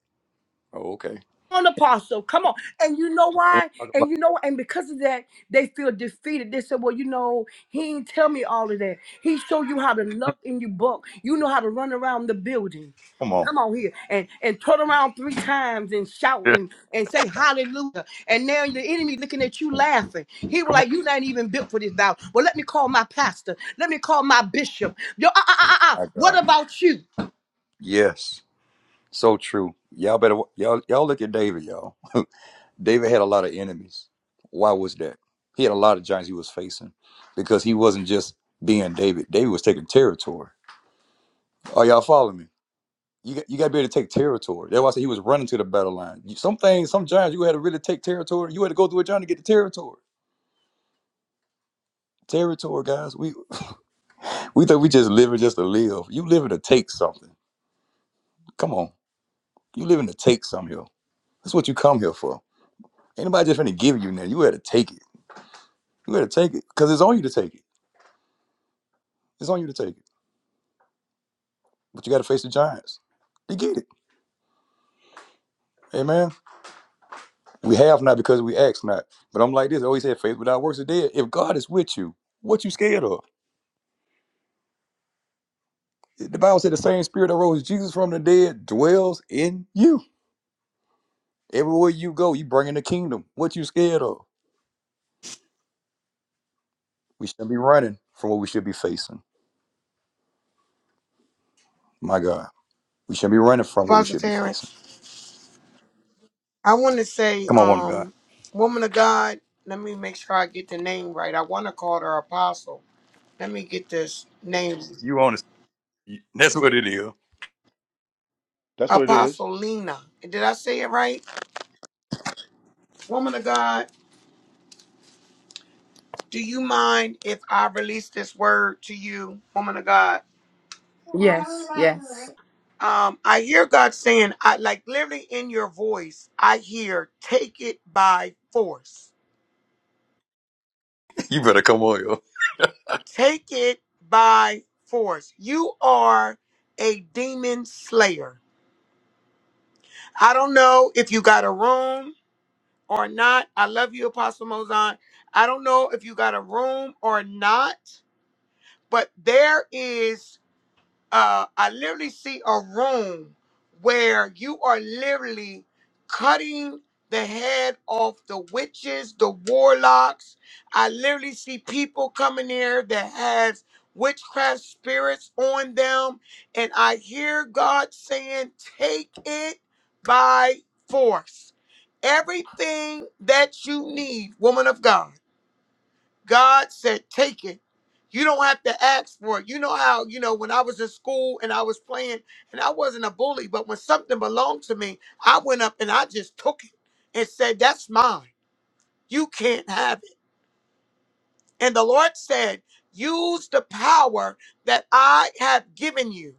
Oh, okay. We
on, apostle. Come on. And you know
don't wanna
why?
talk
And
about-
you know, and because of that, they feel defeated. They said, Well, you know, he ain't tell me all of that. He showed you how to look in your book. You know how to run around the building.
Come on.
Come on here and and turn around three times and shout and and say hallelujah. And now the enemy looking at you laughing. He was
Come on.
like, "You're not even built for this vow." Well, let me call my pastor. Let me call my bishop. Yo, uh, uh, uh, uh, uh,
My
what
God.
about you?
Yes. So true. Y'all better y'all y'all look at David, y'all. David had a lot of enemies. Why was that? He had a lot of giants he was facing because he wasn't just being David. David was taking territory. Are y'all following me? You got, you got to be able to take territory. That's why I said he was running to the battle line. You- Some things, some giants, you had to really take territory. You had to go through a giant to get the territory. Territory, guys. We we think we just living just to live. You living to take something. Come on, you living to take something here. That's what you come here for. Ain't nobody just finna give you nothing. You had to take it. You had to take it because it's on you to take it. It's on you to take it. but you got to face the giants. You get it. Amen. We have not because we ask not. But I'm like this. I always said, faith without works is dead. If God is with you, what you scared of? The Bible said the same spirit that rose Jesus from the dead dwells in you. Everywhere you go, you bring in the kingdom. What you scared of? We shouldn't be running from what we should be facing. My God. We shouldn't be running from what we
Apostle
should be facing.
Terrence, I want to say,
Come on, woman of God.
um, woman of God, let me make sure I get the name right. I want to call her apostle. Let me get this name.
You honest. That's what it is.
that's what it is
Apostle Lena. Did I say it right? Woman of God. Do you mind if I release this word to you, woman of God?
Yes, yes.
Um, I hear God saying, I like literally in your voice, I hear, take it by force.
You better come on, yo.
Take it by force. You are a demon slayer. I don't know if you got a room or not. I love you, Apostle Mozon. I don't know if you got a room or not, but there is uh, I literally see a room where you are literally cutting the head off the witches, the warlocks. I literally see people coming here that has witchcraft spirits on them, and I hear God saying, "Take it by force." Everything that you need, woman of God. God said, take it. You don't have to ask for it. You know how, you know, when I was in school and I was playing and I wasn't a bully, but when something belonged to me, I went up and I just took it and said, that's mine. You can't have it. And the Lord said, Use the power that I have given you.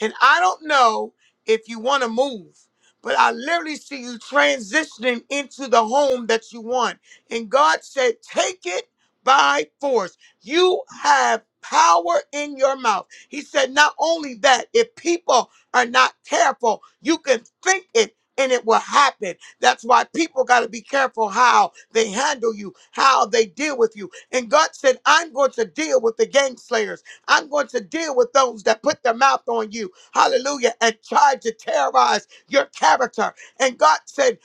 And I don't know if you want to move, but I literally see you transitioning into the home that you want. And God said, Take it by force. You have power in your mouth. He said, Not only that, if people are not careful, you can think it. And it will happen. That's why people got to be careful how they handle you, how they deal with you and God said, I'm going to deal with the gang slayers. I'm going to deal with those that put their mouth on you. Hallelujah. And tried to terrorize your character. And God said,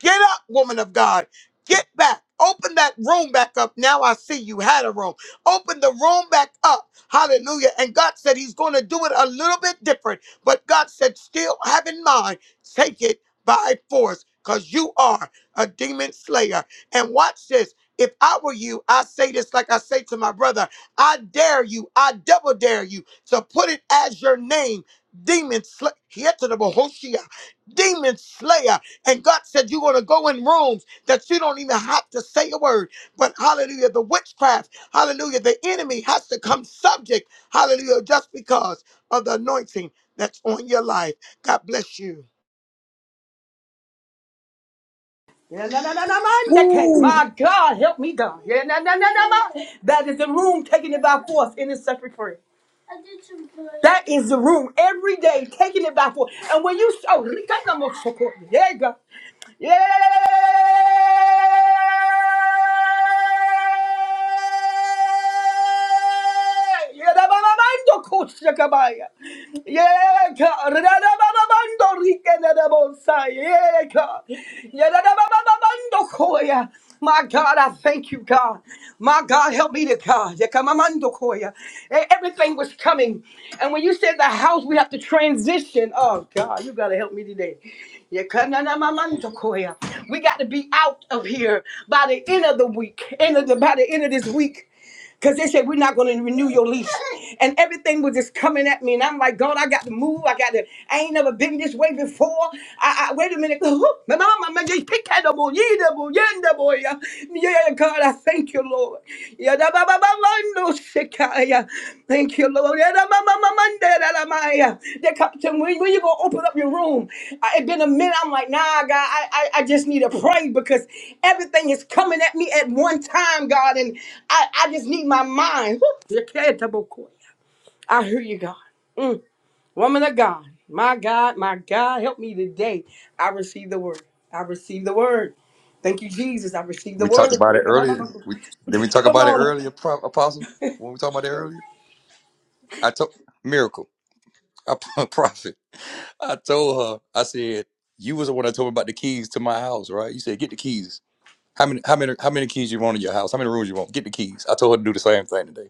Get up, woman of God. Get back. Open that room back up. Now I see you had a room. Open the room back up. Hallelujah. And God said He's going to do it a little bit different. But God said, still have in mind, take it by force because you are a demon slayer. And watch this. If I were you, I say this like I say to my brother I dare you, I double dare you to put it as your name, demon slayer. Here to the Demon slayer and God said, You're going to go in rooms that you don't even have to say a word. But hallelujah, the witchcraft, hallelujah, the enemy has to come subject, hallelujah, just because of the anointing that's on your life. God bless you.
Yeah, na, na, na, na, My God, help me, God. Yeah, na, na, na, na, man. That is the room taking it by force in this separate prayer. That is the room every day taking it by force. And when you oh, Rika, na, mo, soko. yeah, God. Yeah, Shakabaya. Yeka, Rada Baba Mandorika Nabosai, Yeka, Yada Baba Koya. My God, I thank you, God. My God, help me to God. Yakamamando Koya. E- Everything was coming. And when you said the house, we have to transition. Oh, God, you got to help me today. Yakanamamando Koya. We got to be out of here by the end of the week, end of the, by the end of this week because they said we're not going to renew your lease and everything was just coming at me and i'm like god i got to move i got to i ain't never been this way before i, I wait a minute my mama my just pick that up, oh, yeah, that boy, yeah, boy, yeah. Yeah, god i thank you lord Yeah, da, ba, ba, ba, ba, no, sick. Kaya. Thank you, Lord. Era ma- ma- ma- mande la la maya. They come to me, when when you gonna open up your room? I, it been a minute. I'm like, nah, God, I, I, I just need to pray because everything is coming at me at one time, God, and I, I just need my mind. Whew. I hear you, God. Mm. Woman of God, my God, my God, help me today. I receive the word. I receive the word. Thank you, Jesus. I received the
We
word.
talked about it earlier. We, did we talk
Come
about it
on.
earlier, Apostle? When we talked about it earlier? I told Miracle, I prophet. I told her, I said, you was the one I told me about the keys to my house, right? You said, get the keys. How many how many how many keys you want in your house? How many rooms you want? Get the keys. I told her to do the same thing today.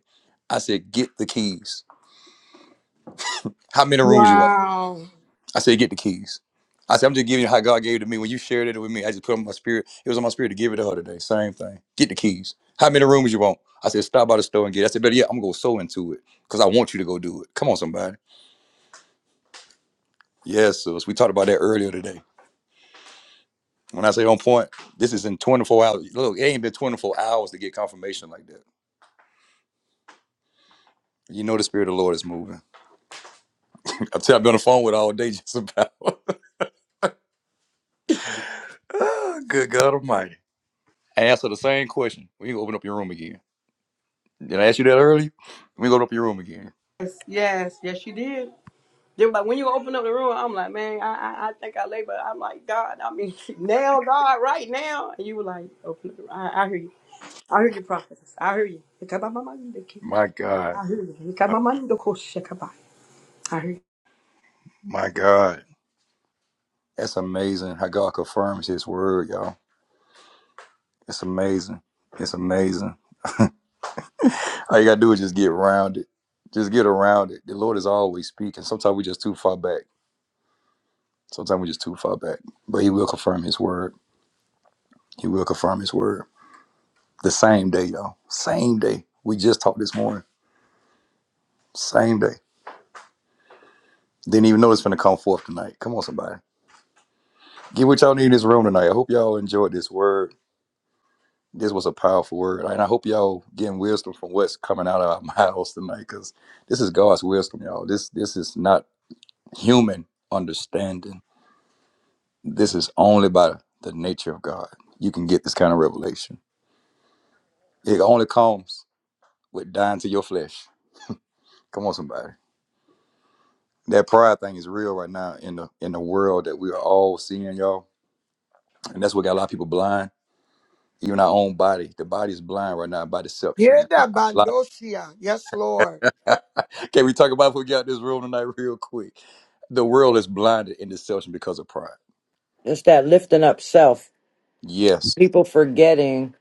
I said, get the keys. How many rooms you want?
Wow.
I said, get the keys. I said, I'm just giving you how God gave it to me. When you shared it with me, I just put it on my spirit. It was on my spirit to give it to her today. Same thing. Get the keys. How many rooms you want? I said, stop by the store and get it. I said, better yet, I'm gonna go sew into it because I want you to go do it. Come on, somebody. Yes, sis. We talked about that earlier today. When I say on point, this is in 24 hours. Look, it ain't been 24 hours to get confirmation like that. You know the spirit of the Lord is moving. I've been on the phone with all day just about. Ah, Good God Almighty. I answer the same question. When you open up your room again. Did I ask you that earlier? When you open up your room again.
Yes, yes, yes, you did. They were like, when you open up the room, I'm like, man, I, I, I think I labor. I'm like, God, I mean, now, God, right now. And you were like, open up the room. I, I hear you. I hear you, prophetess. I hear you.
My God.
I hear you. I hear you.
My God. That's amazing how God confirms his word, y'all. It's amazing. It's amazing. All you gotta do is just get around it. Just get around it. The Lord is always speaking. Sometimes we just too far back. Sometimes we just too far back. But he will confirm his word. He will confirm his word. The same day, y'all. Same day. We just talked this morning. Same day. Didn't even know it's gonna come forth tonight. Come on, somebody. Get what y'all need in this room tonight. I hope y'all enjoyed this word. This was a powerful word. And I hope y'all getting wisdom from what's coming out of our mouths tonight, because this is God's wisdom, y'all. This this is not human understanding. This is only by the nature of God. You can get this kind of revelation. It only comes with dying to your flesh. Come on, somebody. That pride thing is real right now in the in the world that we are all seeing, y'all. And that's what got a lot of people blind. Even our own body. The body is blind right now by
Hear
deception. A lot-
that,
a lot-
Bandosia. Yes, Lord.
Can we talk about if we get this room tonight real quick? The world is blinded in deception because of pride.
It's that lifting up self.
Yes.
People forgetting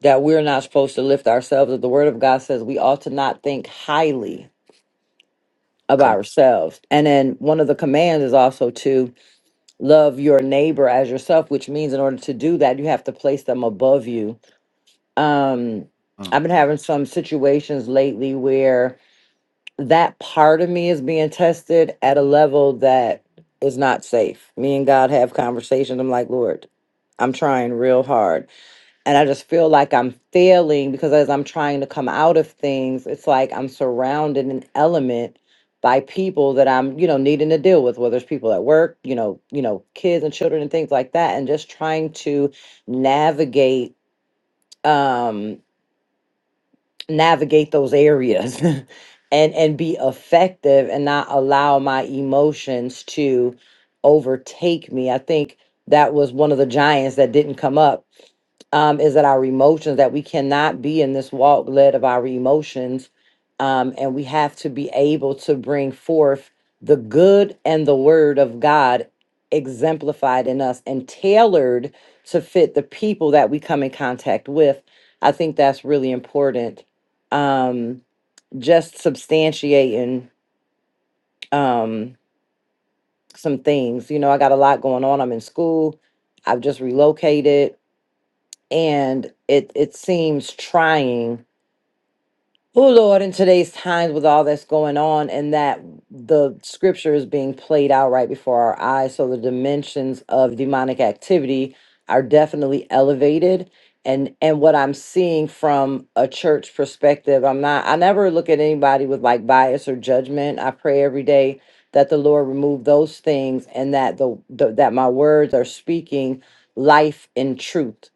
that we're not supposed to lift ourselves. That the Word of God says we ought to not think highly of
Come
ourselves. And then one of the commands is also to love your neighbor as yourself, which means in order to do that, you have to place them above you. Um,
on.
I've been having some situations lately where that part of me is being tested at a level that is not safe. Me and God have conversations. I'm like, Lord, I'm trying real hard and I just feel like I'm failing because as I'm trying to come out of things, it's like I'm surrounded in element by people that I'm, you know, needing to deal with, whether it's people at work, you know, you know, kids and children and things like that, and just trying to navigate um navigate those areas and and be effective and not allow my emotions to overtake me i think that was one of the giants that didn't come up um, is that our emotions that we cannot be in this walk led of our emotions um, and we have to be able to bring forth the good and the word of god exemplified in us and tailored to fit the people that we come in contact with i think that's really important um, just substantiating um, some things. You know, I got a lot going on. I'm in school. I've just relocated, and it it seems trying Oh Lord, in today's times with all that's going on and that the scripture is being played out right before our eyes. So the dimensions of demonic activity are definitely elevated. And and what I'm seeing from a church perspective, I'm not I never look at anybody with like bias or judgment. I pray every day that the Lord remove those things and that the, the that my words are speaking life and truth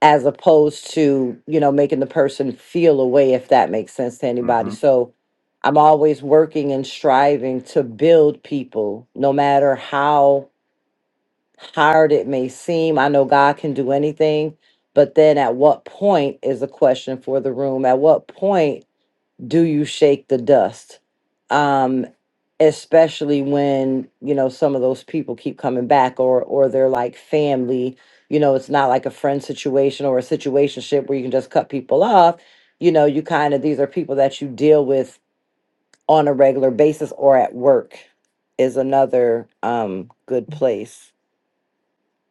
as opposed to you know making the person feel away if that makes sense to anybody
Mm-hmm.
so i'm always working and striving to build people no matter how hard it may seem i know god can do anything but then at what point is a question for the room at what point do you shake the dust? Um, especially when you know some of those people keep coming back, or or they're like family. You know, it's not like a friend situation or a situationship where you can just cut people off. You know, you kind of these are people that you deal with on a regular basis or at work is another um good place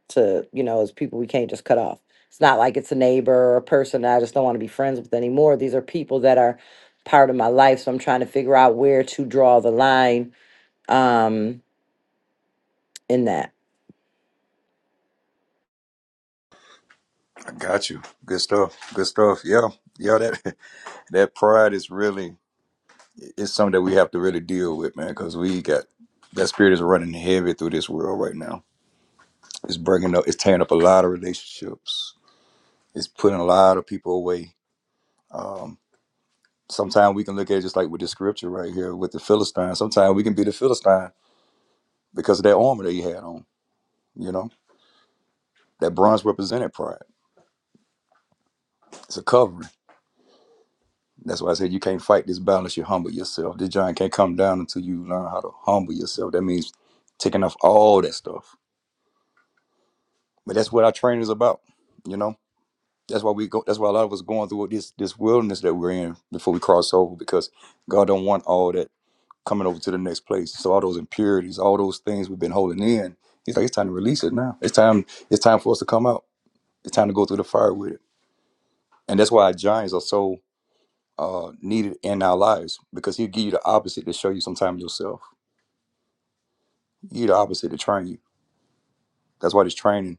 to, you know, as people we can't just cut off. It's not like it's a neighbor or a person that I just don't want to be friends with anymore. These are people that are part of my life. So I'm trying to figure out where to draw the line um, in that.
I got you. Good stuff. Good stuff. Yeah. Yeah, that that pride is really it's something that we have to really deal with, man, because we got that spirit is running heavy through this world right now. It's breaking up, it's tearing up a lot of relationships. It's putting a lot of people away. Um, sometimes we can look at it just like with the scripture right here with the Philistine. Sometimes we can be the Philistine because of that armor that he had on, you know? That bronze represented pride. It's a covering. That's why I said you can't fight this battle unless you humble yourself. This giant can't come down until you learn how to humble yourself. That means taking off all that stuff. But that's what our training is about. You know, That's why we go. That's why a lot of us going through this this wilderness that we're in before we cross over, because God don't want all that coming over to the next place. So all those impurities, all those things we've been holding in, He's like, it's time to release it now. It's time. It's time for us to come out. It's time to go through the fire with it. And that's why giants are so uh, needed in our lives because He'll give you the opposite to show you sometimes yourself. He give you the opposite to train you. That's why this training.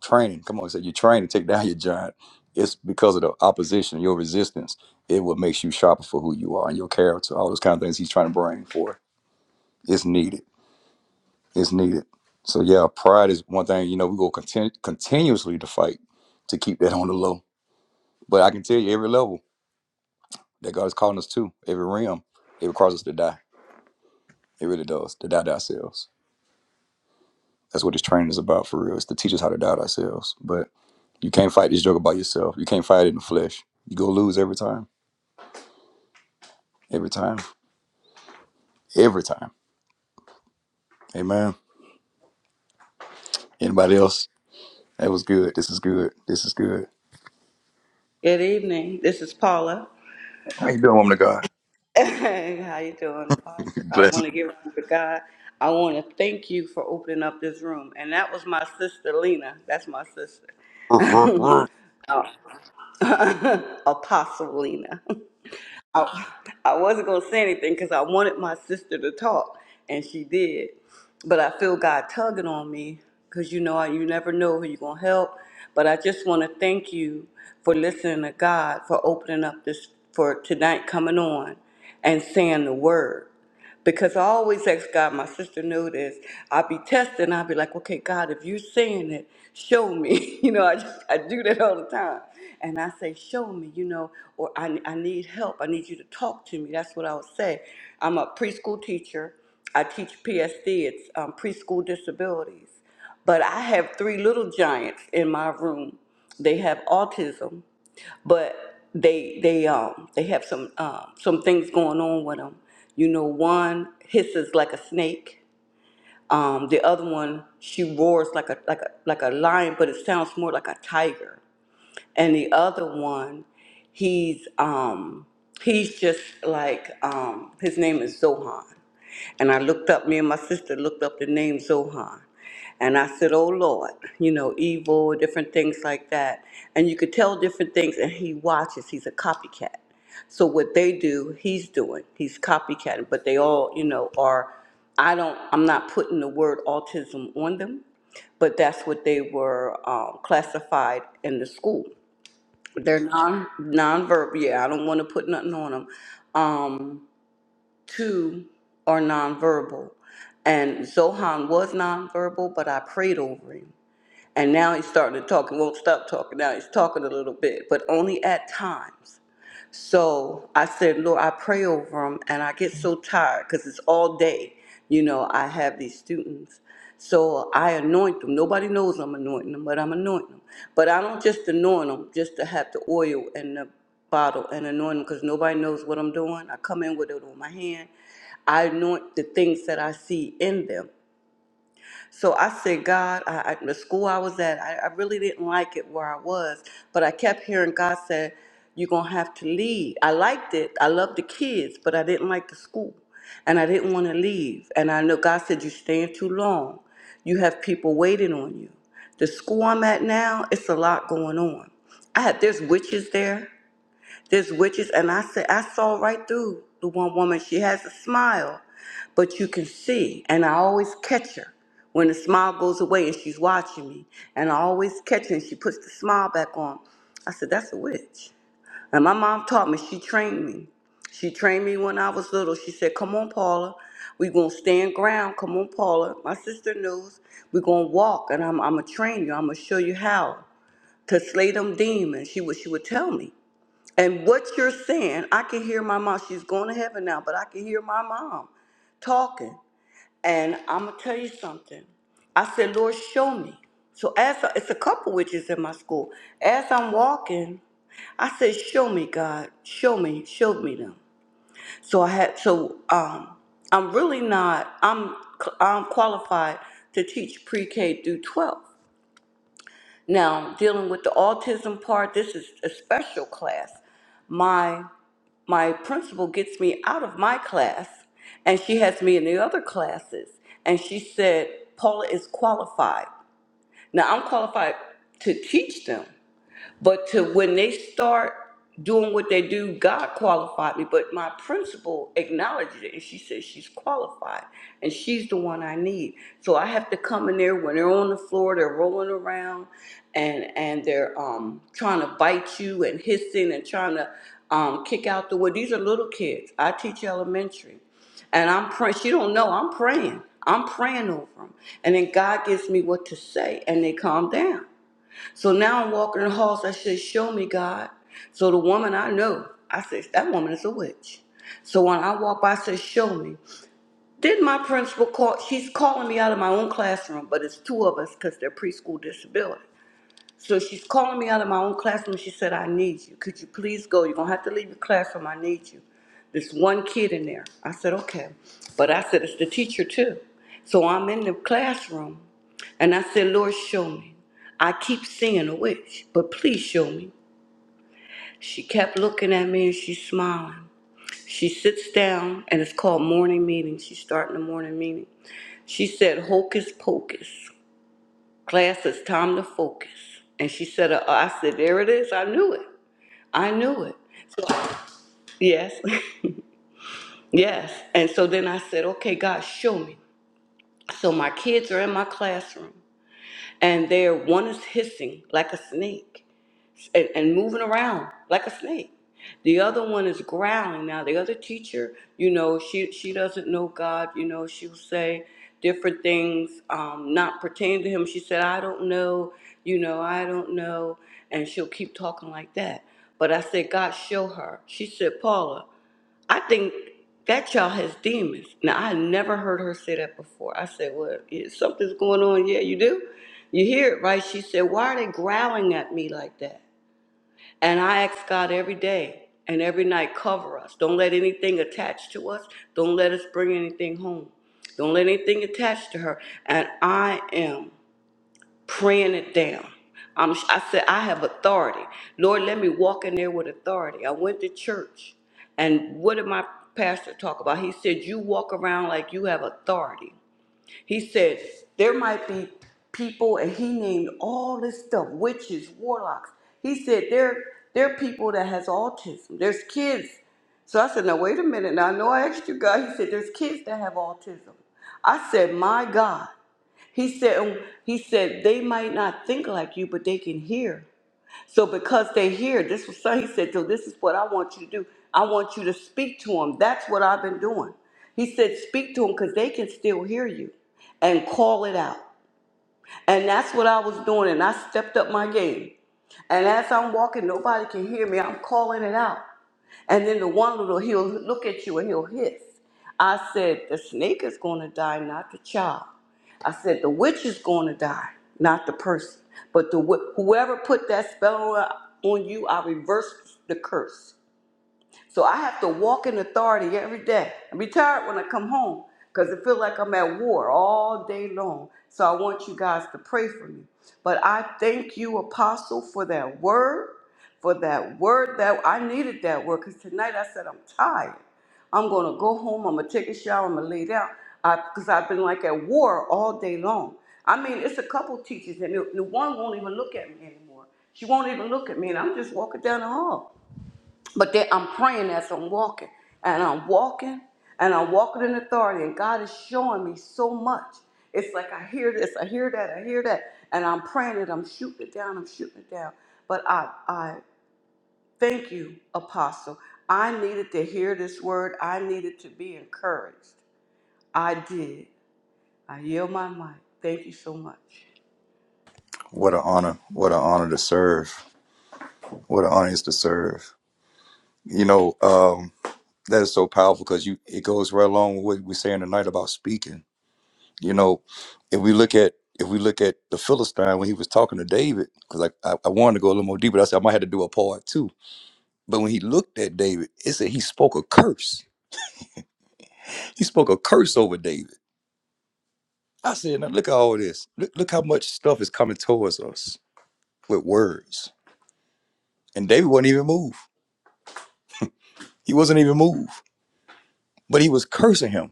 training. Come on, He said, you're training to take down your giant. It's because of the opposition, your resistance. It what makes you sharper for who you are and your character, all those kind of things he's trying to bring for. It's needed. It's needed. So yeah, pride is one thing. You know, we go continu- continuously to fight to keep that on the low. But I can tell you, every level that God is calling us to, every realm, it requires us to die. It really does to die to ourselves. That's what this training is about for real. It's to teach us how to die to ourselves. But you can't fight this joke about yourself. You can't fight it in the flesh. You go lose every time Every time. Every time. Amen. Anybody else? That was good. This is good. This is good.
Good evening. This is Paula.
How you doing, woman of God?
How you doing, Pastor? I
Bless.
want to give honor to God. I want to thank you for opening up this room. And that was my sister Lena. That's my sister.
What an
Oh. Apostle Lena. I, I wasn't going to say anything because I wanted my sister to talk, and she did. But I feel God tugging on me because you know, you never know who you're going to help. But I just want to thank you for listening to God, for opening up this, for tonight coming on and saying the word. Because I always ask God, my sister knew this. I'd be testing, I'd be like, okay, God, if you're saying it, show me. You know, I, just, I do that all the time. And I say, show me, you know, or I, I need help. I need you to talk to me. That's what I would say. I'm a preschool teacher. I teach PSD, it's um, preschool disabilities. But I have three little giants in my room. They have autism but they they um they have some um some things going on with them. You know, one hisses like a snake. Um, the other one she roars like a like a like a lion, but it sounds more like a tiger. And the other one, he's um he's just like um his name is Zohan and I looked up, me and my sister looked up the name Zohan. And I said, Oh Lord, you know, evil, different things like that. And you could tell different things, and he watches. He's a copycat. So what they do, he's doing. He's copycatting. But they all, you know, are, I don't, I'm not putting the word autism on them, but that's what they were um, classified in the school. They're non nonverbal. Yeah, I don't want to put nothing on them. Um, two are nonverbal. And Zohan was nonverbal, but I prayed over him. And now he's starting to talk. He won't stop talking now. He's talking a little bit, but only at times. So I said, Lord, I pray over them, and I get so tired because it's all day. You know, I have these students. So I anoint them. Nobody knows I'm anointing them, but I'm anointing them. But I don't just anoint them just to have the oil and the bottle and anoint them because nobody knows what I'm doing. I come in with it on my hand. I anoint the things that I see in them. So I said, God, I, I, the school I was at, I, I really didn't like it where I was, but I kept hearing God said, you're going to have to leave. I liked it. I loved the kids, but I didn't like the school and I didn't want to leave. And I know God said, you're staying too long. You have people waiting on you. The school I'm at now, it's a lot going on. I had, there's witches there. There's witches, and I said I saw right through the one woman. She has a smile, but you can see, and I always catch her when the smile goes away, and she's watching me, and I always catch her, and she puts the smile back on. I said that's a witch, and my mom taught me. She trained me. She trained me when I was little. She said, "Come on, Paula, we gonna stand ground. Come on, Paula." My sister knows we gonna walk, and I'm I'm gonna train you. I'm gonna show you how to slay them demons. She would she would tell me. And what you're saying, I can hear my mom. She's going to heaven now, but I can hear my mom talking. And I'm going to tell you something. I said, Lord, show me. So as I, it's a couple witches in my school. As I'm walking, I said, show me, God. Show me. Show me them. So I had, so um, I'm really not, I'm, I'm qualified to teach pre-K through 12. Now, dealing with the autism part, this is a special class. My my principal gets me out of my class and she has me in the other classes and she said paula is qualified now i'm qualified to teach them but to when they start doing what they do, God qualified me. But my principal acknowledged it and she said she's qualified and she's the one I need. So I have to come in there when they're on the floor, they're rolling around and and they're um trying to bite you and hissing and trying to um kick out the wood. These are little kids. I teach elementary. And I'm praying. She don't know. I'm praying. I'm praying over them. And then God gives me what to say, and they calm down. So now I'm walking in the halls. I said, Show me, God. So the woman I know, I said, That woman is a witch. So when I walk by, I said, Show me. Then my principal called, she's calling me out of my own classroom, but it's two of us because they're preschool disability. So she's calling me out of my own classroom. She said, I need you. Could you please go? You're going to have to leave your classroom. I need you. This one kid in there. I said, okay. But I said, it's the teacher too. So I'm in the classroom and I said, Lord, show me. I keep seeing a witch, but please show me. She kept looking at me and she's smiling. She sits down and it's called morning meeting. She's starting the morning meeting. She said, Hocus Pocus. Class, it's time to focus. And she said, uh, I said, there it is. I knew it. I knew it. Yes, yes. And so then I said, okay, God, show me. So my kids are in my classroom and they're, one is hissing like a snake and, and moving around like a snake. The other one is growling. Now the other teacher, you know, she she doesn't know God. You know, she'll say different things, um, not pertaining to him. She said, "I don't know," you know, "I don't know," and she'll keep talking like that. But I said, "God, show her." She said, "Paula, I think that child has demons." Now I never heard her say that before. I said, "Well, yeah, something's going on." Yeah, you do. You hear it, right? She said, "Why are they growling at me like that?" And I ask God every day and every night, cover us. Don't let anything attach to us. Don't let us bring anything home. Don't let anything attach to her. And I am praying it down. I'm, I said, I have authority. Lord, let me walk in there with authority. I went to church. And what did my pastor talk about? He said, You walk around like you have authority. He said, There might be people, and he named all this stuff witches, warlocks. He said, There, there are people that has autism. There's kids. So I said, Now, wait a minute. Now, I know I asked you God. He said, There's kids that have autism. I said, My God. He said, He said, They might not think like you, but they can hear. So because they hear, this was so he said, so this is what I want you to do. I want you to speak to them. That's what I've been doing. He said, speak to them because they can still hear you and call it out. And that's what I was doing. And I stepped up my game. And as I'm walking, nobody can hear me. I'm calling it out. And then the one little, he'll look at you and he'll hiss. I said, the snake is going to die, not the child. I said, the witch is going to die, not the person. But the wh- whoever put that spell on on you, I reverse the curse. So I have to walk in authority every day. I be tired when I come home because I feel like I'm at war all day long. So I want you guys to pray for me. But I thank you, Apostle, for that word, for that word that I needed that word because tonight I said I'm tired. I'm gonna go home. I'm gonna take a shower. I'm gonna lay down because I've been like at war all day long. I mean, it's a couple teachers, and the the one won't even look at me anymore. She won't even look at me, and I'm just walking down the hall. But then I'm praying as I'm walking, and I'm walking, and I'm walking in authority, and God is showing me so much. It's like I hear this, I hear that, I hear that, and I'm praying it. I'm shooting it down. I'm shooting it down. But I, I thank you, Apostle. I needed to hear this word. I needed to be encouraged. I did. I yield my mic. Thank you so much.
honor. What an honor to serve. What an honor it is to serve. You know, um, that is so powerful because you it goes right along with what we're saying tonight about speaking. You know, if we look at if we look at the Philistine when he was talking to David, because I, I I wanted to go a little more deeper, but I said I might have to do a part too. But when he looked at David, it said he spoke a curse. He spoke a curse over David I said, now look at all this. Look, look how much stuff is coming towards us with words. And David would not even move. He wasn't even moved. But he was cursing him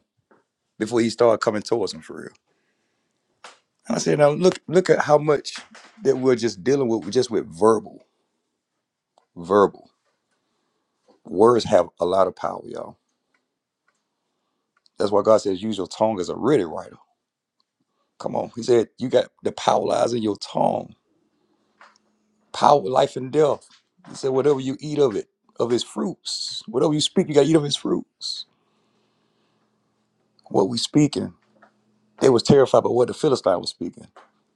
before he started coming towards him for real. And I said, now look, look at how much that we're just dealing with just with verbal, verbal. Words have a lot of power, y'all. That's why God says use your tongue as a ready writer. Come on. He said, you got the power lies in your tongue. Power, life and death. He said, whatever you eat of it, of his fruits. Whatever you speak, you gotta eat of his fruits. what we speaking. They was terrified by what the Philistine was speaking.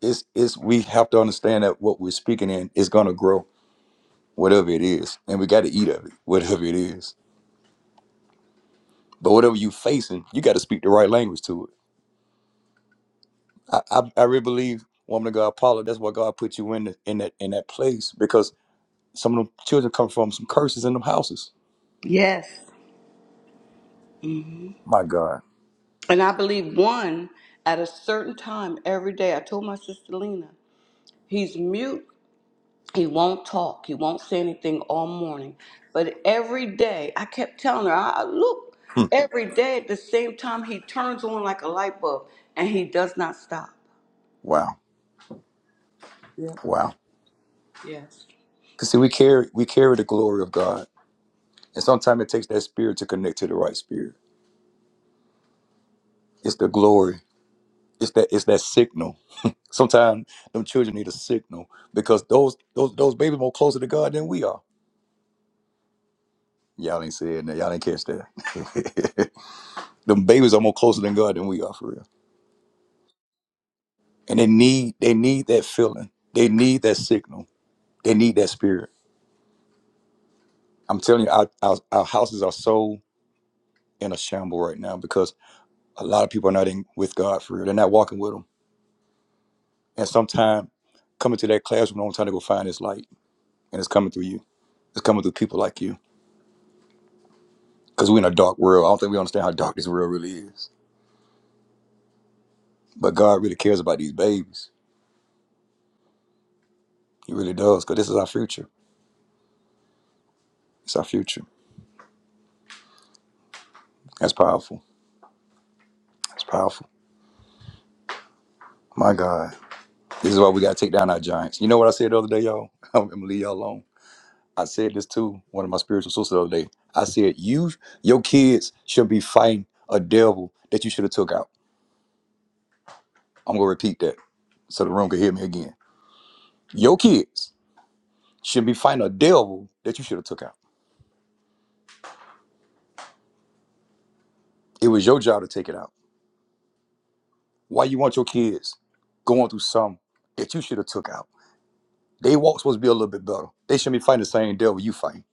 It's it's we have to understand that what we're speaking in is gonna grow, whatever it is. And we gotta eat of it, whatever it is. But whatever you facing, you gotta speak the right language to it. I I, I really believe, woman of God, Paula, that's why God put you in the, in that in that place because some of them children come from some curses in them houses.
Yes.
My God.
And I believe one at a certain time every day. I told my sister Lena, he's mute He won't talk. He won't say anything all morning. But every day, I kept telling her, I, I look,
Hmm.
every day at the same time, he turns on like a light bulb and he does not stop.
Wow.
Yeah.
Wow.
Yes.
Cause see we carry we carry the glory of God. And sometimes it takes that spirit to connect to the right spirit. It's the glory it's that it's that signal. Sometimes them children need a signal because those those those babies more closer to God than we are. Y'all ain't saying that. Y'all ain't catch that. them babies are more closer than God than we are for real. And they need they need that feeling. They need that signal. They need that spirit. I'm telling you, our our, our houses are so in a shamble right now because a lot of people are not in with God for real. They're not walking with Him. And sometimes coming to that classroom, I'm trying to go find this light, and it's coming through you. It's coming through people like you Because we're in a dark world. I don't think we understand how dark this world really is. But God really cares about these babies. He really does, because this is our future. It's our future. That's powerful. That's powerful. My God. This is why we got to take down our giants. You know what I said the other day, y'all? I'm going to leave y'all alone. I said this to one of my spiritual sisters the other day. I said, you, your kids should be fighting a devil that you should have took out. I'm going to repeat that so the room can hear me again. Your kids should be fighting a devil that you should have took out. It was your job to take it out. Why you want your kids going through something that you should have took out? They walk supposed to be a little bit better. They shouldn't be fighting the same devil you fighting.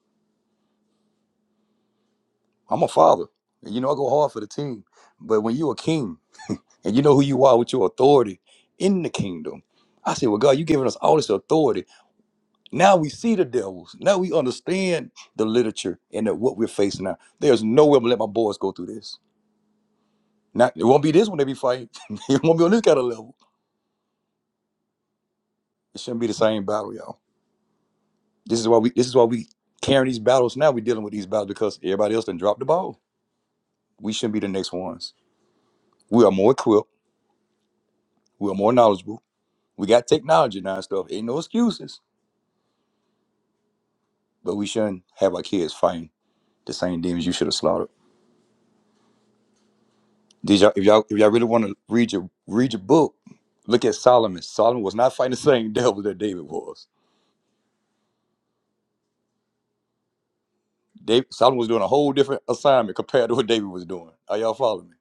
I'm a father, and you know I go hard for the team. But when you a king and you know who you are with your authority in the kingdom, I say, well, God, you giving us all this authority. Now we see the devils. Now we understand the literature and the, what we're facing now. There's no way I'm gonna let my boys go through this. Not it won't be this when they be fighting. it won't be on this kind of level. It shouldn't be the same battle, y'all. This is why we this is why we carrying these battles now. We're dealing with these battles because everybody else done dropped the ball. We shouldn't be the next ones. We are more equipped. We are more knowledgeable. We got technology now and stuff. Ain't no excuses. But we shouldn't have our kids fighting the same demons you should have slaughtered. Did y'all if y'all if y'all really want to read your read your book, look at Solomon. Solomon was not fighting the same devil that David was. David, Solomon was doing a whole different assignment compared to what David was doing. Are y'all following me?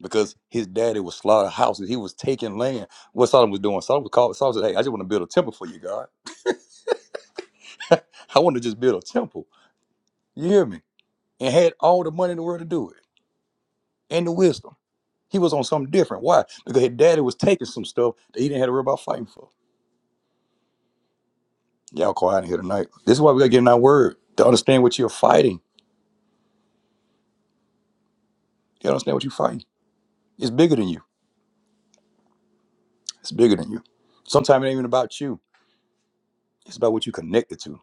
because his daddy was slaughtering houses. He was taking land. What Solomon was doing, Solomon called Solomon said, Hey, I just want to build a temple for you, God. I want to just build a temple. You hear me? And had all the money in the world to do it and the wisdom. He was on something different. Why? Because his daddy was taking some stuff that he didn't have to worry about fighting for. Y'all quiet in here tonight. This is why we gotta get in our word to understand what you're fighting. You gotta understand what you're fighting. It's bigger than you. It's bigger than you. Sometimes it ain't even about you. It's about what you connected to.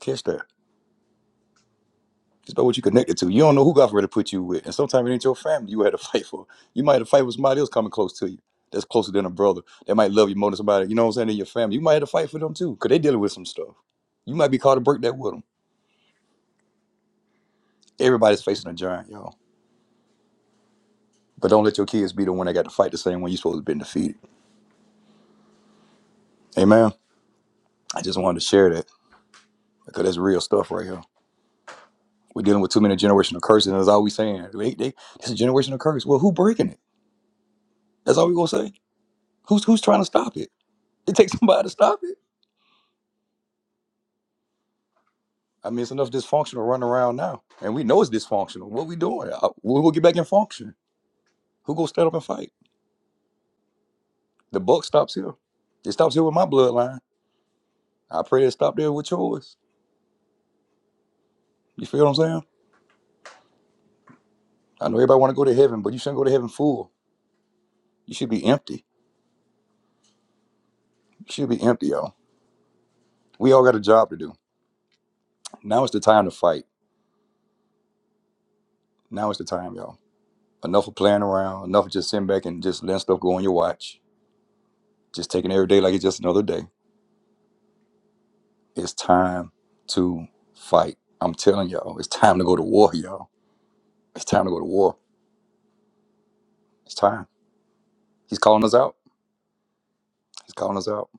Catch that. Just know what you connected to. You don't know who God's ready to put you with. And sometimes it ain't your family you had to fight for. You might have to fight with somebody else coming close to you. That's closer than a brother. That might love you more than somebody, you know what I'm saying, in your family. You might have to fight for them too, because they dealing with some stuff. You might be called to break that with them. Everybody's facing a giant, y'all. But don't let your kids be the one that got to fight the same one you supposed to have been defeated. Amen. I just wanted to share that because that's real stuff right here. We're dealing with too many generational curses, and that's all we saying. They, they, it's a generational curse. Well, who breaking it? That's all we gonna say. Who's who's trying to stop it? It takes somebody to stop it. I mean, it's enough dysfunctional running around now, and we know it's dysfunctional. What we doing? Uh, We will get back in function. Who gonna stand up and fight? The buck stops here. It stops here with my bloodline. I pray it stop there with yours. You feel what I'm saying? I know everybody want to go to heaven, but you shouldn't go to heaven full. You should be empty. You should be empty, y'all. We all got a job to do. Now is the time to fight. Now is the time, y'all. Enough of playing around. Enough of just sitting back and just letting stuff go on your watch. Just taking every day like it's just another day. It's time to fight. I'm telling y'all, it's time to go to war, y'all. It's time to go to war. It's time. He's calling us out. He's calling us out.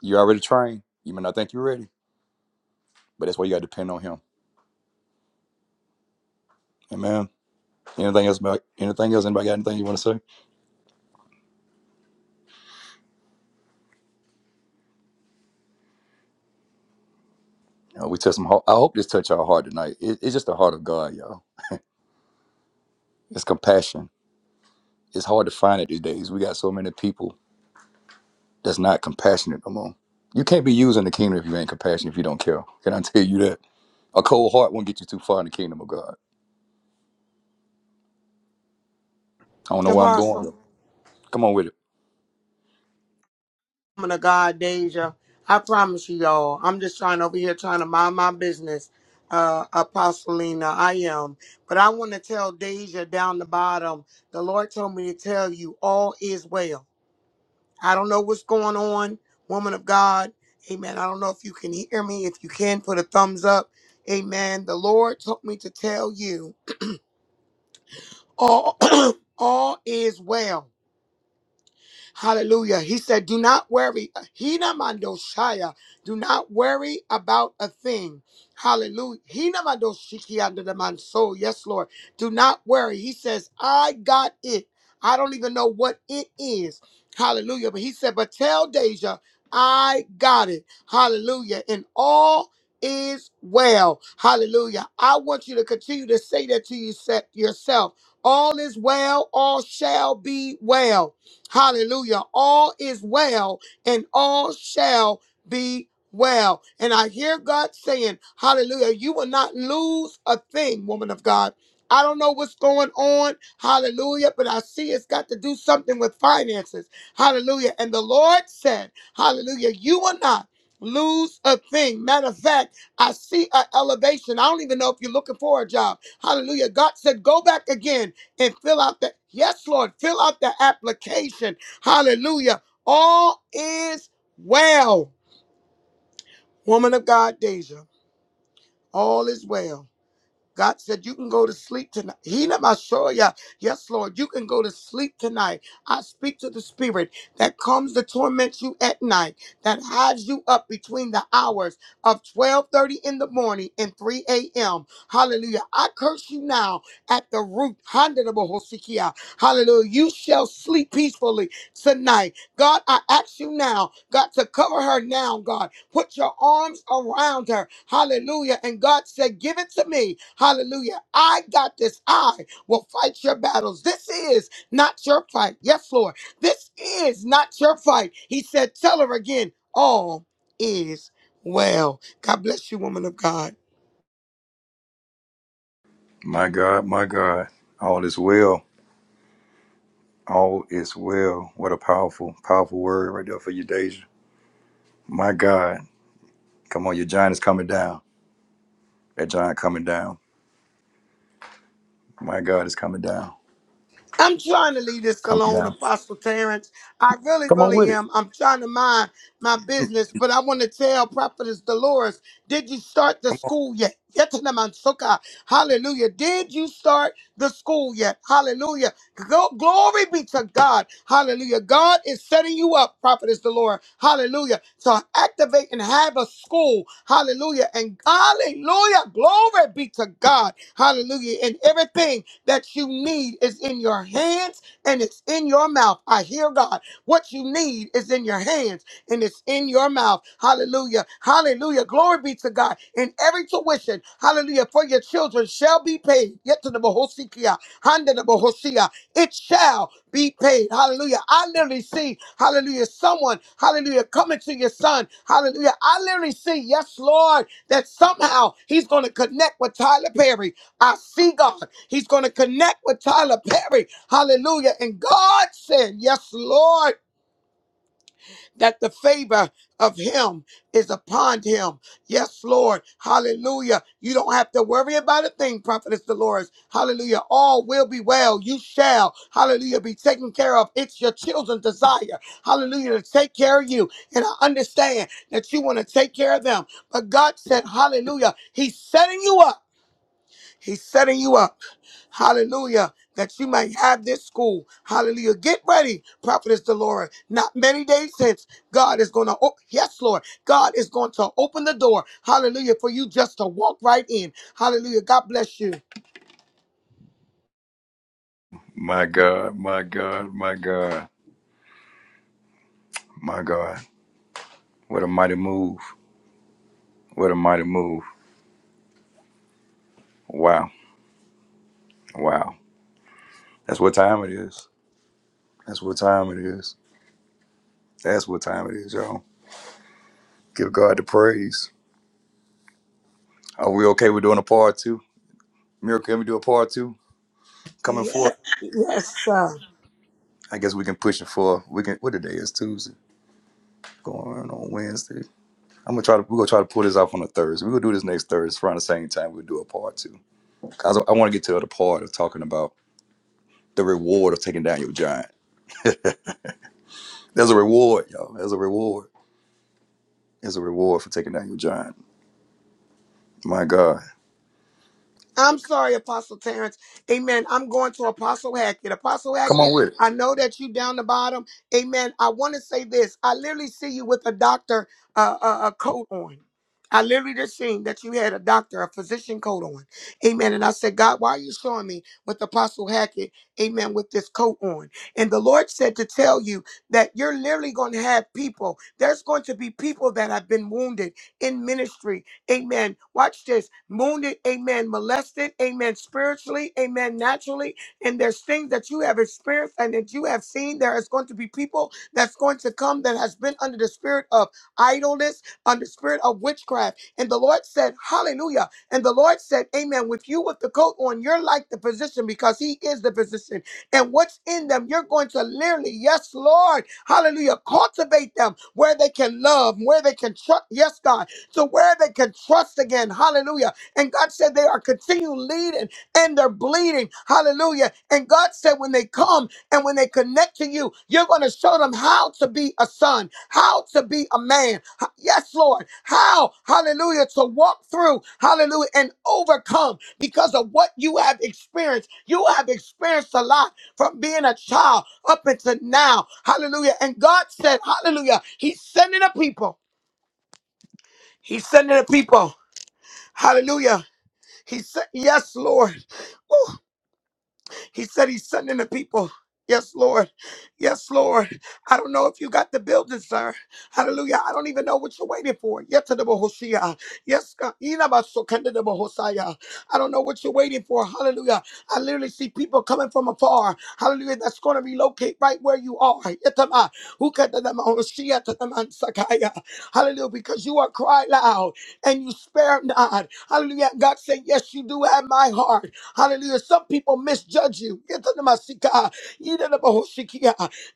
You already trained. You may not think you're ready, but that's why you got to depend on him. Amen. Anything else? about- Anything else? Anybody got anything you want to say? You know, we touch some. Heart. I hope this touched our heart tonight. It, it's just the heart of God, y'all. It's compassion. It's hard to find it these days. We got so many people that's not compassionate no more. You can't be using the kingdom if you ain't compassionate. If you don't care, can I tell you that? A cold heart won't get you too far in the kingdom of God. I don't know where I'm going
Apostle.
here. Come on with it.
woman of God, Deja. I promise you, y'all. I'm just trying over here trying to mind my business, uh, Apostolina. I am. But I want to tell Deja down the bottom, the Lord told me to tell you all is well. I don't know what's going on, woman of God. Amen. I don't know if you can hear me. If you can, put a thumbs up. Amen. The Lord told me to tell you all, all is well. Hallelujah. He said, Do not worry. Hina mandoshaya. Do not worry about a thing. Hallelujah. Hina mandoshiki under the man. So, yes, Lord. Do not worry. He says, I got it. I don't even know what it is. Hallelujah. But he said, But tell Deja, I got it. Hallelujah. In all is well. Hallelujah. I want you to continue to say that to you se- yourself. All is well, all shall be well. Hallelujah. All is well and all shall be well. And I hear God saying, Hallelujah, you will not lose a thing, woman of God. I don't know what's going on. Hallelujah. But I see it's got to do something with finances. Hallelujah. And the Lord said, Hallelujah, you will not lose a thing. Matter of fact, I see an elevation. I don't even know if you're looking for a job. Hallelujah. God said, go back again and fill out that. Yes, Lord, fill out the application. Hallelujah. All is well. Woman of God, Deja, all is well. God said, You can go to sleep tonight. He not my soul, yeah. Yes, Lord, you can go to sleep tonight. I speak to the spirit that comes to torment you at night, that hides you up between the hours of 12:30 in the morning and 3 a.m. Hallelujah. I curse you now at the root. Handedable Hosikia. Hallelujah. You shall sleep peacefully tonight. God, I ask you now, God, to cover her now, God. Put your arms around her. Hallelujah. And God said, Give it to me. Hallelujah. I got this. I will fight your battles. This is not your fight. Yes, Lord. This is not your fight. He said, Tell her again, all is well. God bless you, woman of God.
My God, my God. All is well. All is well. What a powerful, powerful word right there for you, Deja. My God. Come on, your giant is coming down. That giant coming down. My God is coming down.
I'm trying to leave this
Coming
alone,
down.
Apostle Terrence. I really,
Come on with
really
it.
am. I'm trying to mind my business, but I want to tell Prophetess Dolores, did you start the school yet? Yet to the man, so God. Hallelujah. Did you start the school yet? Hallelujah. Glo- Glory be to God. Hallelujah. God is setting you up, prophetess Delora. Hallelujah. To activate and have a school. Hallelujah. And hallelujah. Glory be to God. Hallelujah. And everything that you need is in your hands and it's in your mouth. I hear God. What you need is in your hands and it's in your mouth. Hallelujah. Hallelujah. Glory be to God. And every tuition, hallelujah, for your children shall be paid. Yet to the Bohosikia. Handa the Bohosia it shall be paid. Hallelujah. I literally see, hallelujah, someone, hallelujah, coming to your son. Hallelujah. I literally see, yes, Lord, that somehow he's going to connect with Tyler Perry. I see God. He's going to connect with Tyler Perry. Hallelujah. And God said, yes, Lord that the favor of him is upon him. Yes, Lord. Hallelujah. You don't have to worry about a thing, Prophetess Dolores. Hallelujah. All will be well. You shall, hallelujah, be taken care of. It's your children's desire, hallelujah, to take care of you. And I understand that you want to take care of them. But God said, hallelujah, he's setting you up. He's setting you up. Hallelujah. That you might have this school. Hallelujah. Get ready, Prophetess Delora. Not many days since, God is going to, oh, yes, Lord. God is going to open the door. Hallelujah. For you just to walk right in. Hallelujah. God bless you.
My God, my God, my God, my God. What a mighty move. What a mighty move. Wow. Wow. That's what time it is. That's what time it is. That's what time it is, y'all. Give God the praise. Are we okay with doing a part two? Miracle, can we do a part two? Coming forward.
Yes. Yes, sir.
I guess we can push it for we can what today is Tuesday. Going on Wednesday. I'm gonna try to we're gonna try to pull this off on a Thursday. We're gonna do this next Thursday around the same time we'll do a part two. two. 'Cause I, I wanna get to the other part of talking about the reward of taking down your giant. There's a reward, y'all. There's a reward. There's a reward for taking down your giant. My God.
I'm sorry, Apostle Terrence. Amen. I'm going to Apostle Hackett. Apostle
Come on
Hackett,
with it.
I know that you down the bottom. Amen. I want to say this. I literally see you with a doctor uh, uh, a coat on. I literally just seen that you had a doctor, a physician coat on. Amen. And I said, God, why are you showing me with Apostle Hackett? Amen. With this coat on. And the Lord said to tell you that you're literally going to have people. There's going to be people that have been wounded in ministry Amen. Watch this. Wounded, amen. Molested, amen. Spiritually, amen. Naturally. And there's things that you have experienced and that you have seen. There is going to be people that's going to come that has been under the spirit of idleness, under the spirit of witchcraft. And the Lord said, Hallelujah. And the Lord said, Amen. With you with the coat on, you're like the physician because he is the physician. And what's in them, you're going to literally, yes, Lord, hallelujah, cultivate them where they can love, where they can trust. Yes, God to where they can trust again. Hallelujah. And God said they are continuing leading and they're bleeding. Hallelujah. And God said when they come and when they connect to you, you're going to show them how to be a son, how to be a man. H- Yes, Lord. How, hallelujah, to walk through, hallelujah, and overcome because of what you have experienced. You have experienced a lot from being a child up until now. Hallelujah. And God said, hallelujah, He's sending a people. He's sending a people. Hallelujah. He said, Yes, Lord. Woo. He said he's sending the people. Yes, Lord. Yes, Lord. I don't know if you got the building, sir. Hallelujah. I don't even know what you're waiting for. Yet to the Yes, God. Ina baso kende de bohosaya. I don't know what you're waiting for. Hallelujah. I literally see people coming from afar. Hallelujah. That's going to relocate right where you are. Yetama, hukatadama, oshiyatadama, sakaya. Hallelujah. Because you are cried loud and you spare not. Hallelujah. God said, Yes, you do have my heart. Hallelujah. Some people misjudge you.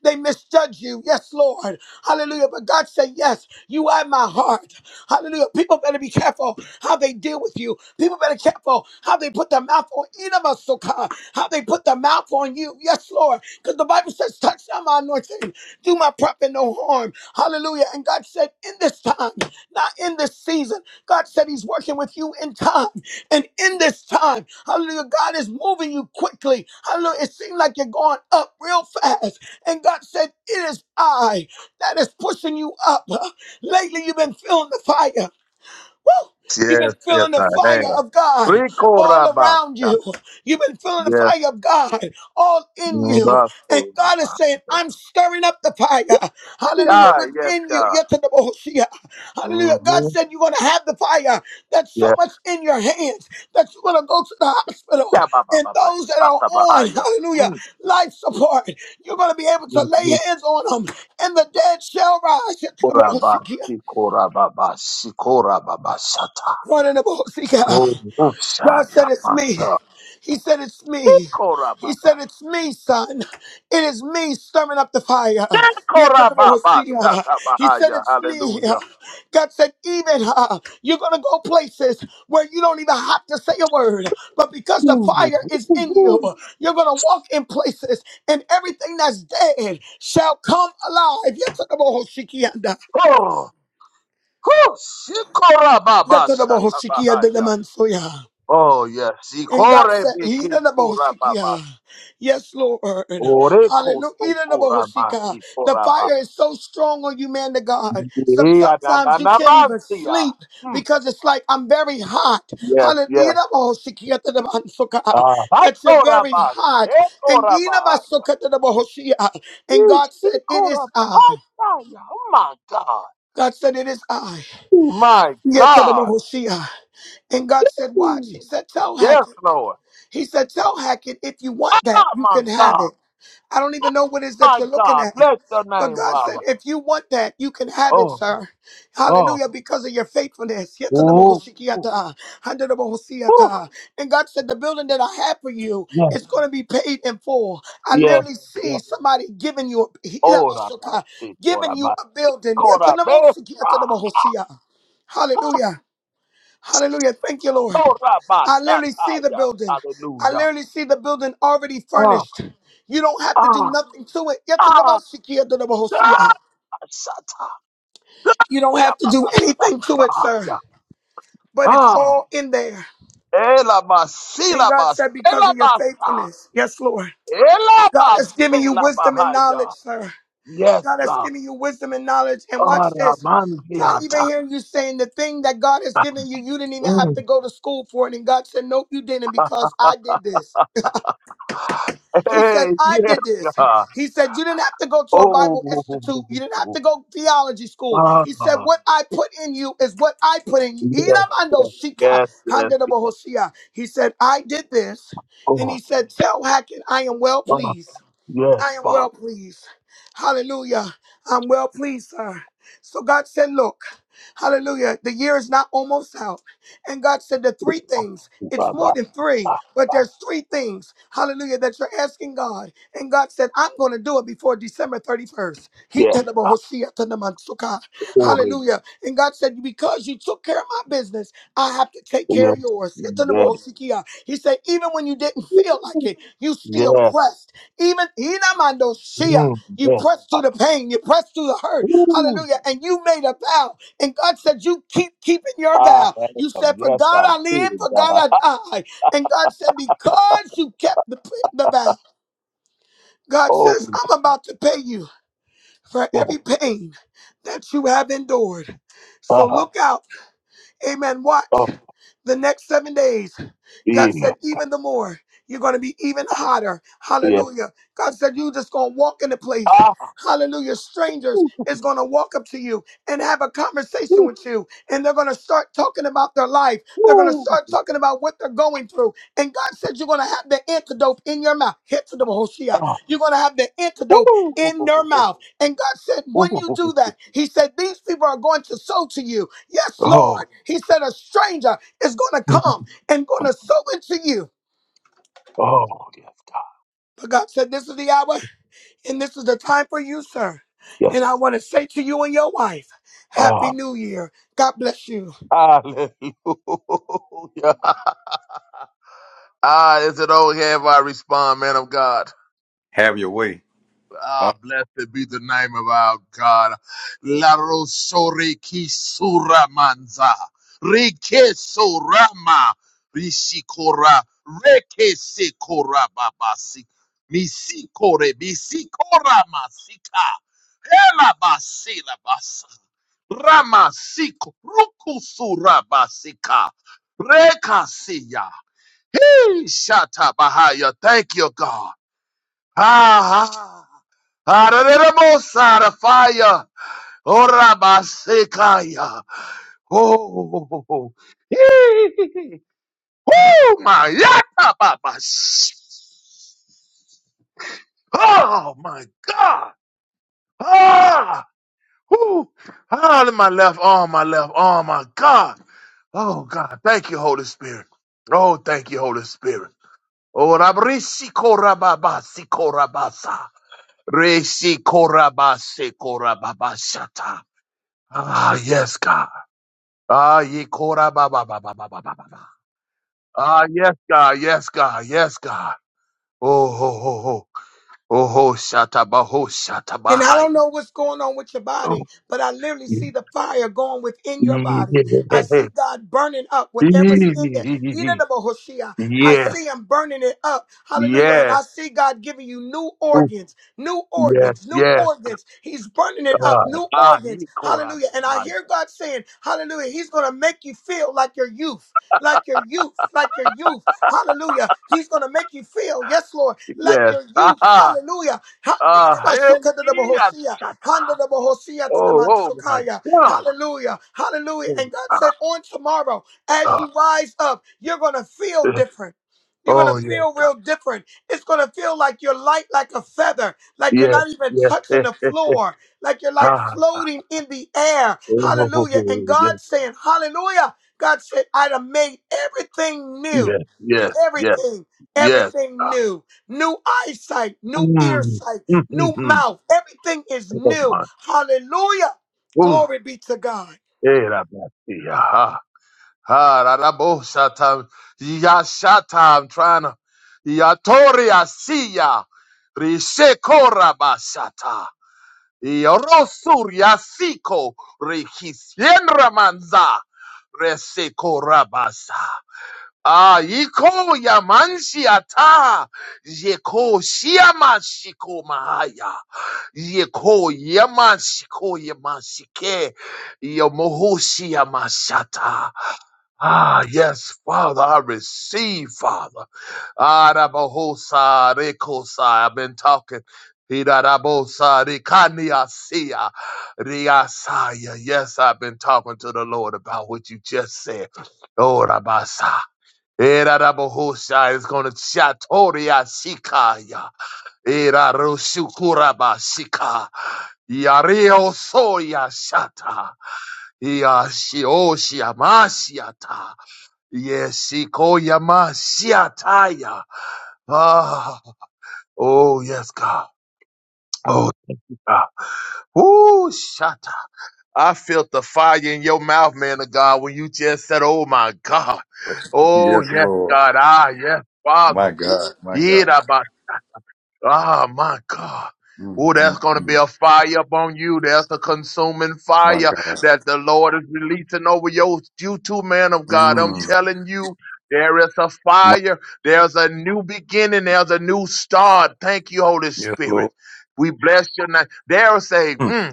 They misjudge you. Yes, Lord. Hallelujah. But God said, Yes, you are my heart. Hallelujah. People better be careful how they deal with you. People better careful how they put their mouth on Yetanamasuka, how they put their mouth on you. Yes, Lord. Because the Bible says, Touch not my anointing, do my prophet no harm. Hallelujah. And God said, In this time, not in this season, God said He's working with you in time. And in this time, hallelujah, God is moving you quickly. Hallelujah. It seems like you're going up real fast. And God said, It is I that is pushing you up. Lately, you've been feeling the fire. Woo! You've been
Yes, yes,
feeling the
I
fire
have.
of God
Rico
all around
Rabasta.
you. You've been feeling the
Yes,
fire of God all in you. And
Mbasto
God is saying,
Rabasta.
I'm stirring up the fire. Hallelujah.
Yeah, yes,
Within you.
God.
Yatadabohoshia. Hallelujah. God
Mm-hmm.
said you're going to have the fire that's so
Yes.
much in your hands that you're going to go to the hospital.
Yeah, ba, ba,
And
ba, ba,
those that are
shata, ba, ah,
on,
yeah.
hallelujah,
Mm,
life support, you're going to be able to
mm,
lay
mm.
hands on them. And the dead shall rise.
Koraba,
Yatadabohoshikia.
sikora, ba, ba, sikora, ba, ba, shata. Oh,
God
usha, ya,
said, It's me.
mata.
He said, It's me.
Sikora, ba,
He
ba,
said, It's me, son. It is me stirring up the fire. Yet the
sikora,
devil
ba,
will
ba,
see, uh,
shata, ba,
He
ah,
said,
yeah.
It's me.
Hallelujah.
God said, Even uh, you're going to go places where you don't even have to say a word, but because the
Ooh,
fire is
ooh,
in you, you're going to walk in places and everything that's dead shall come alive. Yet the devil will see, uh,
Oh, oh, sikora, ba,
Yet
ba,
the devil will
shata,
see,
ba,
uh,
ah,
the
yeah.
man, so, yeah.
Oh yes,
And God
ikore
said, "He
biki
the
sura baba,
Bohoshikia." Yes, Lord. Hallelujah.
ore kosto
He the
kura
Bohoshika.
manti
The
kura ba.
fire is so strong on you, man to God. Some,
Iya na na
sometimes you
na
can't even
mantia.
sleep
Hmm.
because it's like, I'm very hot.
Yes,
Hallelujah. He
yes.
Bohoshikia to the Bansuka.
Ah,
That you're
hasora
very
ba,
hot. And
ekora
he the
bahaya.
to the Bohoshia. And God said, It is
Ikora
I.
bahaya. Oh my God.
God said, It is I.
Oh my
Yet to the
God.
Bohoshia. And God said, Watch.
Hmm.
He said, Tell
Yes,
Hackett.
Lord.
He said, Tell Hackett, if you want that,
Oh
you
my
can have
God.
it. I don't even know what it is that
My
you're looking
God.
at.
Bless your
But
name,
God said,
Father.
if you want that, you can have it,
Oh,
sir.
oh,
Hallelujah, because of your faithfulness.
oh, oh,
Yetanamohosikiyata,
oh.
handanamohosiyata. And God said, the building that I have for you is going to be paid in full. I
Yes,
literally
yes.
see somebody giving you a,
Oh
Hilamashoka,
basti, ora
giving you
ba,
a building.
ora be, ah,
Yetanamosikiyatanamohosia.
ah,
Hallelujah. Hallelujah. Thank you, Lord.
ora
I
basta,
literally see the
taya,
building. I
hallelujah,
literally see the building already
ah,
furnished. You don't have to do
ah,
nothing to it.
ah,
Yatadabasikiadadabahosia.
ah, sataya,
You don't
ya
have to do anything to it, sir.
bahaya,
But it's
ah,
all in there.
ela
And
basila
God said, because
basela
of your
basta,
faithfulness. Yes, Lord.
ela
God has given you wisdom and
bahaya,
knowledge, sir.
yes,
God has
God,
given you wisdom and knowledge. And
oh
watch this. I
manzia
even
tata,
hear you saying the thing that God has given you, you didn't even have to
mm,
go to school for it. And God said, Nope, you didn't because I did this. He said,
hey,
I
yes,
did this.
God,
He said, You didn't have to go to a
oh,
Bible institute. You didn't have to go theology school. He said,
ah,
What I put in you is what I put in you.
yes,
Inamando shika,
yes, yes,
handa de
yes.
bohoshia. He said, I did this. And
Oh,
he said, Tell Hackett, I am well
oh,
pleased. I
yes,
am
Father.
well pleased. Hallelujah. I'm well pleased, sir. So God said, Look, hallelujah, the year is not almost out. And God said, The three
Oh,
things, it's more
Baba,
than three,
ah,
but
ah,
there's three things, hallelujah, that you're asking God. And God said, I'm going to do it before December 31st. He
Yes,
tell the
ah,
Bohoshia to the Mansuka.
glory.
Hallelujah. And God said, Because you took care of my business, I have to take care
Yes,
of yours. He tell the
yes,
Bohoshikia. He said, Even when you didn't feel like it, you still
yes,
pressed even Inamandosia,
mm,
you
yes.
press through the pain, you press through the hurt.
Ooh,
Hallelujah. And you made a vow. And God said, You keep keeping your
I
vow.
had it.
You said, For
Yes, I
God I live,
did,
for
God.
God I die. And God said, Because you kept the, the vow, God
Oh,
says, I'm about to pay you for
yes,
every pain that you have endured. So
God,
look out Amen. Watch
oh,
the next seven days. God
yeah,
said, even the more, you're going to be even hotter.
yeah.
Hallelujah. God said, you just going to walk in the place.
Ah,
Hallelujah. Strangers
ooh,
is going to walk up to you and have a
ooh,
conversation with you. And they're going to start talking about their life. They're going to
ooh,
start talking about what they're going through. And God said, you're going to have the antidote in your mouth. Hit to the Hoshea.
ah,
You're going to have the
ooh,
antidote
ooh. ooh,
in their
ooh,
mouth. And God said,
ooh,
when you
ooh, ooh.
do that, He said, these people are going to sow to you. Yes,
oh,
Lord. He said, a stranger is going to
mm,
come and going to sow into you.
oh, yes, God.
But God said, this is the hour and this is the time for you, sir.
Yes.
And I want to say to you and your wife, Happy
Ah,
New Year. God bless you.
hallelujah. Ah, is it over here if I respond, man of God?
Have your way.
Ah,
Oh,
blessed be the name of our God. La Rosore ki suramanza, Rike Sorama. Rishikora. Reke Sekora Babasi. Misikore. Misikora Masika. Hela Basila Basa. Rama Rukusura Basika. Reka Hey, Shata Bahaya. Thank you, God. Ah, ah, ah, da, da, da, mo, sa, da, fire. Oh, Rabba, Sekaya. Oh, oh, oh, oh. Hee. Oh, my Yata Baba. Oh, my God. Ah, whoo. Ah, in my left arm, my left arm, my God. Oh, God. Thank you, Holy Spirit. Oh, thank you, Holy Spirit. Orabrisi korababasi korabasa. Resi korabase korababashata. Ah, yes, God. Ah, ye korabababababababa. Ah, yes, God, yes, God, yes, God. Oh, ho, ho, ho. Oh, ho, shata baho, shata
And I
bahai.
don't know what's going on with your
Oh,
body, but I literally
yeah.
see the fire going within your body. I see God burning up whatever's in there. You know the Hoshea. I
Yes,
see Him burning it up. Hallelujah. And
yes.
I see God giving you new
Oh,
organs, new
yes,
organs, new
yes.
organs. He's burning it up,
Ah,
new
ah,
organs.
ye korabaya.
Hallelujah. And I hear God saying, Hallelujah. He's going to make you feel like your youth, like your youth, like your youth. Hallelujah. He's going to make you feel, yes, Lord,
Yes.
like
Yes.
your youth.
Ah,
Hallelujah. Ha-
Uh,
ina ba
hey,
soka da
yeah,
bohosia,
shut
handa da bohosia to the
Oh,
man
oh my God.
Hallelujah. Hallelujah.
Oh,
And God
ah,
said, on tomorrow, as
ah.
you rise up, you're going to feel
Eh,
different. You're going to
oh, yeah,
feel real different. It's going to feel like you're light like a feather, like you're
yeah,
not even
yeah.
touching
eh,
the
eh, eh,
floor, like you're like
ah, ah.
floating in the air.
Oh,
Hallelujah. And
yes,
God
yes,
saying, Hallelujah. God said, I'd have made everything new.
yes, yes,
Everything,
yes.
everything
ah,
new new eyesight, new earsight,
Mm, mm, mm,
new
mm.
mouth. Everything is
Oh,
new.
my.
Hallelujah.
Oh,
Glory be to God.
eh, da, da, see, ah, ah, ah, da, da, bo, shata, ya, shata, I'm trying to. Yatoria siya, risekora basata. Yorosur Yasiko Rekisien Ramanza Reseko Rabasa. Ah, Iko Yamanshi Ata Yeko Shiamashiko Mahaya Yeko Yamashiko Yamashike Yamohoshi Yamashata Ah, yes, Father, I receive, Father. Ah, Rabahosa, Rekosa, I've been talking. Hida Rikaniasia, Riasaya. Yes, I've been talking to the Lord about what you just said. Oh, Rabasa. Era is going to Shatoria Shikaya. Era Shika. Yario Soya Shata. Yashioshia Mashiata. Yes, Ikoyama Siataya. Ah, oh yes, God. Oh, God. Ooh, Shata. I felt the fire in your mouth, man of God, when you just said, Oh my God. Oh
yes,
yes,
Lord.
God. Ah, yes,
My
Father.
God. My God.
Ah, my God.
Mm,
Oh, that's
mm,
going to be
mm.
a fire upon you. That's a consuming
My
fire
God.
that the Lord is releasing over your, you too, man of God. I'm
Mm.
telling you, there is a
My,
fire. There's a new beginning. There's a new start. Thank you, Holy
yes,
Spirit.
Lord.
We bless your name. There is a,
Mm.
mm,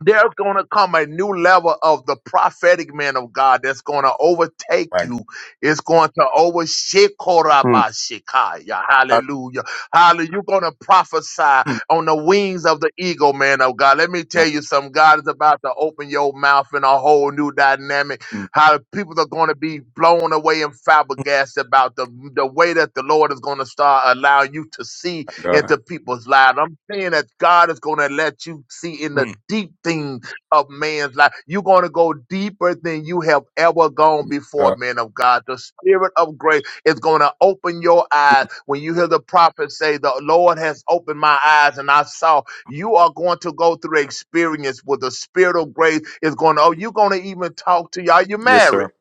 there's going to come a new level of the prophetic man of God that's going to overtake
My God.
you. It's going to overshake
Mm.
Korabashikaya.
I,
Hallelujah. Hallelujah. You're going to prophesy
mm.
on the wings of the eagle, man of God. Let me
My,
tell you something. God is about to open your mouth in a whole new dynamic.
mm.
How people are going to be blown away and
Mm.
flabbergasted about the, the way that the Lord is going to start allowing you to see
my God.
into people's lives. I'm saying that God is going to let you see in the
Mm.
deep thing of man's life. You're going to go deeper than you have ever gone
My
before,
God.
man of God. The spirit of grace is going to open your eyes.
Mm.
When you hear the prophet say, The Lord has opened my eyes and I saw, you are going to go through experience with the spirit of grace is going to, oh, you're going to even talk to y'all. You
Yes,
married.
sir.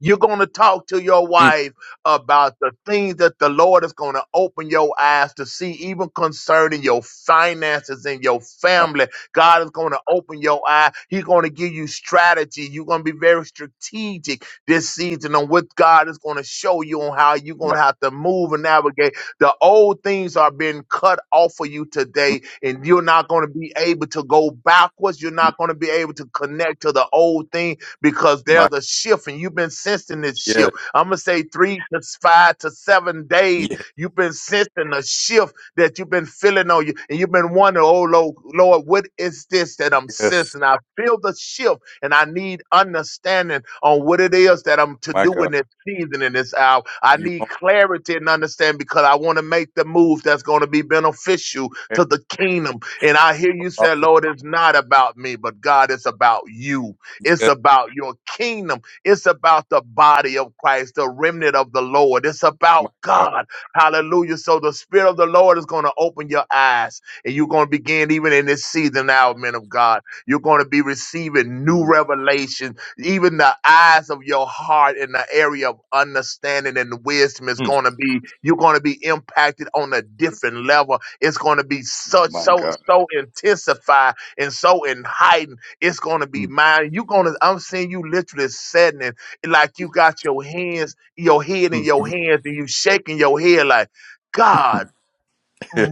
You're going to talk to your
Mm.
wife about the things that the Lord is going to open your eyes to see, even concerning your finances and your
My,
family. God is going to open your eye. He's going to give you strategy. You're going to be very strategic this season on what God is going to show you on how you're going
my,
to have to move and navigate. The old things are being cut off for you
mm.
today, and you're not going to be able to go backwards. You're
Mm.
not going to be able to connect to the old thing because
my,
there's a shift and you've been sensing this
yes,
shift. I'm going to say three to s- five to seven days.
yes,
You've been sensing a shift that you've been feeling on you. And you've been wondering, oh, Lo- Lord, what is this that I'm
yes.
sensing? I feel the shift and I need understanding on what it is that I'm to
My
do in
God.
this season, in this hour. I
You
need
want
clarity and understanding because I want to make the move that's going to be beneficial
to pay
to the kingdom. And I hear
for
you
the
say,
apostle?
Lord, it's not about me, but God, it's about you. It's
Yes,
about your kingdom. It's about the body of Christ, the remnant of the Lord. It's
my
about
God.
God. Hallelujah. So the Spirit of the Lord is going to open your eyes and you're going to begin even in this season now, men of God. You're going to be receiving new
Mm.
revelation. Even the eyes of your heart in the area of understanding and wisdom is
Mm.
going to be, you're going to be impacted on a different level. It's going to be such,
My
so,
God.
so intensified and so enlightened it's gonna be
Mm.
mine. You gonna I'm seeing you literally sitting it like you got your hands, your head in
Mm.
your
mm.
hands, and you shaking your head like God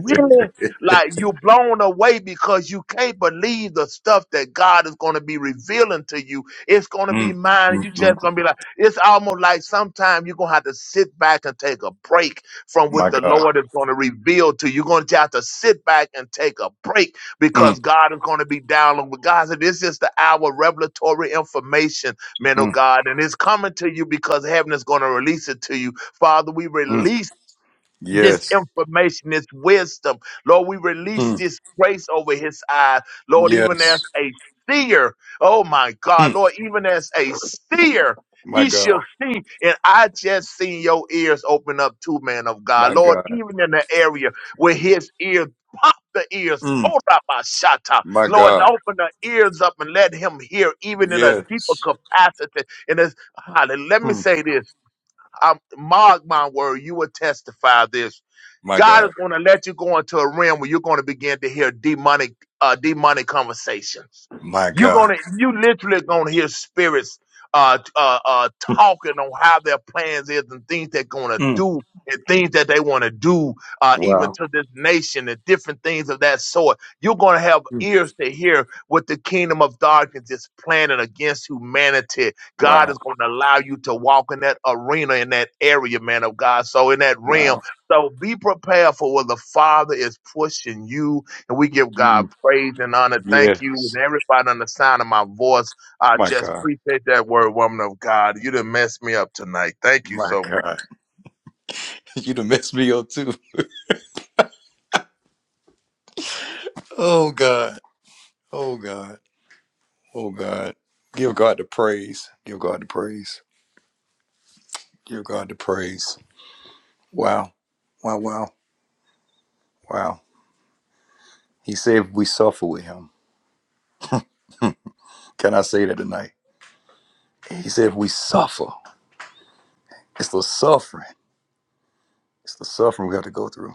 really like you blown away because you can't believe the stuff that God is going to be revealing to you. It's going to be
Mm.
mine. You
Mm.
just
mm.
going to be like, it's almost like sometimes you're going to have to sit back and take a break from
My
what the
God.
Lord is going to reveal to you. You're going to have to sit back and take a break
Mm.
because God is going to be downloading. But God said, this is the hour of revelatory information, man of
Mm.
God, and it's coming to you because heaven is going to release it to you. Father, we
Mm.
release this
Yes.
information, this wisdom. Lord, we release
Mm.
this grace over his eyes. Lord, even as
Yes.
a seer, oh my God,
Mm.
Lord, even as a seer,
My
he
God.
shall see. And I just seen your ears open up too, man of God.
My
Lord,
God.
even in the area where his ears pop the ears.
Mm.
Oh, Rabashata.
My
Lord,
God.
open the ears up and let him hear even in a deeper
Yes.
capacity. And it's, let me
Mm.
say this. I mark my word, you will testify this
My
God is
God.
going to let you go into a realm where you're going to begin to hear demonic, uh, demonic conversations.
My
You're going
God.
to, you literally going to hear spirits, uh, uh, uh, talking on how their plans is and things they're going to
Mm.
do and things that they want to do, uh, even
Wow.
to this nation and different things of that sort. You're going to have
Mm.
ears to hear what the kingdom of darkness is planning against humanity. God
Wow.
is going to allow you to walk in that arena, in that area, man of God. So in that realm,
Wow.
so be prepared for what the Father is pushing you. And we give God
Mm.
praise and honor. Thank you.
Yes.
And everybody on the sound of my voice, I
My
just
God.
appreciate that word, woman of God. You done messed me up tonight. Thank you
My
so much.
God. You done messed me up too. Oh God. Oh God. Oh God. Give God the praise. Give God the praise. Give God the praise. Wow. Wow. Wow. Wow. He said if we suffer with him. Can I say that tonight? He said if we suffer, it's the suffering. It's the suffering we have to go through.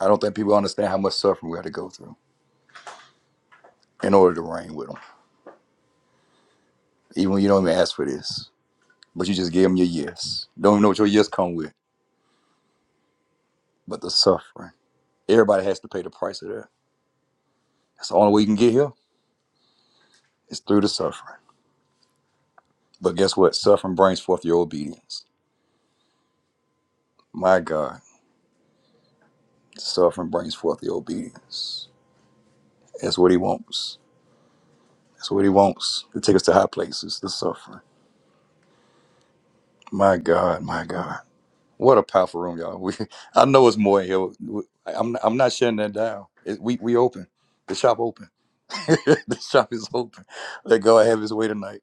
I don't think people understand how much suffering we had to go through in order to reign with them. Even when you don't even ask for this, but you just give them your yes. Don't even know what your yes come with, but the suffering. Everybody has to pay the price of that. That's the only way you can get here is through the suffering. But guess what? Suffering brings forth your obedience. My God, suffering brings forth the obedience. That's what He wants. That's what He wants to take us to high places. The suffering. My God, my God. What a powerful room, y'all. We, I know it's more in here. We- I'm, I'm not shutting that down. It, we, we open. The shop open. the shop is open. Let God have His way tonight.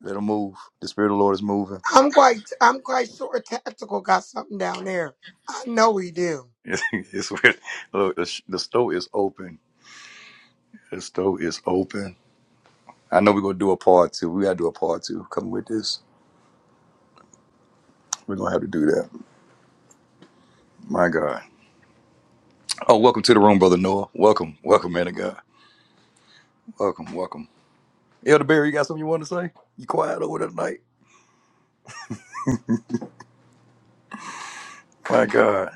Let Him move. The Spirit of the Lord is moving.
I'm quite I'm quite sure tactical got something down there. I know he do.
It's, it's weird. Look, the, sh- the store is open. The store is open. I know we're gonna do a part two. We gotta do a part two. Come with this. We're gonna have to do that. My God. Oh, welcome to the room, brother Noah. Welcome, welcome, man of God. Welcome, welcome. Elder Barry, you got something you want to say? You quiet over there tonight? My God.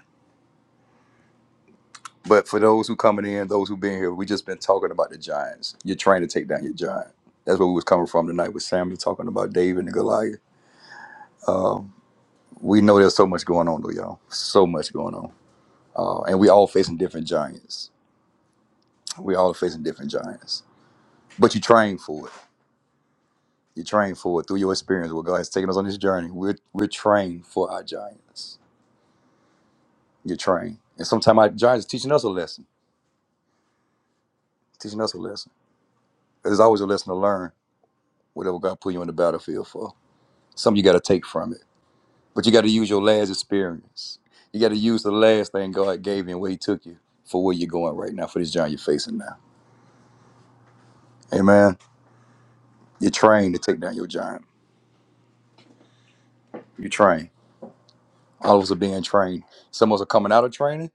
But for those who coming in, those who been here, we just been talking about the Giants. You're trying to take down your giant. That's where we was coming from tonight with Samuel talking about David and Goliath. We know there's so much going on though, y'all. So much going on. Uh, and we all facing different giants. We all facing different giants. But you're trying for it. You're trying for it through your experience. What God has taken us on this journey. We're we're trained for our giants. You're trained. And sometimes our giants is teaching us a lesson. Teaching us a lesson. There's always a lesson to learn, whatever God put you on the battlefield for. Something you gotta take from it But you got to use your last experience. You got to use the last thing God gave you and where He took you for where you're going right now, for this giant you're facing now. Amen. You're trained to take down your giant. You're trained. All of us are being trained. Some of us are coming out of training,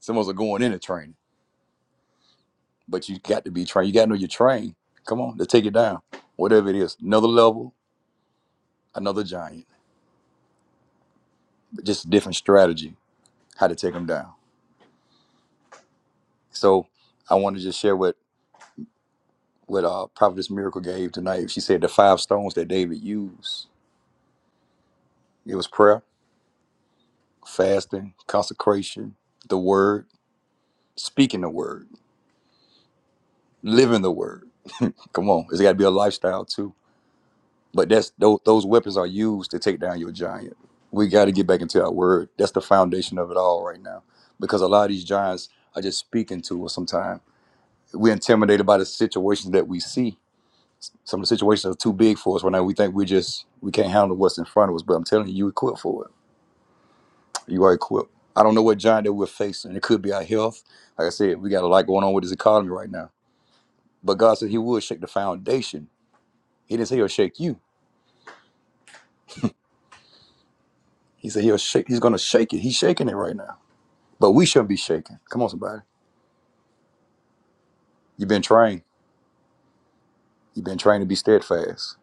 some of us are going into training. But you got to be trained. You got to know you're trained. Come on, to take it down. Whatever it is, another level, another giant, but just a different strategy how to take them down. So I want to just share what what uh, Prophetess Miracle gave tonight. She said the five stones that David used It was prayer, fasting, consecration, the word, speaking the word, living the word. Come on, it's got to be a lifestyle too. But that's those, those weapons are used to take down your giant. We got to get back into our word. That's the foundation of it all right now, because a lot of these giants are just speaking to us. Sometimes we're intimidated by the situations that we see. Some of the situations are too big for us right now. We think we just we can't handle what's in front of us. But I'm telling you, you equipped for it You are equipped. I don't know what giant that we're facing. It could be our health. Like I said, we got a lot going on with this economy right now. But God said He would shake the foundation. He didn't say He'll shake you. He said He'll shake. He's gonna shake it. He's shaking it right now. But we shouldn't be shaken. Come on, somebody. You've been trained. You've been trained to be steadfast.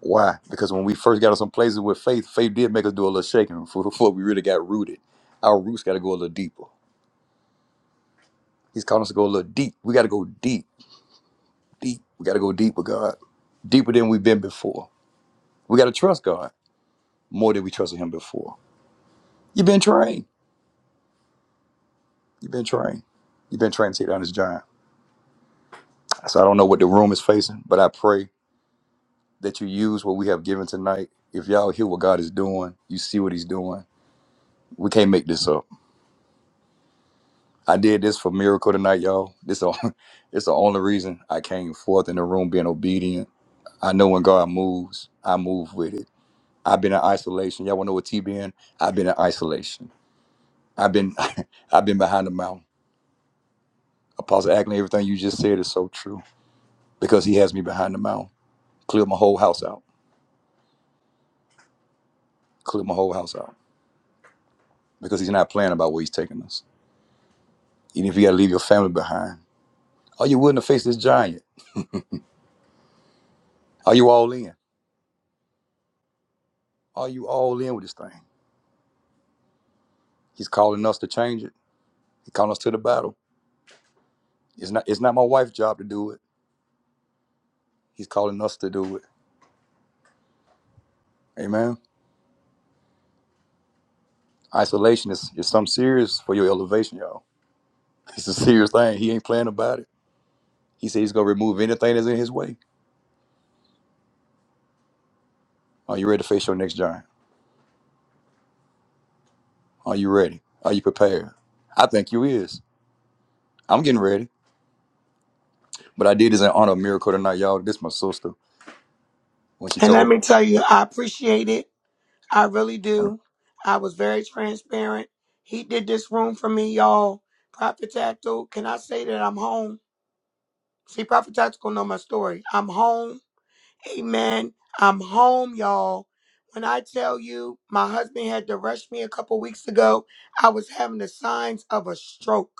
Why? Because when we first got to some places with faith, faith did make us do a little shaking before before we really got rooted. Our roots got to go a little deeper. He's calling us to go a little deep. We got to go deep, deep. We got to go deep with God, deeper than we've been before. We got to trust God. more than we trusted him before. You've been trained. You've been trained. You've been trained to take down this giant. So I don't know what the room is facing, but I pray that you use what we have given tonight. If y'all hear what God is doing, you see what He's doing. We can't make this up. I did this for miracle tonight, y'all. This is it's the only reason I came forth in the room being obedient. I know when God moves, I move with it. I've been in isolation. Y'all wanna know what T been? I've been in isolation. I've been I've been behind the mountain. Apostle Ackley, everything you just said is so true. because he has me behind the mound. Clear my whole house out. Clear my whole house out because he's not playing about where he's taking us. Even if you got to leave your family behind, are you willing to face this giant? Are you all in? Are you all in with this thing? He's calling us to change it. He's calling us to the battle. It's not. It's not my wife's job to do it. He's calling us to do it. Amen. Isolation is is something serious for your elevation, y'all. It's a serious thing. He ain't playing about it. He said he's gonna remove anything that's in his way. Are you ready to face your next giant? Are you ready? Are you prepared? I think you is. I'm getting ready. But I did this in honor of Miracle tonight, y'all. This my sister. When she
And let
told
me tell you, I appreciate it. I really
me,
do. I was very transparent. He did this room for me, y'all. Prophet Tactical, can I say that I'm home? See, Prophet Tactical know my story. I'm home Amen. I'm home, y'all. When I tell you, my husband had to rush me a couple weeks ago. I was having the signs of a stroke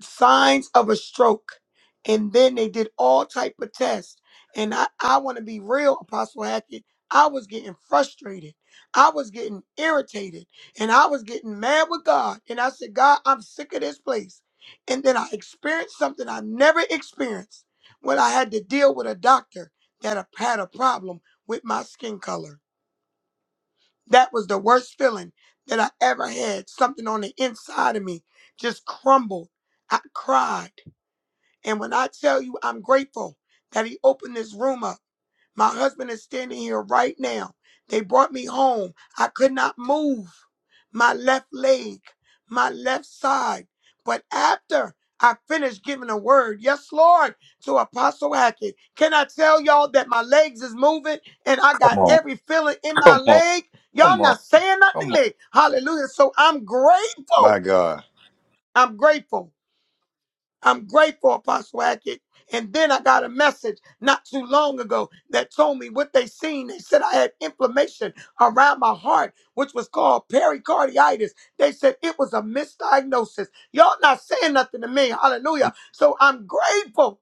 signs of a stroke and then they did all type of tests and i, I want to be real apostle hackett i was getting frustrated i was getting irritated and i was getting mad with god and i said god i'm sick of this place and then i experienced something i never experienced when i had to deal with a doctor that a- had a problem with my skin color that was the worst feeling that i ever had something on the inside of me just crumbled i cried and when I tell you I'm grateful that he opened this room up, my husband is standing here right now. They brought me home. I could not move my left leg, my left side. But after I finished giving a word, yes, Lord, to Apostle Hackett, can I tell y'all that my legs is moving and I
come
got
on,
every feeling in my
come on,
leg? Y'all
come on,
not saying
come
nothing to
on.
me. Hallelujah. So I'm
My
grateful.
God.
I'm grateful. I'm grateful, Apostle Hackett. And then I got a message not too long ago that told me what they seen. They said I had inflammation around my heart, which was called pericarditis. They said it was a misdiagnosis. Y'all not saying nothing to me.
Come on.
Hallelujah. So I'm grateful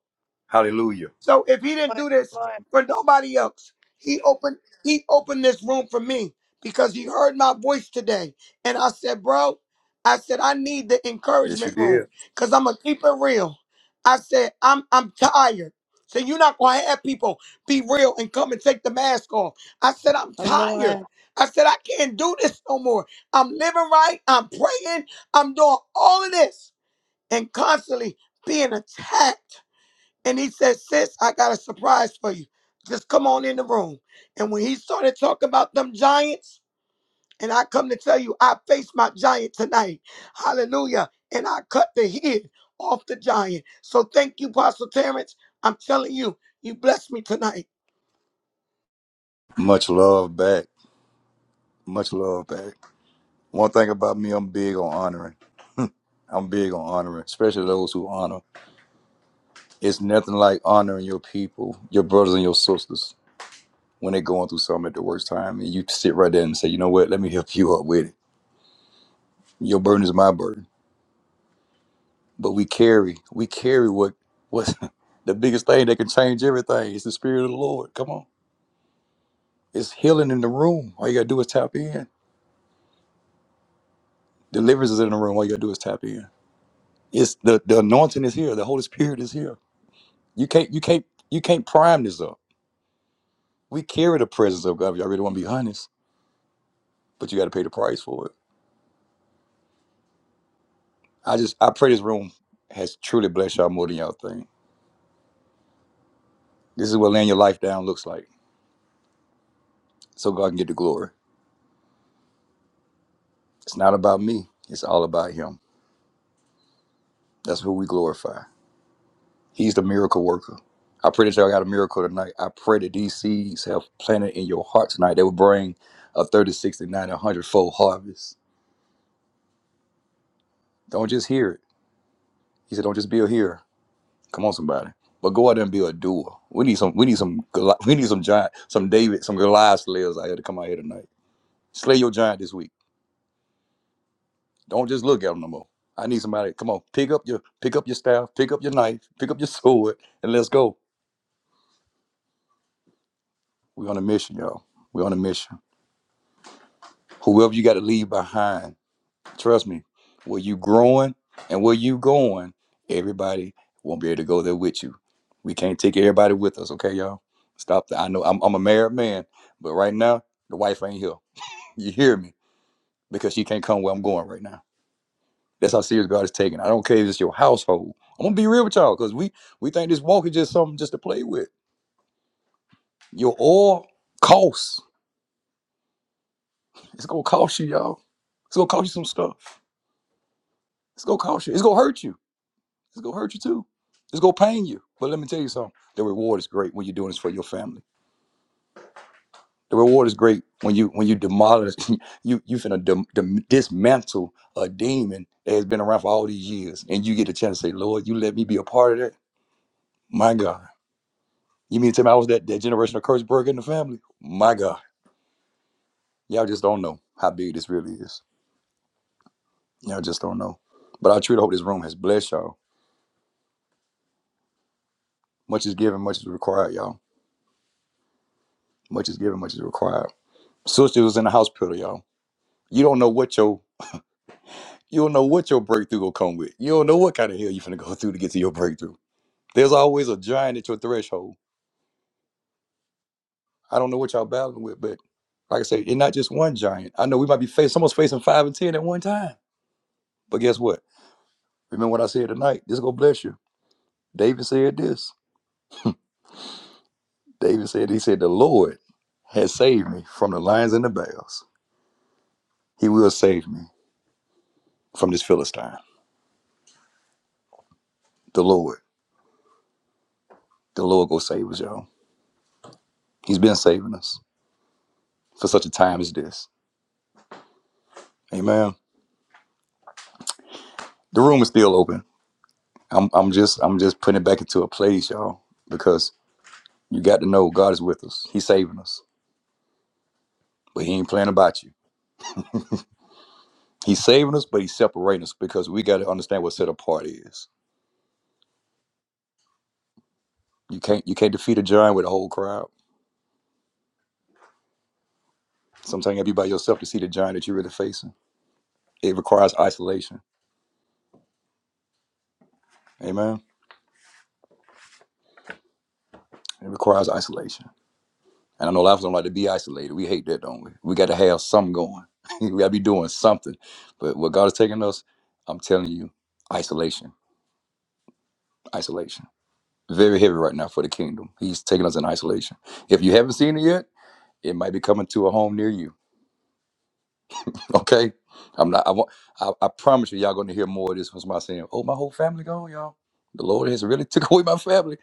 Hallelujah.
so if he didn't
morning,
do
good
this
morning.
for nobody else, he opened he opened this room for me because he heard my voice today. And I said, bro, I said I need the
Yes, you
encouragement room
did.
because I'm gonna keep it real. I said I'm I'm tired. So you're not gonna have people be real and come and take the mask off. I said I'm
Good
tired.
morning.
I said I can't do this no more. I'm living right. I'm praying. I'm doing all of this and constantly being attacked and he said, Sis, I got a surprise for you. Just come on in the room. And when he started talking about them giants, and I come to tell you, I faced my giant tonight. Hallelujah. And I cut the head off the giant. So thank you, Pastor Terrence. I'm telling you, you blessed me tonight.
Much love back. Much love back. One thing about me, I'm big on honoring. I'm big on honoring, especially those who honor. It's nothing like honoring your people, your brothers and your sisters, when they're going through something at the worst time. And you sit right there and say, you know what? Let me help you up with it. Your burden is my burden but we carry we carry what what's the biggest thing that can change everything is the spirit of the lord come on it's healing in the room all you gotta do is tap in deliverance is in the room all you gotta do is tap in it's the the anointing is here the holy spirit is here you can't you can't you can't prime this up we carry the presence of god if y'all really want to be honest but you gotta pay the price for it i just i pray this room has truly blessed y'all more than y'all think this is what laying your life down looks like so god can get the glory it's not about me it's all about him that's who we glorify He's the miracle worker. I pray that y'all got a miracle tonight. I pray that these seeds have planted in your heart tonight. They will bring a 30, 60, 90, one hundred fold harvest. Don't just hear it. He said, don't just be a hearer. Come on, somebody. But go out there and be a doer. We need some, we need some, Goli- we need some giant, some David, some Goliath slayers out here to come out here tonight. Slay your giant this week. Don't just look at them no more. I need somebody. Come on, pick up your, pick up your staff, pick up your knife, pick up your sword, and let's go. We're on a mission, y'all. We're on a mission. Whoever you got to leave behind. Trust me, where you growing and where you going, everybody won't be able to go there with you. We can't take everybody with us, okay, y'all? Stop that. I know I'm, I'm a married man, but right now, the wife ain't here. You hear me? Because she can't come where I'm going right now. That's how serious God is taking. I don't care if it's your household. I'm gonna be real with y'all, because we we think this walk is just something just to play with. Your oil costs. It's gonna cost you, y'all. It's gonna cost you some stuff. It's gonna cost you. It's gonna hurt you. It's gonna hurt you too. It's gonna pain you. But let me tell you something. The reward is great when you're doing this for your family. The reward is great when you when you demolish you you finna dem, dem, dismantle a demon that has been around for all these years, and you get a chance to say, Lord, you let me be a part of that. My God, you mean to tell me I was that that generational curse breaker in the family? My God, y'all just don't know how big this really is. Y'all just don't know. But I truly hope this room has blessed y'all. Much is given, much is required, y'all. Much is given, much is required. Sister was in the hospital, y'all. You don't know what your you don't know what your breakthrough will come with. You don't know what kind of hell you're gonna go through to get to your breakthrough. There's always a giant at your threshold. I don't know what y'all battling with, but like I say, it's not just one giant. I know we might be facing someone's facing five and ten at one time. But guess what? Remember what I said tonight. This is gonna bless you. David said this. David said he said the Lord has saved me from the lions and the bears. He will save me from this Philistine. The Lord. The Lord go save us, y'all. He's been saving us for such a time as this. Amen. The room is still open. I'm I'm just I'm just putting it back into a place, y'all, because you got to know God is with us. He's saving us, but He ain't playing about you. He's saving us, but He's separating us because we got to understand what set apart is. You can't you can't defeat a giant with a whole crowd. Sometimes you have to be by yourself to see the giant that you're really facing. It requires isolation. Amen. It requires isolation. And I know a lot of us don't like to be isolated. We hate that, don't we? We got to have something going. we got to be doing something. But what God is taking us, I'm telling you, isolation. Isolation. Very heavy right now for the kingdom. He's taking us in isolation. If you haven't seen it yet, it might be coming to a home near you. Okay? I'm not I want I, I promise you y'all gonna hear more of this from somebody saying, Oh, my whole family gone, y'all. The Lord has really took away my family.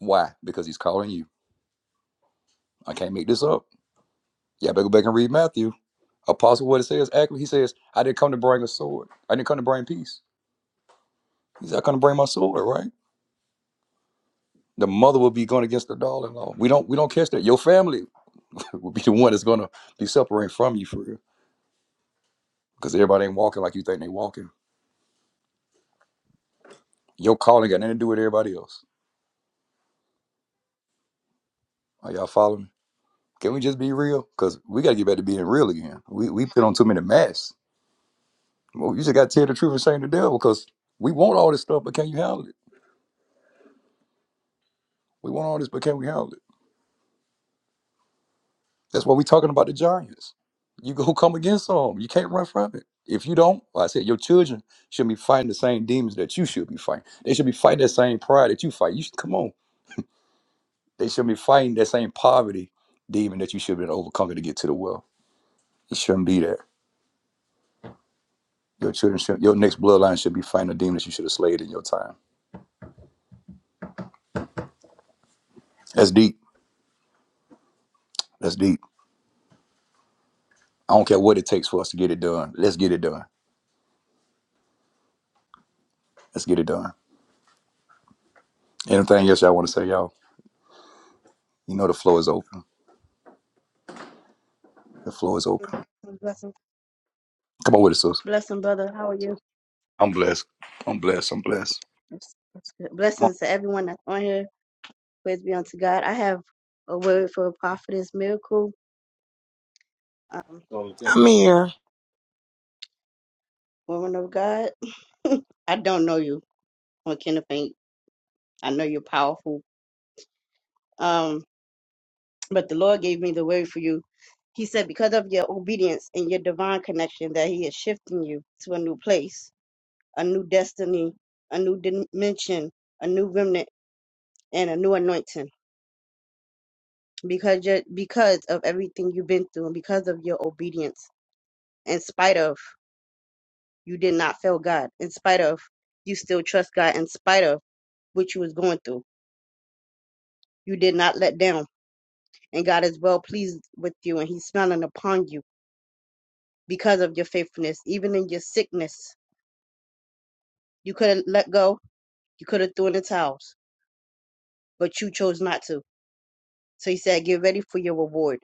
Why? Because he's calling you. I can't make this up. Y'all better go back and read Matthew. Apostle what it says actually, he says, I didn't come to bring a sword. I didn't come to bring peace. He's not gonna bring my sword, right? The mother will be going against the daughter-in-law. We don't we don't catch that. Your family will be the one that's gonna be separating from you for real. Because everybody ain't walking like you think they walking. Your calling got nothing to do with everybody else. Are y'all following me? Can we just be real? Because we gotta get back to being real again. We we put on too many masks. Well, you just gotta tell the truth and shame the devil because we want all this stuff, but can you handle it? We want all this, but can we handle it? That's why we are talking about the giants. You go come against them. You can't run from it. If you don't, like I said, your children should be fighting the same demons that you should be fighting. They should be fighting that same pride that you fight. You should come on. They shouldn't be fighting that same poverty demon that you should have been overcoming to get to the wealth. It shouldn't be there. Your children should, your next bloodline should be fighting a demon that you should have slayed in your time. That's deep. That's deep. I don't care what it takes for us to get it done. Let's get it done. Let's get it done. Anything else y'all want to say, y'all? You know the floor is open. The floor is open.
Blessings, blessings,
Come on with it, sis.
blessing, brother. How are you?
I'm blessed. I'm blessed. I'm blessed.
That's- that's good.
Come on.
Blessings to everyone that's on here. Praise be unto God. I have a word for a prophetess miracle. Um,
I'm here.
woman of God. I don't know you, on Kenneth Faint. I know you're powerful. Um, but the Lord gave me the word for you. He said, because of your obedience and your divine connection, that He is shifting you to a new place, a new destiny, a new dimension, a new remnant, and a new anointing. because ju- because of everything you've been through and because of your obedience in spite of you did not fail god in spite of you still trust god in spite of what you was going through you did not let down and god is well pleased with you and he's smiling upon you because of your faithfulness even in your sickness you could have let go you could have thrown the towels but you chose not to so he said get ready for your reward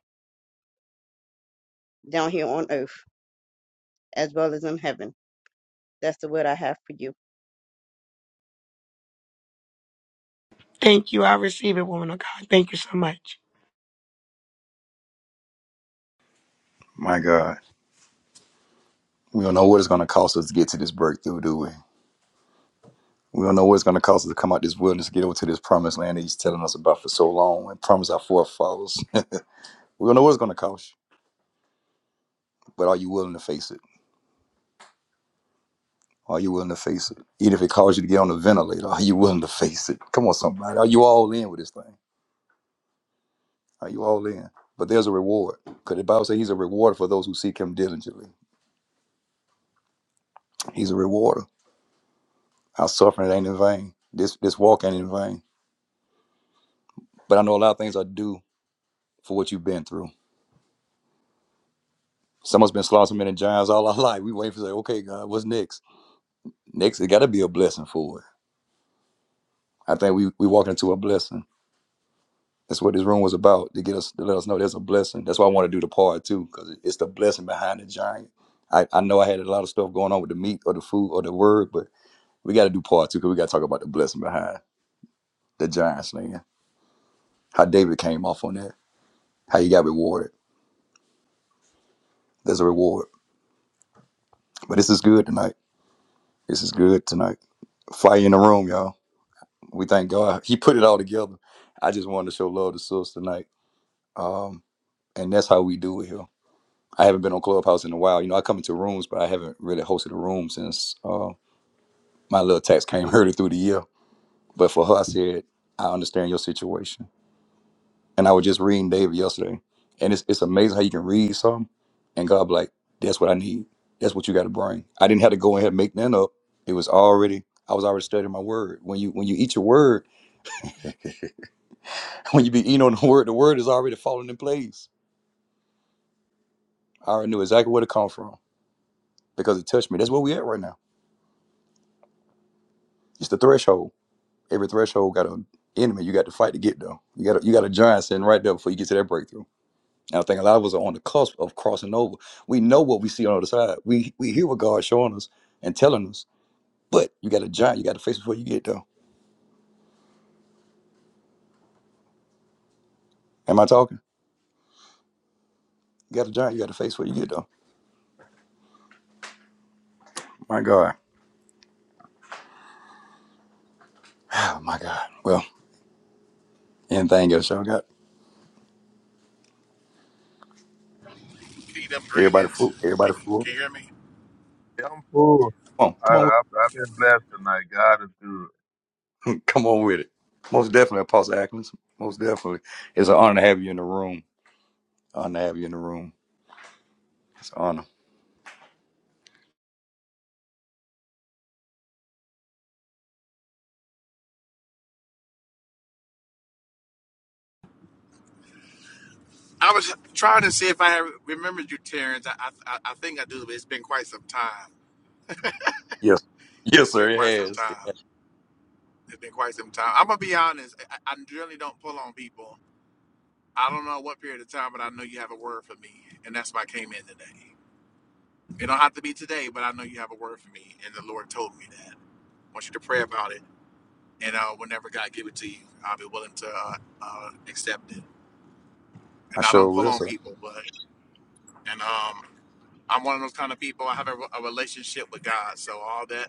down here on earth as well as in heaven that's the word i have for you
Thank you. I receive it, woman of God. Thank you so much.
My God. We don't know what it's going to cost us to get to this breakthrough, do we? We don't know what it's going to cost us to come out this wilderness, get over to this promised land that he's telling us about for so long and promise our forefathers. we don't know what it's going to cost you, but are you willing to face it? Are you willing to face it? Even if it costs you to get on the ventilator, are you willing to face it? Come on, somebody. Are you all in with this thing? Are you all in? But there's a reward. Because the Bible says he's a rewarder for those who seek him diligently. He's a rewarder. Our suffering it ain't in vain. This this walk ain't in vain. But I know a lot of things I do for what you've been through. Someone's been slaughtering men and giants all our life. We wait for say, okay, God, what's next? Next, it got to be a blessing for it. I think we we walking into a blessing. That's what this room was about to get us to let us know there's a blessing. That's why I want to do the part too, because it's the blessing behind the giant. I, I know I had a lot of stuff going on with the meat or the food or the word, but we got to do part two because we got to talk about the blessing behind the giant slaying. How David came off on that, how he got rewarded. There's a reward. But this is good tonight. This is good tonight. Fire in the room, y'all. We thank God. He put it all together. I just wanted to show love to sis tonight. Um, and that's how we do it here. I haven't been on Clubhouse in a while. You know, I come into rooms, but I haven't really hosted a room since uh, my little tax came early through the year. But for her, I said, I understand your situation. And I was just reading David yesterday. And it's, it's amazing how you can read something and God be like, that's what I need. That's what you got to bring. I didn't have to go ahead and make that up. It was already, I was already studying my word. When you when you eat your word, when you be eating on the word, the word is already falling in place. I already knew exactly where to come from because it touched me. That's where we at right now. It's the threshold Every threshold got an enemy you got to fight to get there. You got a, you got a giant sitting right there before you get to that breakthrough. And I think a lot of us are on the cusp of crossing over. We know what we see on the other side. We we hear what God's showing us and telling us, but you got a giant you got to face before you get there. Am I talking? You got a giant you got to face before you get there. My God, oh my God. Well, anything else y'all got?
Kingdom
Everybody
greetings.
fool.
Can,
Everybody fool.
can you hear me?
I'm full.
Come on,
I,
come on
I, I've been blessed tonight. God is good.
with, come on with it. Most definitely, Apostle Ackles. Most definitely, it's an honor to have you in the room. Honor to have you in the room. It's an honor.
I was trying to see if I had remembered you, Terrence. I, I I think I do, but it's been quite some time.
Yes. Yes,
It's
sir.
been
It
quite some
has.
time. It's been quite some time. I'm gonna be honest. I, I generally don't pull on people. I don't know what period of time, but I know you have a word for me, and that's why I came in today. It don't have to be today, but I know you have a word for me, and the Lord told me that. I want you to pray about it, and uh, whenever God give it to you, I'll be willing to uh, uh, accept it.
I
And I
sure
don't pull
will,
on
sir.
people, but and um, I'm one of those kind of people. I have a, a relationship with God, so all that,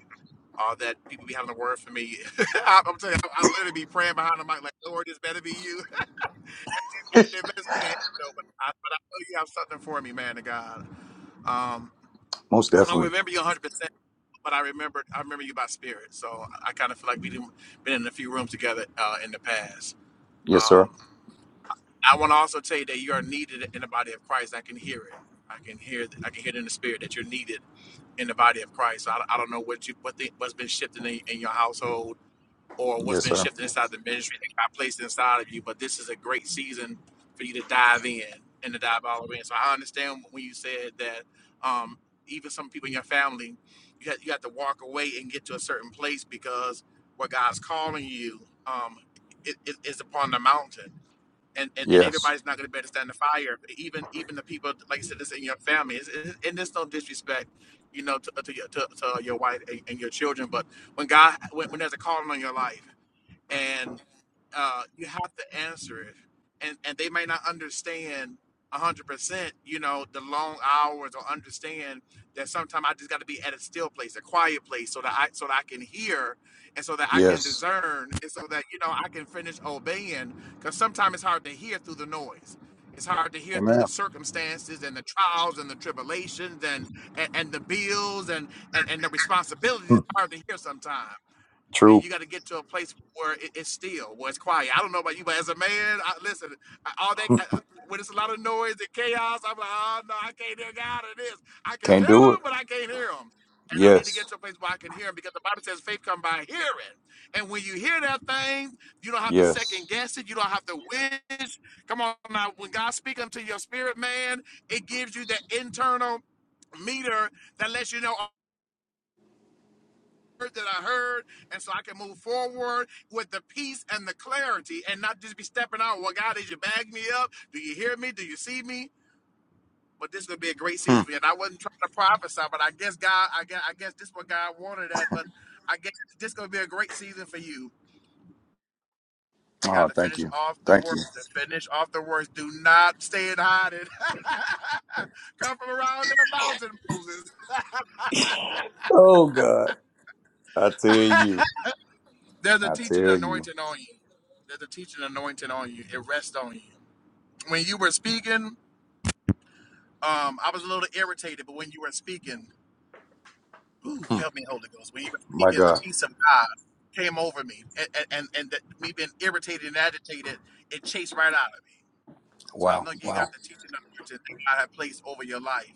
all that people be having a word for me. I, I'm telling you, I, I literally be praying behind the mic, like, Lord, this better be you. it better be an angel, but I, but I know you have something for me, man, to God. Um,
Most
I don't
definitely.
remember you 100, percent but I remember, I remember you by spirit. So I, I kind of feel like we've been in a few rooms together uh, in the past.
Yes, sir.
Um, I want to also tell you that you are needed in the body of Christ. I can hear it. I can hear, I can hear it in the spirit that you're needed in the body of Christ. I, I don't know what you what the, what's been shifting in, in your household or what's
Yes,
been
sir.
shifting inside the ministry that God placed inside of you, but this is a great season for you to dive in and to dive all the way in. So I understand when you said that um, even some people in your family, you have, you have to walk away and get to a certain place because what God's calling you um, i- is upon the mountain and, and, and
Yes.
everybody's not going to be able to stand the fire. Even even the people, like you said, that's in your family. It's, it's, and there's no disrespect, you know, to to your, to, to your wife and, and your children. But when God, when, when there's a calling on your life, and uh, you have to answer it, and and they may not understand a hundred percent. You know the long hours, or understand that sometimes I just got to be at a still place, a quiet place, so that I so that I can hear, and so that I can
Yes.
discern, and so that you know I can finish obeying. Because sometimes it's hard to hear through the noise. It's hard to hear through
Amen.
the circumstances and the trials and the tribulations and and, and the bills and, and and the responsibilities.
Hmm.
It's hard to hear sometimes and
True.
you got to get to a place where it, it's still, where it's quiet. I don't know about you, but as a man, I, listen, I, all that I, I- when it's a lot of noise and chaos, I'm like, oh no, I can't hear God in this. I can
Can't
feel
do it.
him, but I can't hear him. And I need to get
Yes.
to a place where I can hear him because the Bible says faith come by hearing. And when you hear that thing, you don't have to second
Yes.
guess it. You don't have to wish. Come on now, when God speaks unto your spirit, man, it gives you that internal meter that lets you know that I heard, and so I can move forward with the peace and the clarity, and not just be stepping out. Well, God, did you bag me up? Do you hear me? Do you see me? But this is gonna be a great
Hmm.
season for you. And I wasn't trying to prophesy, but I guess God, I guess, I guess this is what God wanted that. But I guess this is gonna be a great season for you. And
Oh,
got to
thank
finish
you.
off the
Thank you.
works. To finish off the works. Do not stay in hiding. Come from around the mountain, Moses.
Oh God. I tell you.
There's a
I
teaching
tell you.
anointing on you. There's a teaching anointing on you. It rests on you. when you were speaking, um, I was a little irritated, but when you were speaking, ooh,
Hmm.
help me, Holy Ghost. When you were
My
speaking, the
God.
peace of God came over me, and and and and that me being irritated and agitated, it chased right out of me. So I
Wow.
know you
Wow.
got the teaching of the that God had placed over your life,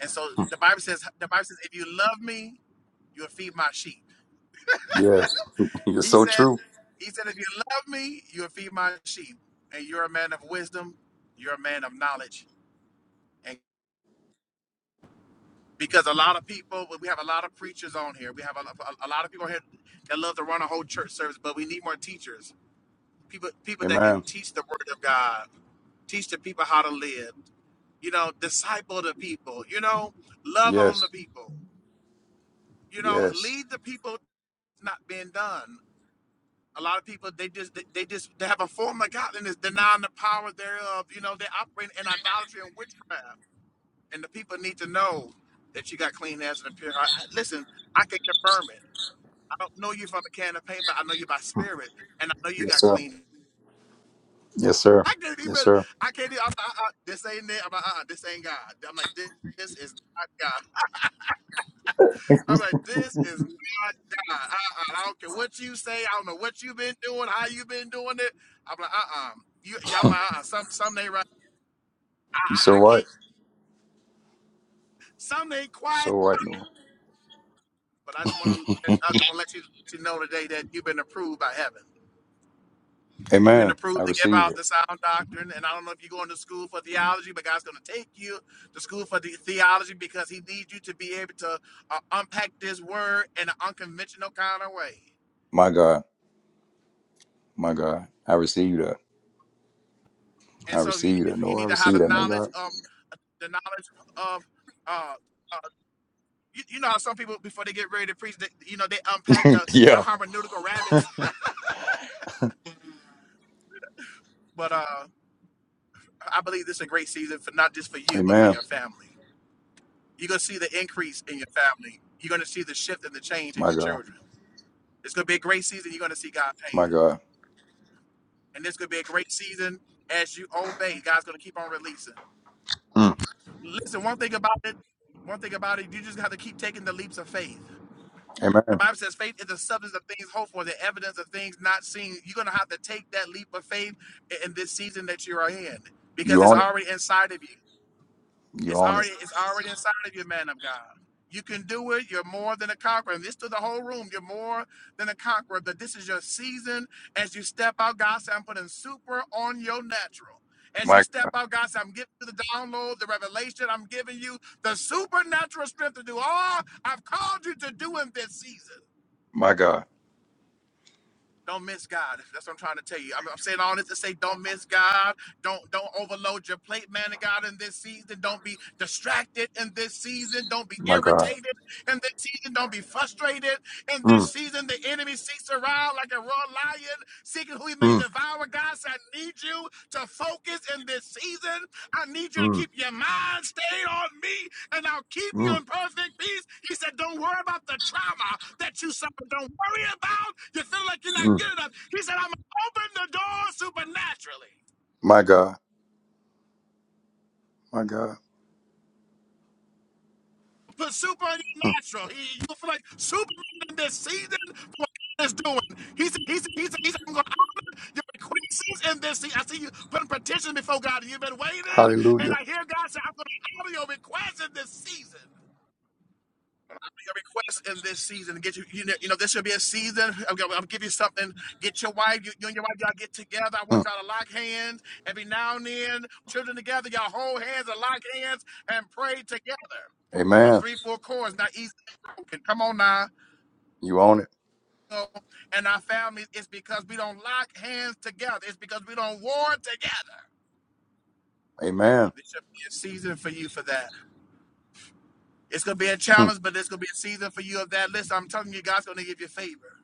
and so the Bible says, the Bible says, if you love me, you'll feed my sheep.
Yes. You're
He
so
said,
true.
he said, if you love me, you'll feed my sheep, and you're a man of wisdom, you're a man of knowledge, and because a lot of people we have a lot of preachers on here we have a, a, a lot of people here that love to run a whole church service but we need more teachers people people that can
Amen.
teach the word of god teach the people how to live you know disciple the people you know love on the
Yes.
people you know
Yes.
lead the people It's not being done a lot of people they just they, they just they have a form of godliness denying the power thereof you know they operate in idolatry and witchcraft and the people need to know that you got clean hands and a pure heart. I- Listen, I can confirm it. I don't know you from a can of paint, but I know you by spirit, and I know you
Yes,
got
sir.
clean.
Yes, sir.
I can't
Yes,
even.
sir.
I can't. Even, I'm like, uh-uh, this ain't it. I'm like, uh-uh, this ain't God. I'm like, this, this is not God. I'm like, this is not God. Uh-uh, I don't care what you say. I don't know what you've been doing, how you've been doing it. I'm like, uh-uh. You, y'all, my, uh-uh, some, some ain't right. I,
You're
I,
so
I
right.
can't. Some ain't
You're so
quiet.
right, Noah.
But I just want to let I just want to let you, you know today that you've been approved by heaven. You've been
Amen. I
approved to give
receive
out
it.
the sound doctrine, and I don't know if you're going to school for theology, but God's going to take you to school for the theology because He needs you to be able to uh, unpack this word in an unconventional kind of way.
My God. My God, I receive that. I
And so you
receive that.
need, you
No, I
need to have
receive
the
that, man.
knowledge
God.
of the knowledge of uh, uh you, you know how some people before they get ready to preach, they, you know they unpack the, the
yeah.
hermeneutical rabbits. But uh, I believe this is a great season for not just for you, but for
Amen.
your family. You're gonna see the increase in your family. You're gonna see the shift and the change in
My
your
God.
children. It's gonna be a great season. You're gonna see God paying,
My God.
and it's gonna be a great season as you obey. God's gonna keep on releasing.
Mm.
Listen, one thing about it, one thing about it, you just have to keep taking the leaps of faith. The
Amen.
Bible says faith is the substance of things hoped for, the evidence of things not seen. You're gonna have to take that leap of faith in this season that you are in because
You
it's
own it.
already inside of you.
You
It's
own it.
already it's already inside of you, man of God. You can do it. You're more than a conqueror. And this to the whole room. You're more than a conqueror. That this is your season. As you step out, God said, I'm putting super on your natural. As you
My
step
God.
out, God said, I'm giving you the download, the revelation. I'm giving you the supernatural strength to do all I've called you to do in this season.
My God.
Don't miss God. That's what I'm trying to tell you. I'm, I'm saying all this to say, don't miss God. Don't don't overload your plate, man of God, in this season. Don't be distracted in this season. Don't be
My God.
irritated in this season. Don't be frustrated in this
Mm.
season. The enemy seeks around like a raw lion, seeking who he may
Mm.
devour. God said, I need you to focus in this season. I need you to
Mm.
keep your mind stayed on me, and I'll keep you
Mm.
in perfect peace. He said, Don't worry about the trauma that you suffered. Don't worry about you feel like you're not
Mm.
good enough. He said, I'm gonna open the door supernaturally.
My God. My God.
Put super in natural. He, you feel like super in this season for what God is doing. He said, he said, he said, he said I'm gonna open your requests in this season. I see you putting petitions before God. You've been waiting, and
Hallelujah.
I hear God say, I'm gonna honor your requests in this season. your request in this season. Get you, you know, you know this should be a season. I'm gonna, I'm give you something. Get your wife, you, you and your wife, y'all get together. I want
Mm.
y'all to lock hands every now and then. Children together, y'all hold hands and lock hands and pray together. A
Amen.
three, four chords, not easy. broken. Come on now.
You own it.
So, and our families, it's because we don't lock hands together. It's because we don't war together.
Amen.
This should be a season for you for that. It's gonna be a
Mm.
challenge, but it's gonna be a season for you of that. Listen, I'm telling you, God's gonna give you favor.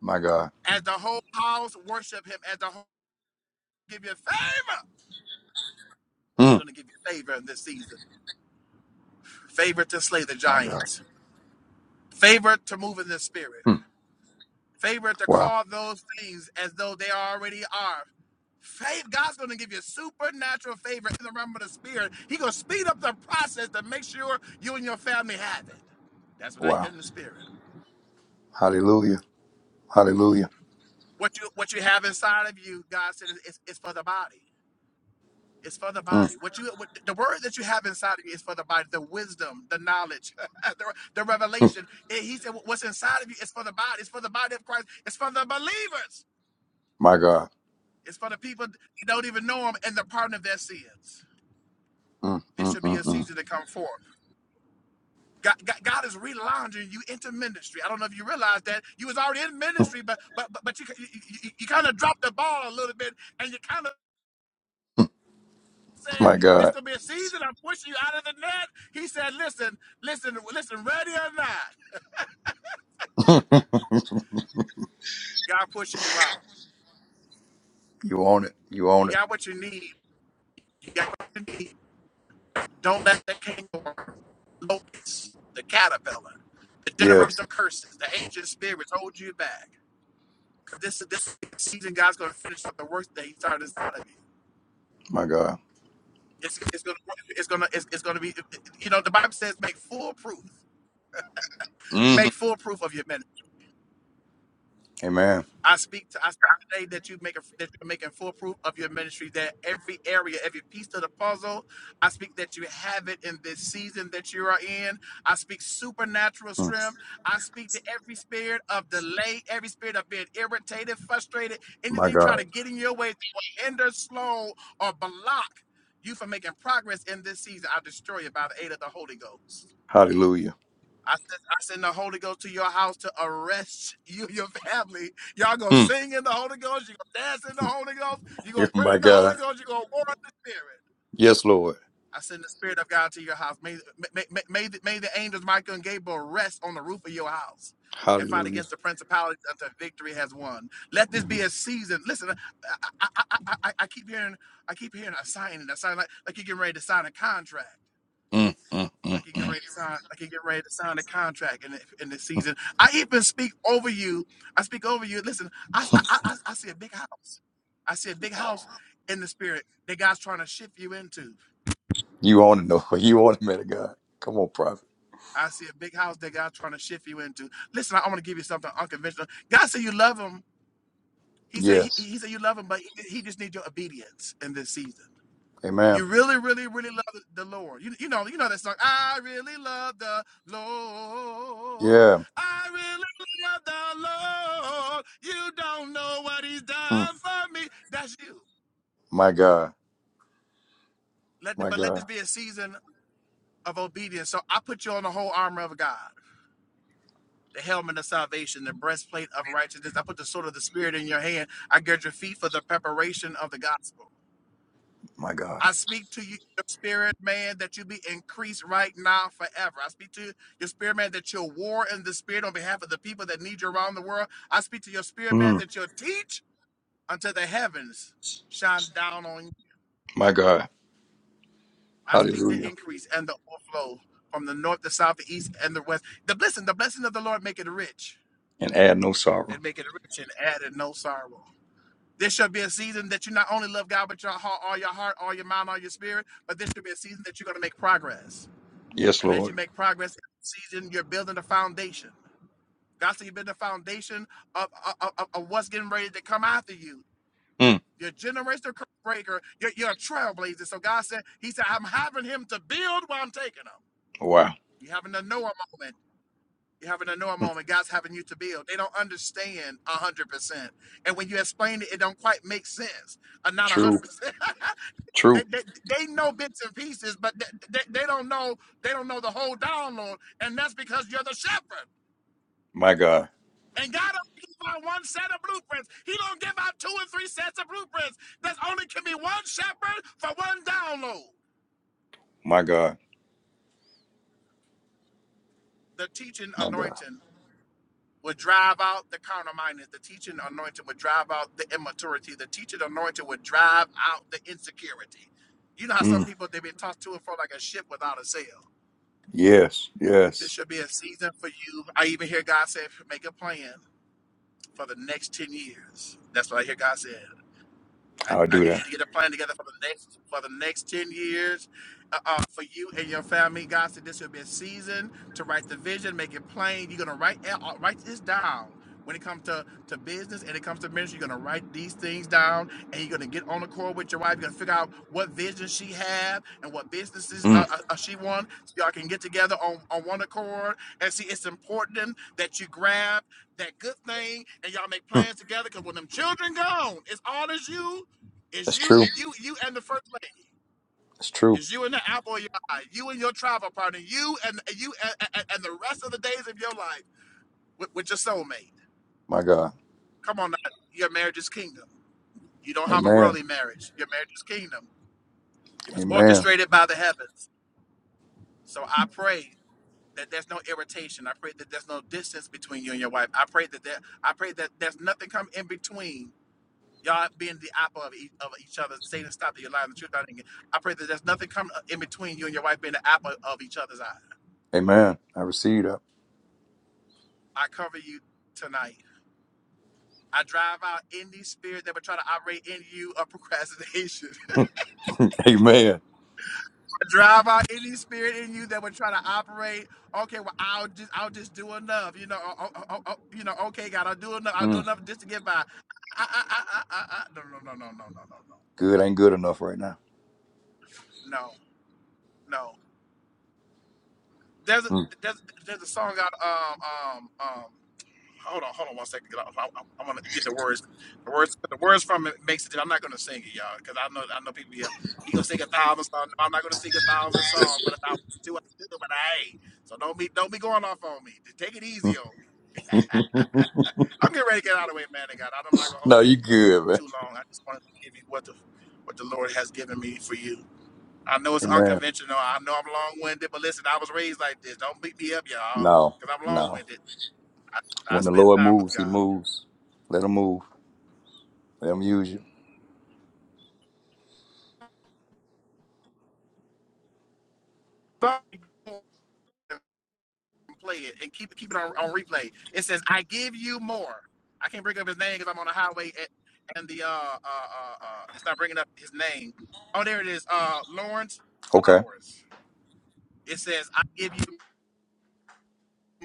My God.
as the whole house worship him as the whole give you favor he's
Mm.
going to give you favor in this season favor to slay the
My God.
giants favor to move in the spirit
Mm.
favor to
Wow.
call those things as though they already are Faith, God's going to give you supernatural favor in the realm of the spirit. He's going to speed up the process to make sure you and your family have it. That's what I
Wow.
hear in the spirit.
Hallelujah. Hallelujah.
What you what you have inside of you, God said, is, is, is for the body. It's for the
Mm.
body. What you what, the word that you have inside of you is for the body. The wisdom, the knowledge, the, the revelation. And he said, "What's inside of you is for the body. It's for the body of Christ. It's for the believers.
My God.
It's for the people that don't even know Him and the pardon of their sins."
Mm,
This
mm,
should be
mm,
a
mm.
season to come forth. God, God, God is relaunching you into ministry. I don't know if you realize that you was already in ministry, but but but, but you you, you you kind of dropped the ball a little bit, and you kind of said,
My
this
God.
gonna be a season. I'm pushing you out of the net. He said, listen, listen, listen, ready or not, God pushing you out.
You own it. You
You
own it.
got what you need. You got what you need. Don't let the kangaroo, locust, the caterpillar, the
Yes,
generational curses, the ancient spirits hold you back. This is this season. God's gonna finish up the work that He started inside of you.
my God.
It's, it's gonna it's gonna it's, it's gonna be you know the Bible says make full proof
hmm
make full proof of your ministry
Amen.
I speak to I speak today that you make a, that you're making full proof of your ministry. That every area, every piece of the puzzle, I speak that you have it in this season that you are in. I speak supernatural
Mm.
strength. I speak to every spirit of delay, every spirit of being irritated, frustrated,
My
anything trying
God.
to get in your way that will hinder, slow, or block you from making progress in this season. I destroy it by the aid of the Holy Ghost.
Hallelujah.
I send, I send the Holy Ghost to your house to arrest you, your family. Y'all gonna
Mm,
sing in the Holy Ghost. You gonna dance in the Holy Ghost. You
Yes,
gonna pray
my
in the Holy
God.
Ghost. You gonna war in the Spirit.
Yes, Lord.
I send the Spirit of God to your house. May may, may, may, the, may the angels Michael and Gabriel rest on the roof of your house and fight
Hallelujah.
against the principalities until victory has won. Let this be a season. Listen, I I, I, I, I keep hearing I keep hearing a signing, a sign like like you're getting ready to sign a contract.
mm, mm,
I
mm,
can get
mm.
ready to sign. I can get ready to sign a contract in the, in this season. I even speak over you. I speak over you. Listen, I, I I I see a big house. I see a big house in the spirit that God's trying to shift you into.
You own it, no. You own it, man of God. Come on, prophet.
I see a big house that God's trying to shift you into. Listen, I, I want to give you something unconventional. God said you love him. He said he,
Yes.
he said you love him, but he, he just needs your obedience in this season. You
Amen.
really, really, really love the, the Lord. You, you know, you know that song. I really love the Lord.
Yeah.
I really love the Lord. You don't know what He's
Mm.
done for me. That's you.
My God.
Let the,
My
but let this
God.
be a season of obedience. So I put you on the whole armor of God, the helmet of salvation, the breastplate of righteousness. I put the sword of the Spirit in your hand. I gird your feet for the preparation of the gospel.
My God.
I speak to you, your spirit man that you be increased right now forever. I speak to your spirit man that you'll war in the spirit on behalf of the people that need you around the world. I speak to your spirit man
Mm.
that you'll teach until the heavens shine down on you.
My God.
I speak the
Hallelujah.
increase and the overflow from the north, the south, the east, and the west. The blessing, the blessing of the Lord make it rich
And add no sorrow.
and make it rich and add it no sorrow. This shall be a season that you not only love God but your heart, all your heart, all your mind, all your spirit, but this should be a season that you're going to make progress
Yes,
And as
Lord.
you make progress in the season, you're building a foundation. God said you build the foundation of, of, of- of what's getting ready to come after you.
mm.
You're a generational curse breaker. You're, you're a trailblazer. So God said, He said, I'm having him to build while I'm taking him.
Wow.
You're having a Noah moment. You're having a Noah moment. God's having you to build. They don't understand 100%. And when you explain it, it don't quite make sense. Uh, not 100%.
True.
they,
True.
they, they know bits and pieces, but they, they, they don't know they don't know the whole download. And that's because you're the shepherd.
My God.
And God don't give out one set of blueprints. He don't give out two and three sets of blueprints. There's only can be one shepherd for one download.
My God.
The teaching
My God.
anointing would drive out the counterminded. The teaching anointing would drive out the immaturity. The teaching anointing would drive out the insecurity. You know how
Mm.
some people they've been tossed to and fro like a ship without a sail.
Yes,
This
yes.
should be a season for you. I even hear God say, make a plan for the next 10 years. That's what I hear God saying. I,
I'll
I
do
need
that.
you to get a plan together for the next for the next ten years, uh, uh, for you and your family. God said this will be a season to write the vision, make it plain. You're gonna write uh, uh, write this down. When it comes to, to business and it comes to ministry, you're gonna write these things down, and you're gonna get on the call with your wife. You're gonna figure out what vision she have and what businesses uh,
Mm.
uh, uh, she want. So y'all can get together on, on one accord and see. It's important that you grab that good thing and y'all make
Hmm.
plans together. Cause when them children gone, it's all as you it's
That's
you
true.
and you you and the first lady.
That's true.
It's you and the apple of your eye. You and your travel partner. You and you and, and, and the rest of the days of your life with, with your soulmate.
My God.
Come on, now. your marriage is kingdom. You don't have a
Amen.
worldly marriage. Your marriage is kingdom. It was
Amen.
orchestrated by the heavens. So I pray that there's no irritation. I pray that there's no distance between you and your wife. I pray that there, I pray that there's nothing come in between Y'all being the apple of each, of each other, Satan stopped your life and the truth. I think I pray that there's nothing coming uh, in between you and your wife being the apple of each other's eye.
Amen. I receive that.
I cover you tonight. I drive out any spirit that would try to operate in you of procrastination.
Amen.
I drive out any spirit in you that would try to operate. Okay, well I'll just I'll just do enough. You know, oh, oh, oh, oh, oh, you know. Okay, God, I'll do enough. I'll do
Mm.
enough just to get by. I, I, I, I, I, no, no, no, no, no, no,
Good ain't good enough right now.
no, no, no, no. There's a
Mm.
there's there's a song out um um um Hold on, hold on one second. 'cause I, I, I want to get the words, the words, the words from it makes it. I'm not gonna sing it, y'all, because I know, I know people. Yeah, he gonna sing a thousand songs. I'm not gonna sing a thousand songs, but if I want to, I can do them, and I ain't. So don't be, don't be going off on me. Take it easy on me. I'm getting ready to get out of the way, man. of God, I'm not gonna
No,
hold
you
it
good, man.
too long. I just wanted to give you what the what the Lord has given me for you. I know it's
Amen.
unconventional. I know I'm long winded, but listen, I was raised like this. Don't beat me up, y'all,
No,
because I'm long
no.
winded. I, I
When the
spend
Lord
time with
moves, he
God.
moves. Let him move. Let him use you.
play it and keep keep it on, on replay. It says, "I give you more." I can't bring up his name because I'm on the highway at, and the uh, uh uh uh it's not bringing up his name. Oh, there it is. Uh, Lawrence
Okay.
Flowers. It says, "I give you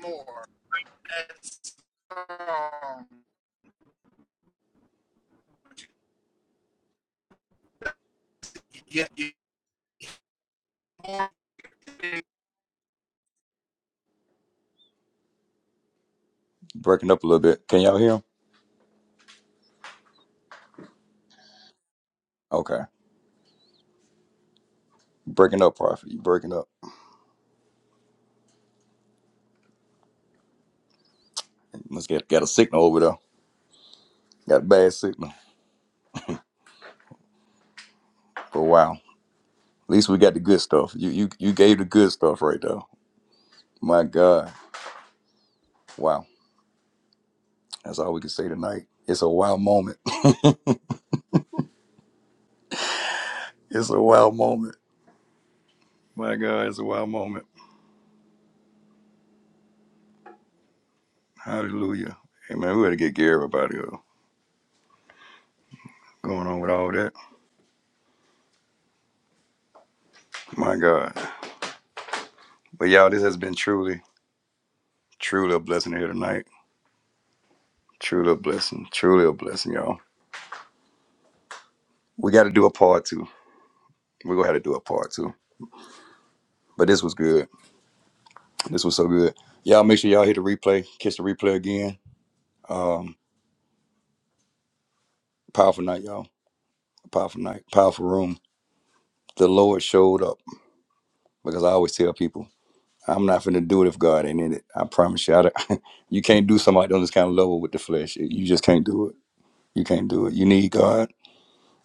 more." That's, um, you get more.
Breaking up a little bit. Can y'all hear him? Okay. Breaking up, Prophet. You breaking up. must get got a signal over there. Got a bad signal for a while. least we got the good stuff. You you you gave the good stuff right there. My God. Wow. That's all we can say tonight. It's a wild moment. it's a wild moment. My God, it's a wild moment. Hallelujah. Amen. We better get Gary up out of here. Going on with all that. My God. But y'all, this has been truly, truly a blessing here tonight. Truly a blessing. Truly a blessing, y'all. We gotta do a part two. We're gonna have to do a part two. But this was good. This was so good. Y'all make sure y'all hit the replay, catch the replay again. Um, powerful night, y'all. Powerful night, powerful room. The Lord showed up because I always tell people, I'm not finna do it if God ain't in it. I promise you, I don't- you can't do somebody on this kind of level with the flesh. You just can't do it. You can't do it. You need God,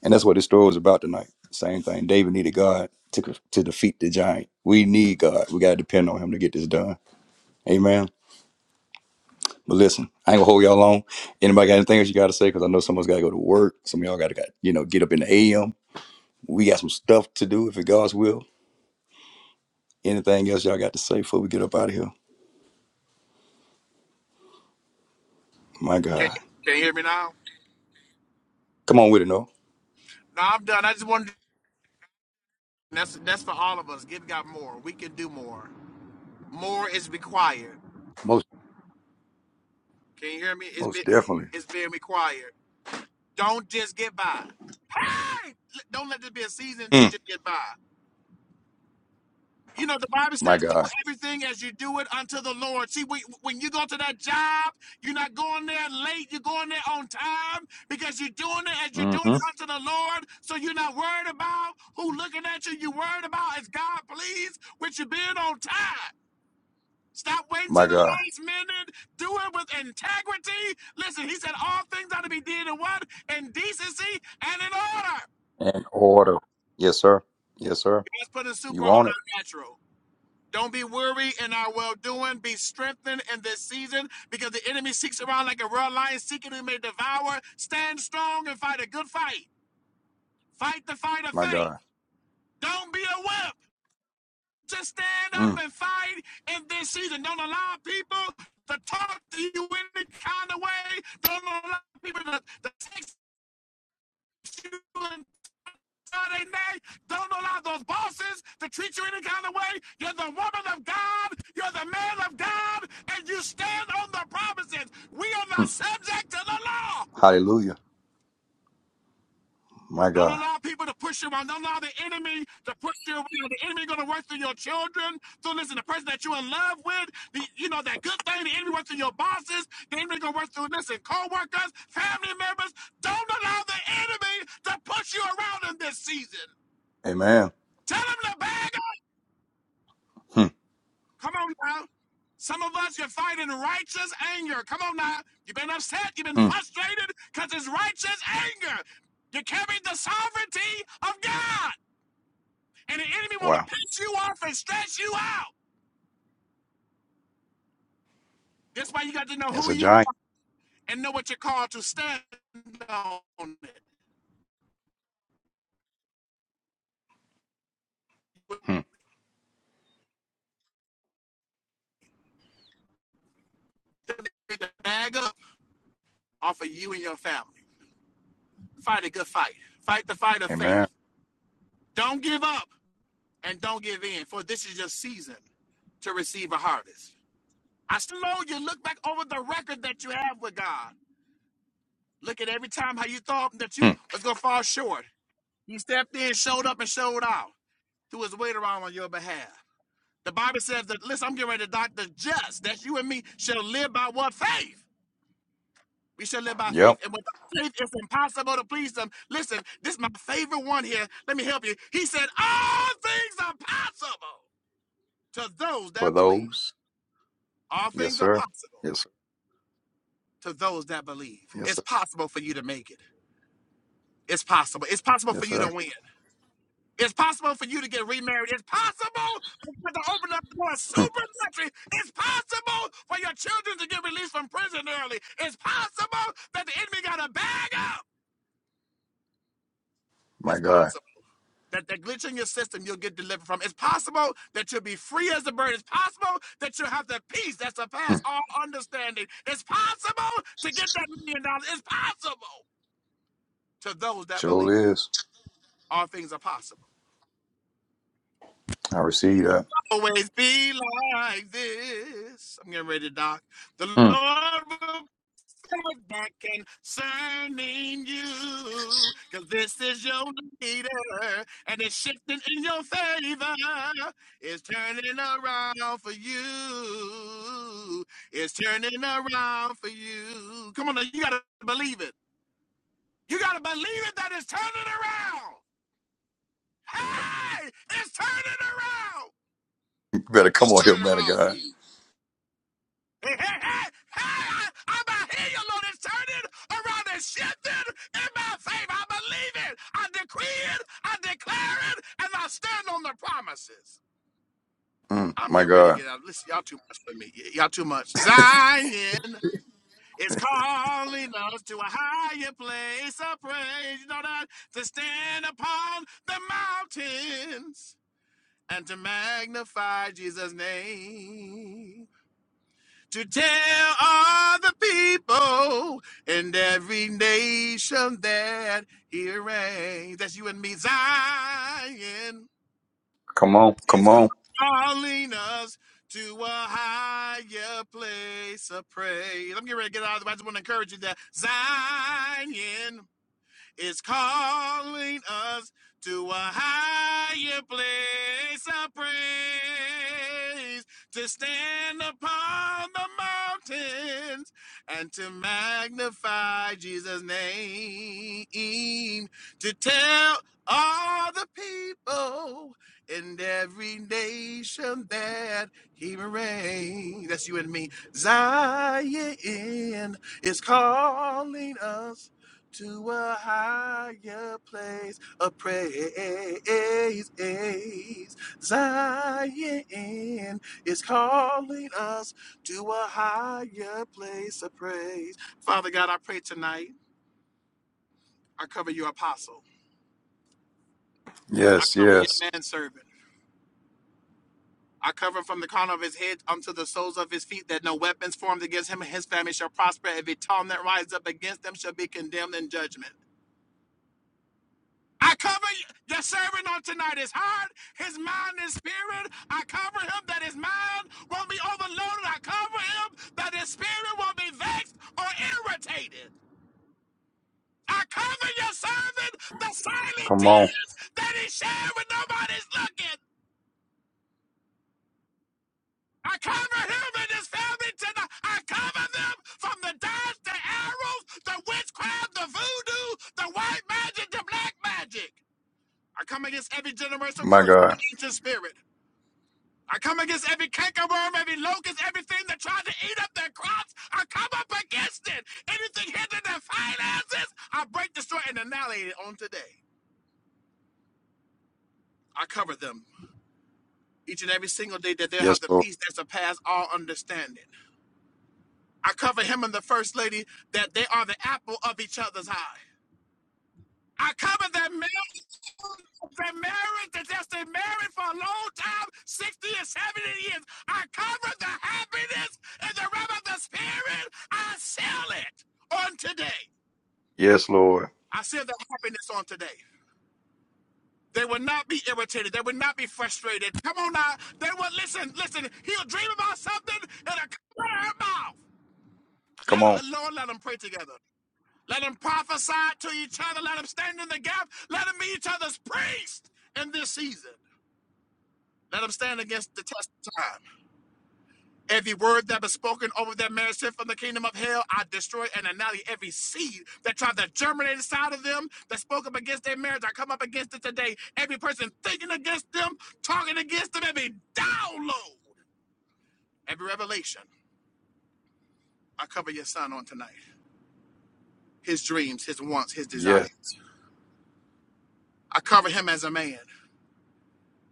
and that's what this story is about tonight. Same thing. David needed God to to defeat the giant. We need God. We gotta depend on Him to get this done. Amen. But listen, I ain't gonna hold y'all long. Anybody got anything else you gotta say? Because I know someone's gotta go to work. Some of y'all gotta got you know get up in the AM. We got some stuff to do if it God's will Anything else y'all got to say before we get up out of here? My
Can,
God.
can you hear me now?
Come on with it, no?
No, I'm done. I just wanted. To, that's that's for all of us. Give God more. We can do more. More is required.
Most
Can you hear me? It's
most
been
definitely.
it's been required. Don't just get by. Hey! Don't let this be a season to
Mm.
just get by. You know the Bible
My
says,
God.
"Do everything as you do it unto the Lord." See, we, when you go to that job, you're not going there late. You're going there on time because you're doing it as you're doing
hmm
it unto the Lord. So you're not worried about who looking at you. You're worried about is God pleased with you being on time. Stop waiting
My
till the
God.
last minute. Do it with integrity. Listen, he said all things ought to be did in what? In decency and in order.
And order. Yes, sir. Yes, sir.
Let's put a
You
super on
want it?
our natural. Don't be weary in our well doing. Be strengthened in this season because the enemy seeks around like a real lion seeking who may devour. Stand strong and fight a good fight. Fight the fight of
My
faith.
God.
Don't be a wimp. to stand up
Mm.
and fight in this season. Don't allow people to talk to you any kind of way. Don't allow people to, to text you and Saturday night. Don't allow those bosses to treat you any kind of way. You're the woman of God. You're the man of God. And you stand on the promises. We are not
Mm.
subject to the law.
Hallelujah. My
Don't
God.
allow people to push you around. Don't allow the enemy to push you around. The enemy going to work through your children. So listen, the person that you're in love with, the, you know, that good thing, the enemy works through your bosses. The enemy going to work through, listen, co-workers, family members. Don't allow the enemy to push you around in this season.
Amen.
Tell him to bag up.
Mm.
Come on now. Some of us, you're fighting righteous anger. Come on now. You've been upset. You've been
Mm.
frustrated because it's righteous anger. You carry the sovereignty of God. And the enemy want to
Wow.
piss you off and stress you out. That's why you got to know
That's
who
a
you
giant.
are and know what you're called to stand on. It.
Mm.
the bag up off of you and your family. Fight a good fight. Fight the fight of
Amen.
faith. Don't give up and don't give in, for this is your season to receive a harvest. I slow you look back over the record that you have with God. Look at every time how you thought that you
Mm.
was gonna fall short. He stepped in, showed up, and showed out. Threw his weight around on your behalf. The Bible says that, listen, I'm getting ready to die. The just, that you and me, shall live by what faith? We shall live by faith.
Yep.
And without faith, it's impossible to please them. Listen, this is my favorite one here. Let me help you. He said, All things are possible to those
For
that believe.
those.
All
Yes,
things are
sir.
possible
Yes, sir.
to those that believe.
Yes,
It's
sir.
possible for you to make it. It's possible. It's possible for
Yes,
you to
sir.
win. It's possible for you to get remarried. It's possible for you to open up the door
Mm.
supernaturally. It's possible for your children to get released from prison early. It's possible that the enemy got a bag up.
My
It's
God.
possible that the glitch in your system you'll get delivered from. It's possible that you'll be free as a bird. It's possible that you'll have the peace that surpasses
Mm.
all understanding. It's possible to get that million dollars. It's possible to those that believe.
Sure is.
All things are possible.
I receive that.
always be like this. I'm getting ready to dock. The
Mm.
Lord will fight back concerning you, because this is your leader, and it's shifting in your favor. It's turning around for you. It's turning around for you. Come on, now, you gotta believe it. You gotta believe it that it's turning around. Hey, it's turning around.
You better come
It's
on here,
turning
man of
around for
God.
you. Hey, hey, hey, hey, I'm about to hear you Lord. It's turning around and shifting in my favor. I believe it. I decree it. I declare it. And I stand on the promises.
Mm,
I'm
my
getting ready to
God.
get out. Listen, y'all too much for me. Y- Y'all too much. Zion is calling us to a higher place of praise. You know that? To stand upon the mountains and to magnify Jesus' name. to tell all the people in every nation that he reigns. That's you and me, Zion.
Come on. Come
is
on.
calling us to a higher place of praise. I'm getting ready to get out of the way. I just want to encourage you that Zion is calling us to a higher place of praise, to stand upon the mountains and to magnify Jesus' name, to tell all the people in every nation that he reigns. That's you and me. Zion is calling us to a higher place of praise. Zion is calling us to a higher place of praise. Father God, I pray tonight. I cover your apostle. I
Yes,
cover
yes.
your manservant. I cover him from the crown of his head unto the soles of his feet, that no weapons formed against him and his family shall prosper. Every tongue that rises up against them shall be condemned in judgment. I cover you. Your servant on tonight His heart, His mind his spirit. I cover him that his mind won't be overloaded. I cover him that his spirit won't be vexed or irritated. I cover your servant, the silent
Come
tear
on.
that he shared when nobody's looking. I cover him and his family tonight. I cover them from the darts, the arrows, the witchcraft, the voodoo, the white magic, the black magic. I come against every generational
My
curse, the
God.
ancient spirit. I come against every cankerworm, every locust, everything that tries to eat up their crops. I come up against it. Anything hindering their finances, I break, destroy, and annihilate it on today. I cover them each and every single day that they'll have
Yes,
the
Lord.
peace that surpasses all understanding. I cover him and the first lady that they are the apple of each other's eye. I covered that marriage. That marriage that has been married for a long time, 60 or 70 years. I cover the happiness in the realm of the spirit. I sell it on today.
Yes, Lord.
I sell the happiness on today. They will not be irritated. They will not be frustrated. Come on now. They will listen, listen. He'll dream about something and it'll come out of her mouth.
Come
Let,
on.
Lord, let them pray together. Let them prophesy to each other. Let them stand in the gap. Let them be each other's priest in this season. Let them stand against the test of time. Every word that was spoken over their marriage sent from the kingdom of hell, I destroy and annihilate every seed that tried to germinate inside of them, that spoke up against their marriage. I come up against it today. Every person thinking against them, talking against them, every download, every revelation. I cover your son on tonight. His dreams, his wants, his
Yes.
desires. I cover him as a man,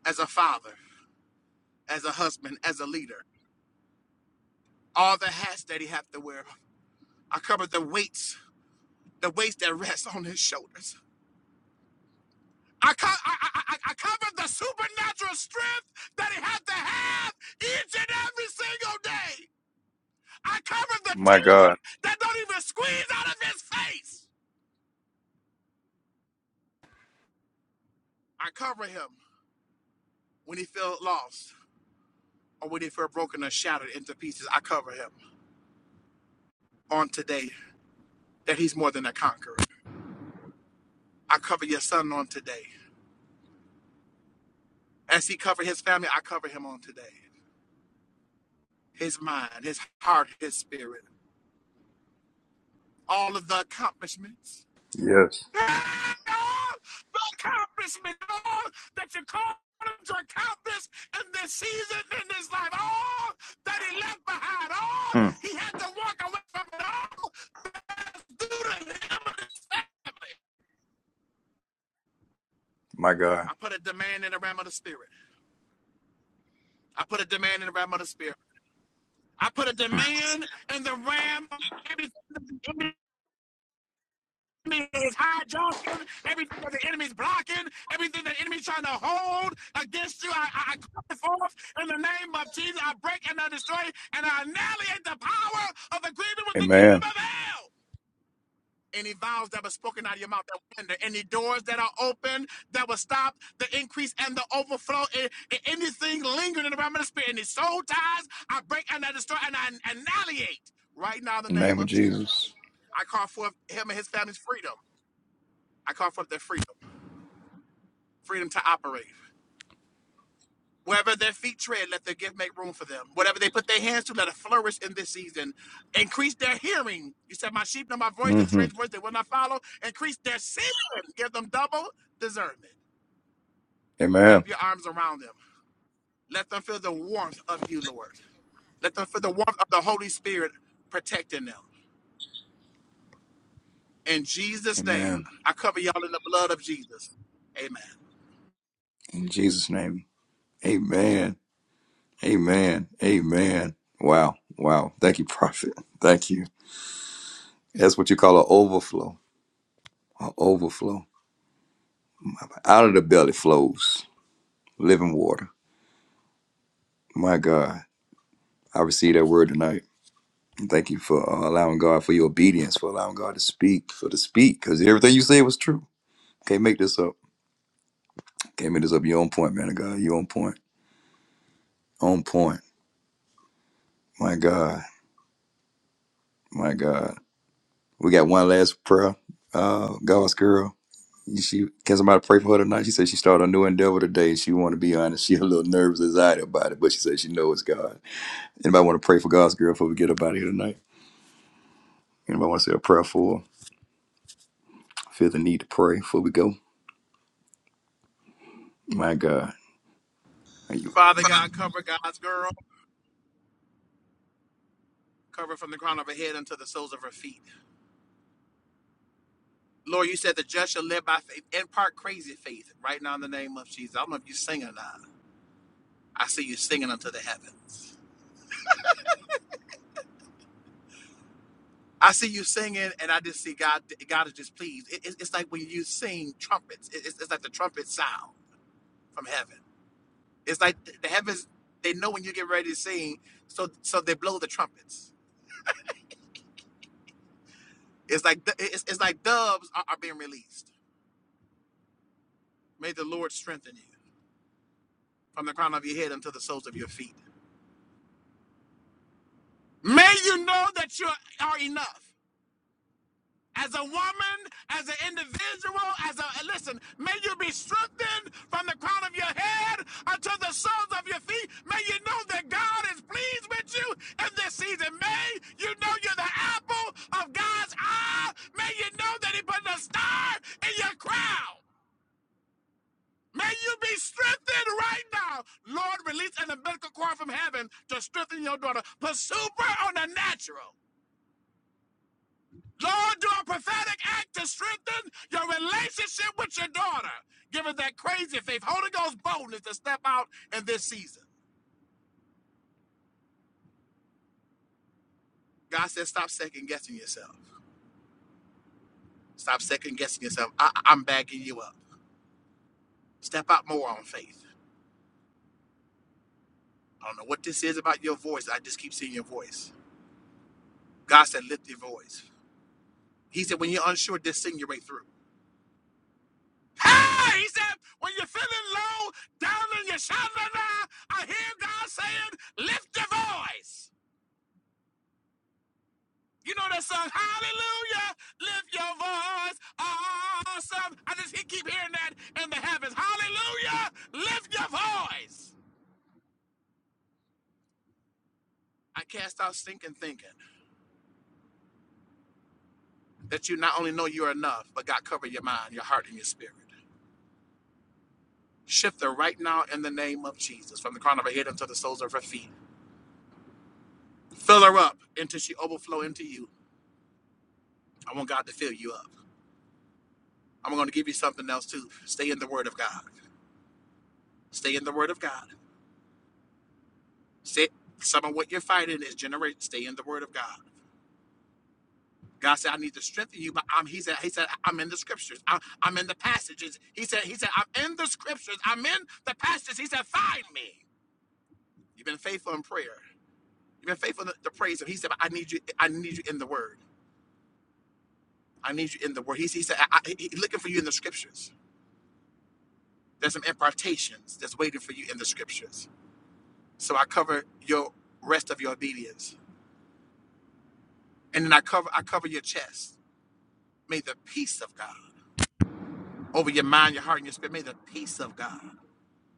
as a father, as a husband, as a leader. All the hats that he have to wear. I cover the weights the weights that rests on his shoulders. I, co- I, I, I I covered the supernatural strength that he had to have each and every single day. I cover the
My
tears
God.
that don't even squeeze out of his face. I cover him when he felt lost or when he felt broken or shattered into pieces. I cover him on today that he's more than a conqueror. I cover your son on today. As he covered his family, I cover him on today. His mind, his heart, his spirit, all of the accomplishments
Yes.
No accomplishment, at all that you called him to accomplish in this season, in this life, all that he left behind, all
Mm,
he had to walk away from it all. that's due to him
my God.
I put a demand in the realm of the spirit. I put a demand in the realm of the spirit. I put a
Mm.
demand in the realm of the spirit. enemy is hijacking, everything that the enemy is blocking, everything that the enemy is trying to hold against you, I, I, I cut it forth in the name of Jesus. I break and I destroy and I annihilate the power of agreement with the kingdom
Amen.
of hell. Any vows that were spoken out of your mouth that were hindered, any doors that are open that will stop the increase and the overflow, and a- anything lingering in the realm of the spirit, any soul ties, I break and I destroy and I annihilate right now in the
In the
name
name of
of
Jesus.
Jesus. I call forth him and his family's freedom. I call forth their freedom, freedom to operate. Wherever their feet tread, let their gift make room for them. Whatever they put their hands to, let it flourish in this season. Increase their hearing. You said, My sheep know my voice, and a
hmm
strange voice they will not follow. Increase their seeing. Give them double discernment.
Amen.
Wrap your arms around them. Let them feel the warmth of you, Lord. Let them feel the warmth of the Holy Spirit protecting them. In Jesus' name,
Amen.
I cover y'all in the blood of Jesus. Amen.
In Jesus' name. Amen. Amen. Amen. Wow. Wow. Thank you, prophet. Thank you. That's what you call an overflow. An overflow. Out of the belly flows living water. My God. I receive that word tonight. Thank you for uh, allowing God for your obedience, for allowing God to speak, for to speak, because everything you said was true. Can't make this up. Can't make this up. You're on point, man of God. You're on point. On point. My God. My God. We got one last prayer. Uh, God's girl. She can somebody pray for her tonight? She said she started a new endeavor today. She want to be honest. She a little nervous, anxiety about it, but she said she knows it's God. Anybody want to pray for God's girl before we get up out of here tonight? Anybody want to say a prayer for? her? Feel the need to pray before we go. My God. Thank you.
Father God, cover God's girl. Cover from the crown of her head unto the soles of her feet. Lord, you said the just shall live by faith. In part, crazy faith right now in the name of Jesus. I don't know if you're singing or not. I see you singing unto the heavens. I see you singing, and I just see God. God is just pleased. It, it's it's like when you sing trumpets. It- it's, it's like the trumpet sound from heaven. It's like the heavens. They know when you get ready to sing, so so they blow the trumpets. It's like the- it's, it's like doves are, are being released. May the Lord strengthen you from the crown of your head unto the soles of your feet. May you know that you are enough. as a woman, as an individual, as a listen, may you be strengthened from the crown of your head unto the soles of your feet. May you know that God is pleased with you in this season. May you know you're the apple of God's eye. May you know that He put a star in your crown. May you be strengthened right now. Lord, release an umbilical cord from heaven to strengthen your daughter. Put super on the natural. Lord, do a prophetic act to strengthen your relationship with your daughter. Give her that crazy faith, Holy Ghost boldness to step out in this season. God says, stop second guessing yourself. Stop second guessing yourself. I- I- am backing you up. Step out more on faith. I don't know what this is about your voice. I just keep seeing your voice. God said, lift your voice. He said, when you're unsure, just sing your way through. Hey, he said, when you're feeling low, down in your shoulder now, I hear God saying, lift your voice. You know that song, Hallelujah, lift your voice, awesome. I just he keep hearing that in the heavens. Hallelujah, lift your voice. I cast out stinking thinking that you not only know you're enough, but God cover your mind, your heart, and your spirit. Shift her right now in the name of Jesus, from the crown of her head until the soles of her feet. Fill her up until she overflow into you. I want God to fill you up. I'm going to give you something else too. Stay in the Word of God. Stay in the Word of God. Say some of what you're fighting is generate. Stay in the Word of God. God said, "I need to strengthen you," but I'm. He said, "He said I'm in the scriptures. I'm, I'm in the passages." He said, "He said I'm in the scriptures. I'm in the passages." He said, "Find me." You've been faithful in prayer. You've been faithful to, to praise Him. He said, but "I need you. I need you in the Word. I need you in the Word." He, he said, I, I, he looking for you in the scriptures. There's some impartations that's waiting for you in the scriptures." So I cover your rest of your obedience, and then I cover I cover your chest. May the peace of God. over your mind, your heart, and your spirit. May the peace of God.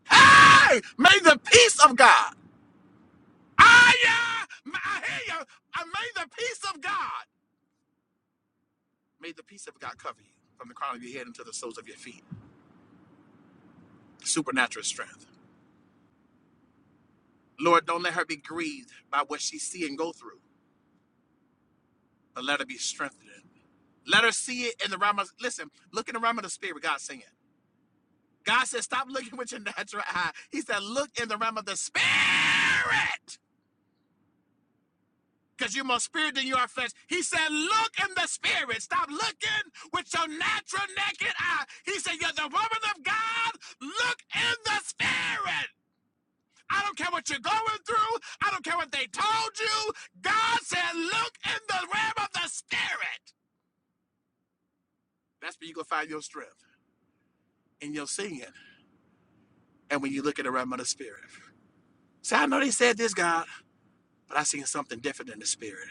Hey, may the peace of God. I, uh, I hear you. I may the peace of God. May the peace of God cover you from the crown of your head unto the soles of your feet. Supernatural strength. Lord, don't let her be grieved by what she see and go through, but let her be strengthened. Let her see it in the realm of, listen, look in the realm of the spirit, God saying. it. God said, stop looking with your natural eye. He said, look in the realm of the spirit. because you're more spirit than you are flesh. He said, Look in the spirit. Stop looking with your natural naked eye. He said, You're the woman of God. Look in the spirit. I don't care what you're going through. I don't care what they told you. God said, Look in the realm of the spirit. That's where you can find your strength in your singing. And when you look at the realm of the spirit. see, I know they said this, God, but I seen something different in the spirit.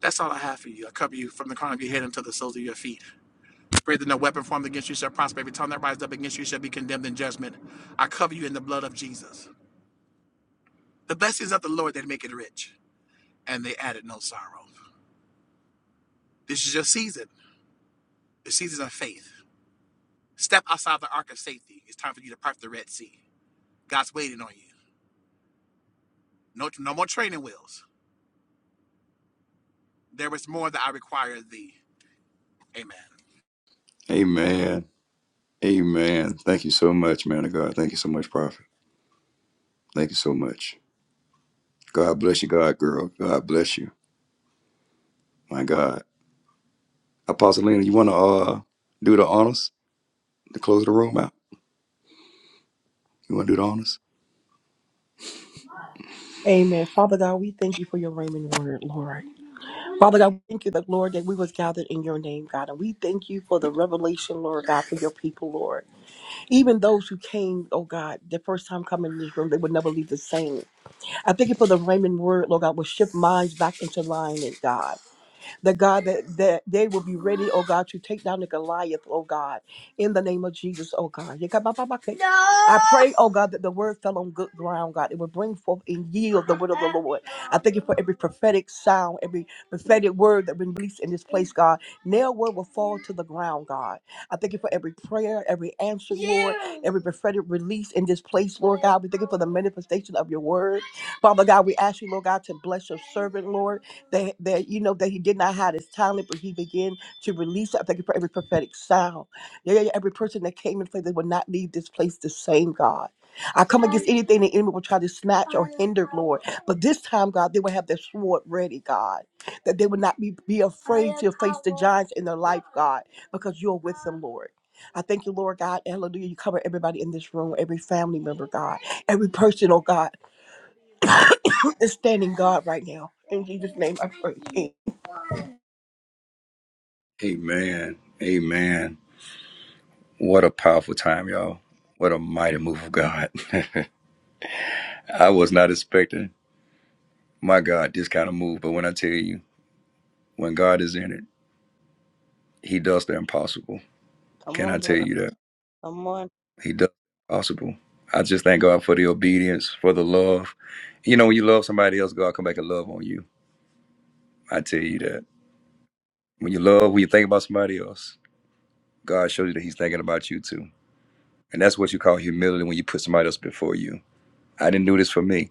That's all I have for you. I cover you from the crown of your head until the soles of your feet. Pray that no weapon formed against you shall prosper. Every tongue that rises up against you shall be condemned in judgment. I cover you in the blood of Jesus. The blessings of the Lord that make it rich, and they added no sorrow. This is your season, the season of faith. Step outside the ark of safety. It's time for you to part the Red Sea. God's waiting on you. No, no more training wheels. There is more that I require of thee. Amen.
Amen. Amen. Thank you so much, man of God. Thank you so much, Prophet. Thank you so much. God bless you, God girl. God bless you. My God. Apostle Lena, you wanna uh do the honors to close the room out? You wanna do the honors?
Amen. Father God, we thank you for your Raymond word, Lord. Father God, we thank you, the Lord, that we was gathered in your name, God. And we thank you for the revelation, Lord God, for your people, Lord. Even those who came, oh God, the first time coming in this room, they would never leave the same. I thank you for the Raymond word, Lord God, will shift minds back into alignment, God. The God that, that they will be ready, oh God, to take down the Goliath, oh God, in the name of Jesus, oh God. Yekabababake. I pray, oh God, that the word fell on good ground, God. It will bring forth and yield the word of the Lord. I thank you for every prophetic sound, every prophetic word that been released in this place, God. Nail word will fall to the ground, God. I thank you for every prayer, every answer, Lord, every prophetic release in this place, Lord God. We thank you for the manifestation of your word. Father God, we ask you, Lord God, to bless your servant, Lord, that, that you know that he did not hide his talent, but he began to release. it. I thank you for every prophetic sound. Yeah, yeah, yeah, every person that came and said they would not leave this place the same, God. I come against anything the enemy will try to snatch or hinder, Lord. But this time, God, they will have their sword ready, God. That they would not be, be afraid to face the giants in their life, God, because you're with them, Lord. I thank you, Lord God. Hallelujah. You cover everybody in this room, every family member, God, every person, oh God. is standing guard right now. In Jesus' name I pray. Amen.
Amen. Amen. What a powerful time, y'all. What a mighty move of God. I was not expecting, my God, this kind of move, but when I tell you, when God is in it, he does the impossible.
Come
Can I
on,
tell
brother.
you that?
Come on.
He does possible. I just thank God for the obedience, for the love. You know, when you love somebody else, God come back and love on you. I tell you that. When you love, when you think about somebody else, God shows you that He's thinking about you too. And that's what you call humility when you put somebody else before you. I didn't do this for me.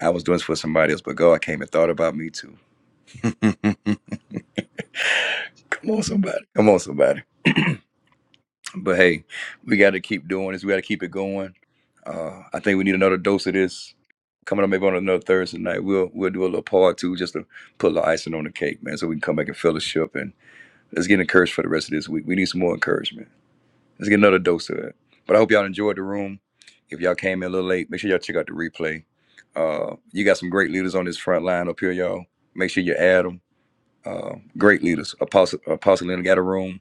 I was doing this for somebody else, but God came and thought about me too. come on, somebody. Come on, somebody. But hey, we got to keep doing this. We got to keep it going. Uh, I think we need another dose of this coming up maybe on another Thursday night. We'll we'll do a little part two just to put a little icing on the cake, man, so we can come back and fellowship and let's get encouraged for the rest of this week. We need some more encouragement. Let's get another dose of it. But I hope y'all enjoyed the room. If y'all came in a little late, make sure y'all check out the replay. Uh, you got some great leaders on this front line up here, y'all. Make sure you add 'em uh, great leaders. Apostle Apostle Leonard got a room.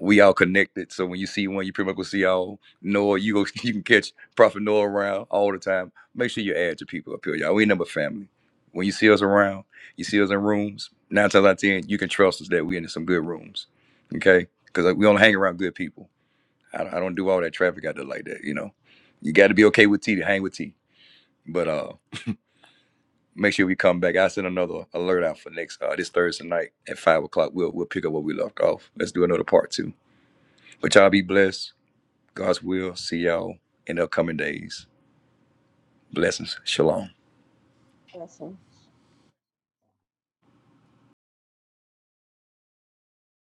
We all connected. So when you see one, you pretty much will see all Noah. You go, you can catch Prophet Noah around all the time. Make sure you add your people up here, y'all. We ain't number family. When you see us around, you see us in rooms. Nine times out of ten, you can trust us that we in some good rooms. Okay, because we only hang around good people. I, I don't do all that traffic out there like that. You know, you got to be okay with T to hang with T. But uh make sure we come back. I send another alert out for next uh this Thursday night at five o'clock. We'll we'll pick up where we left off. Let's do another part two. But y'all be blessed. God's will. See y'all in the upcoming days. Blessings. Shalom.
Blessing.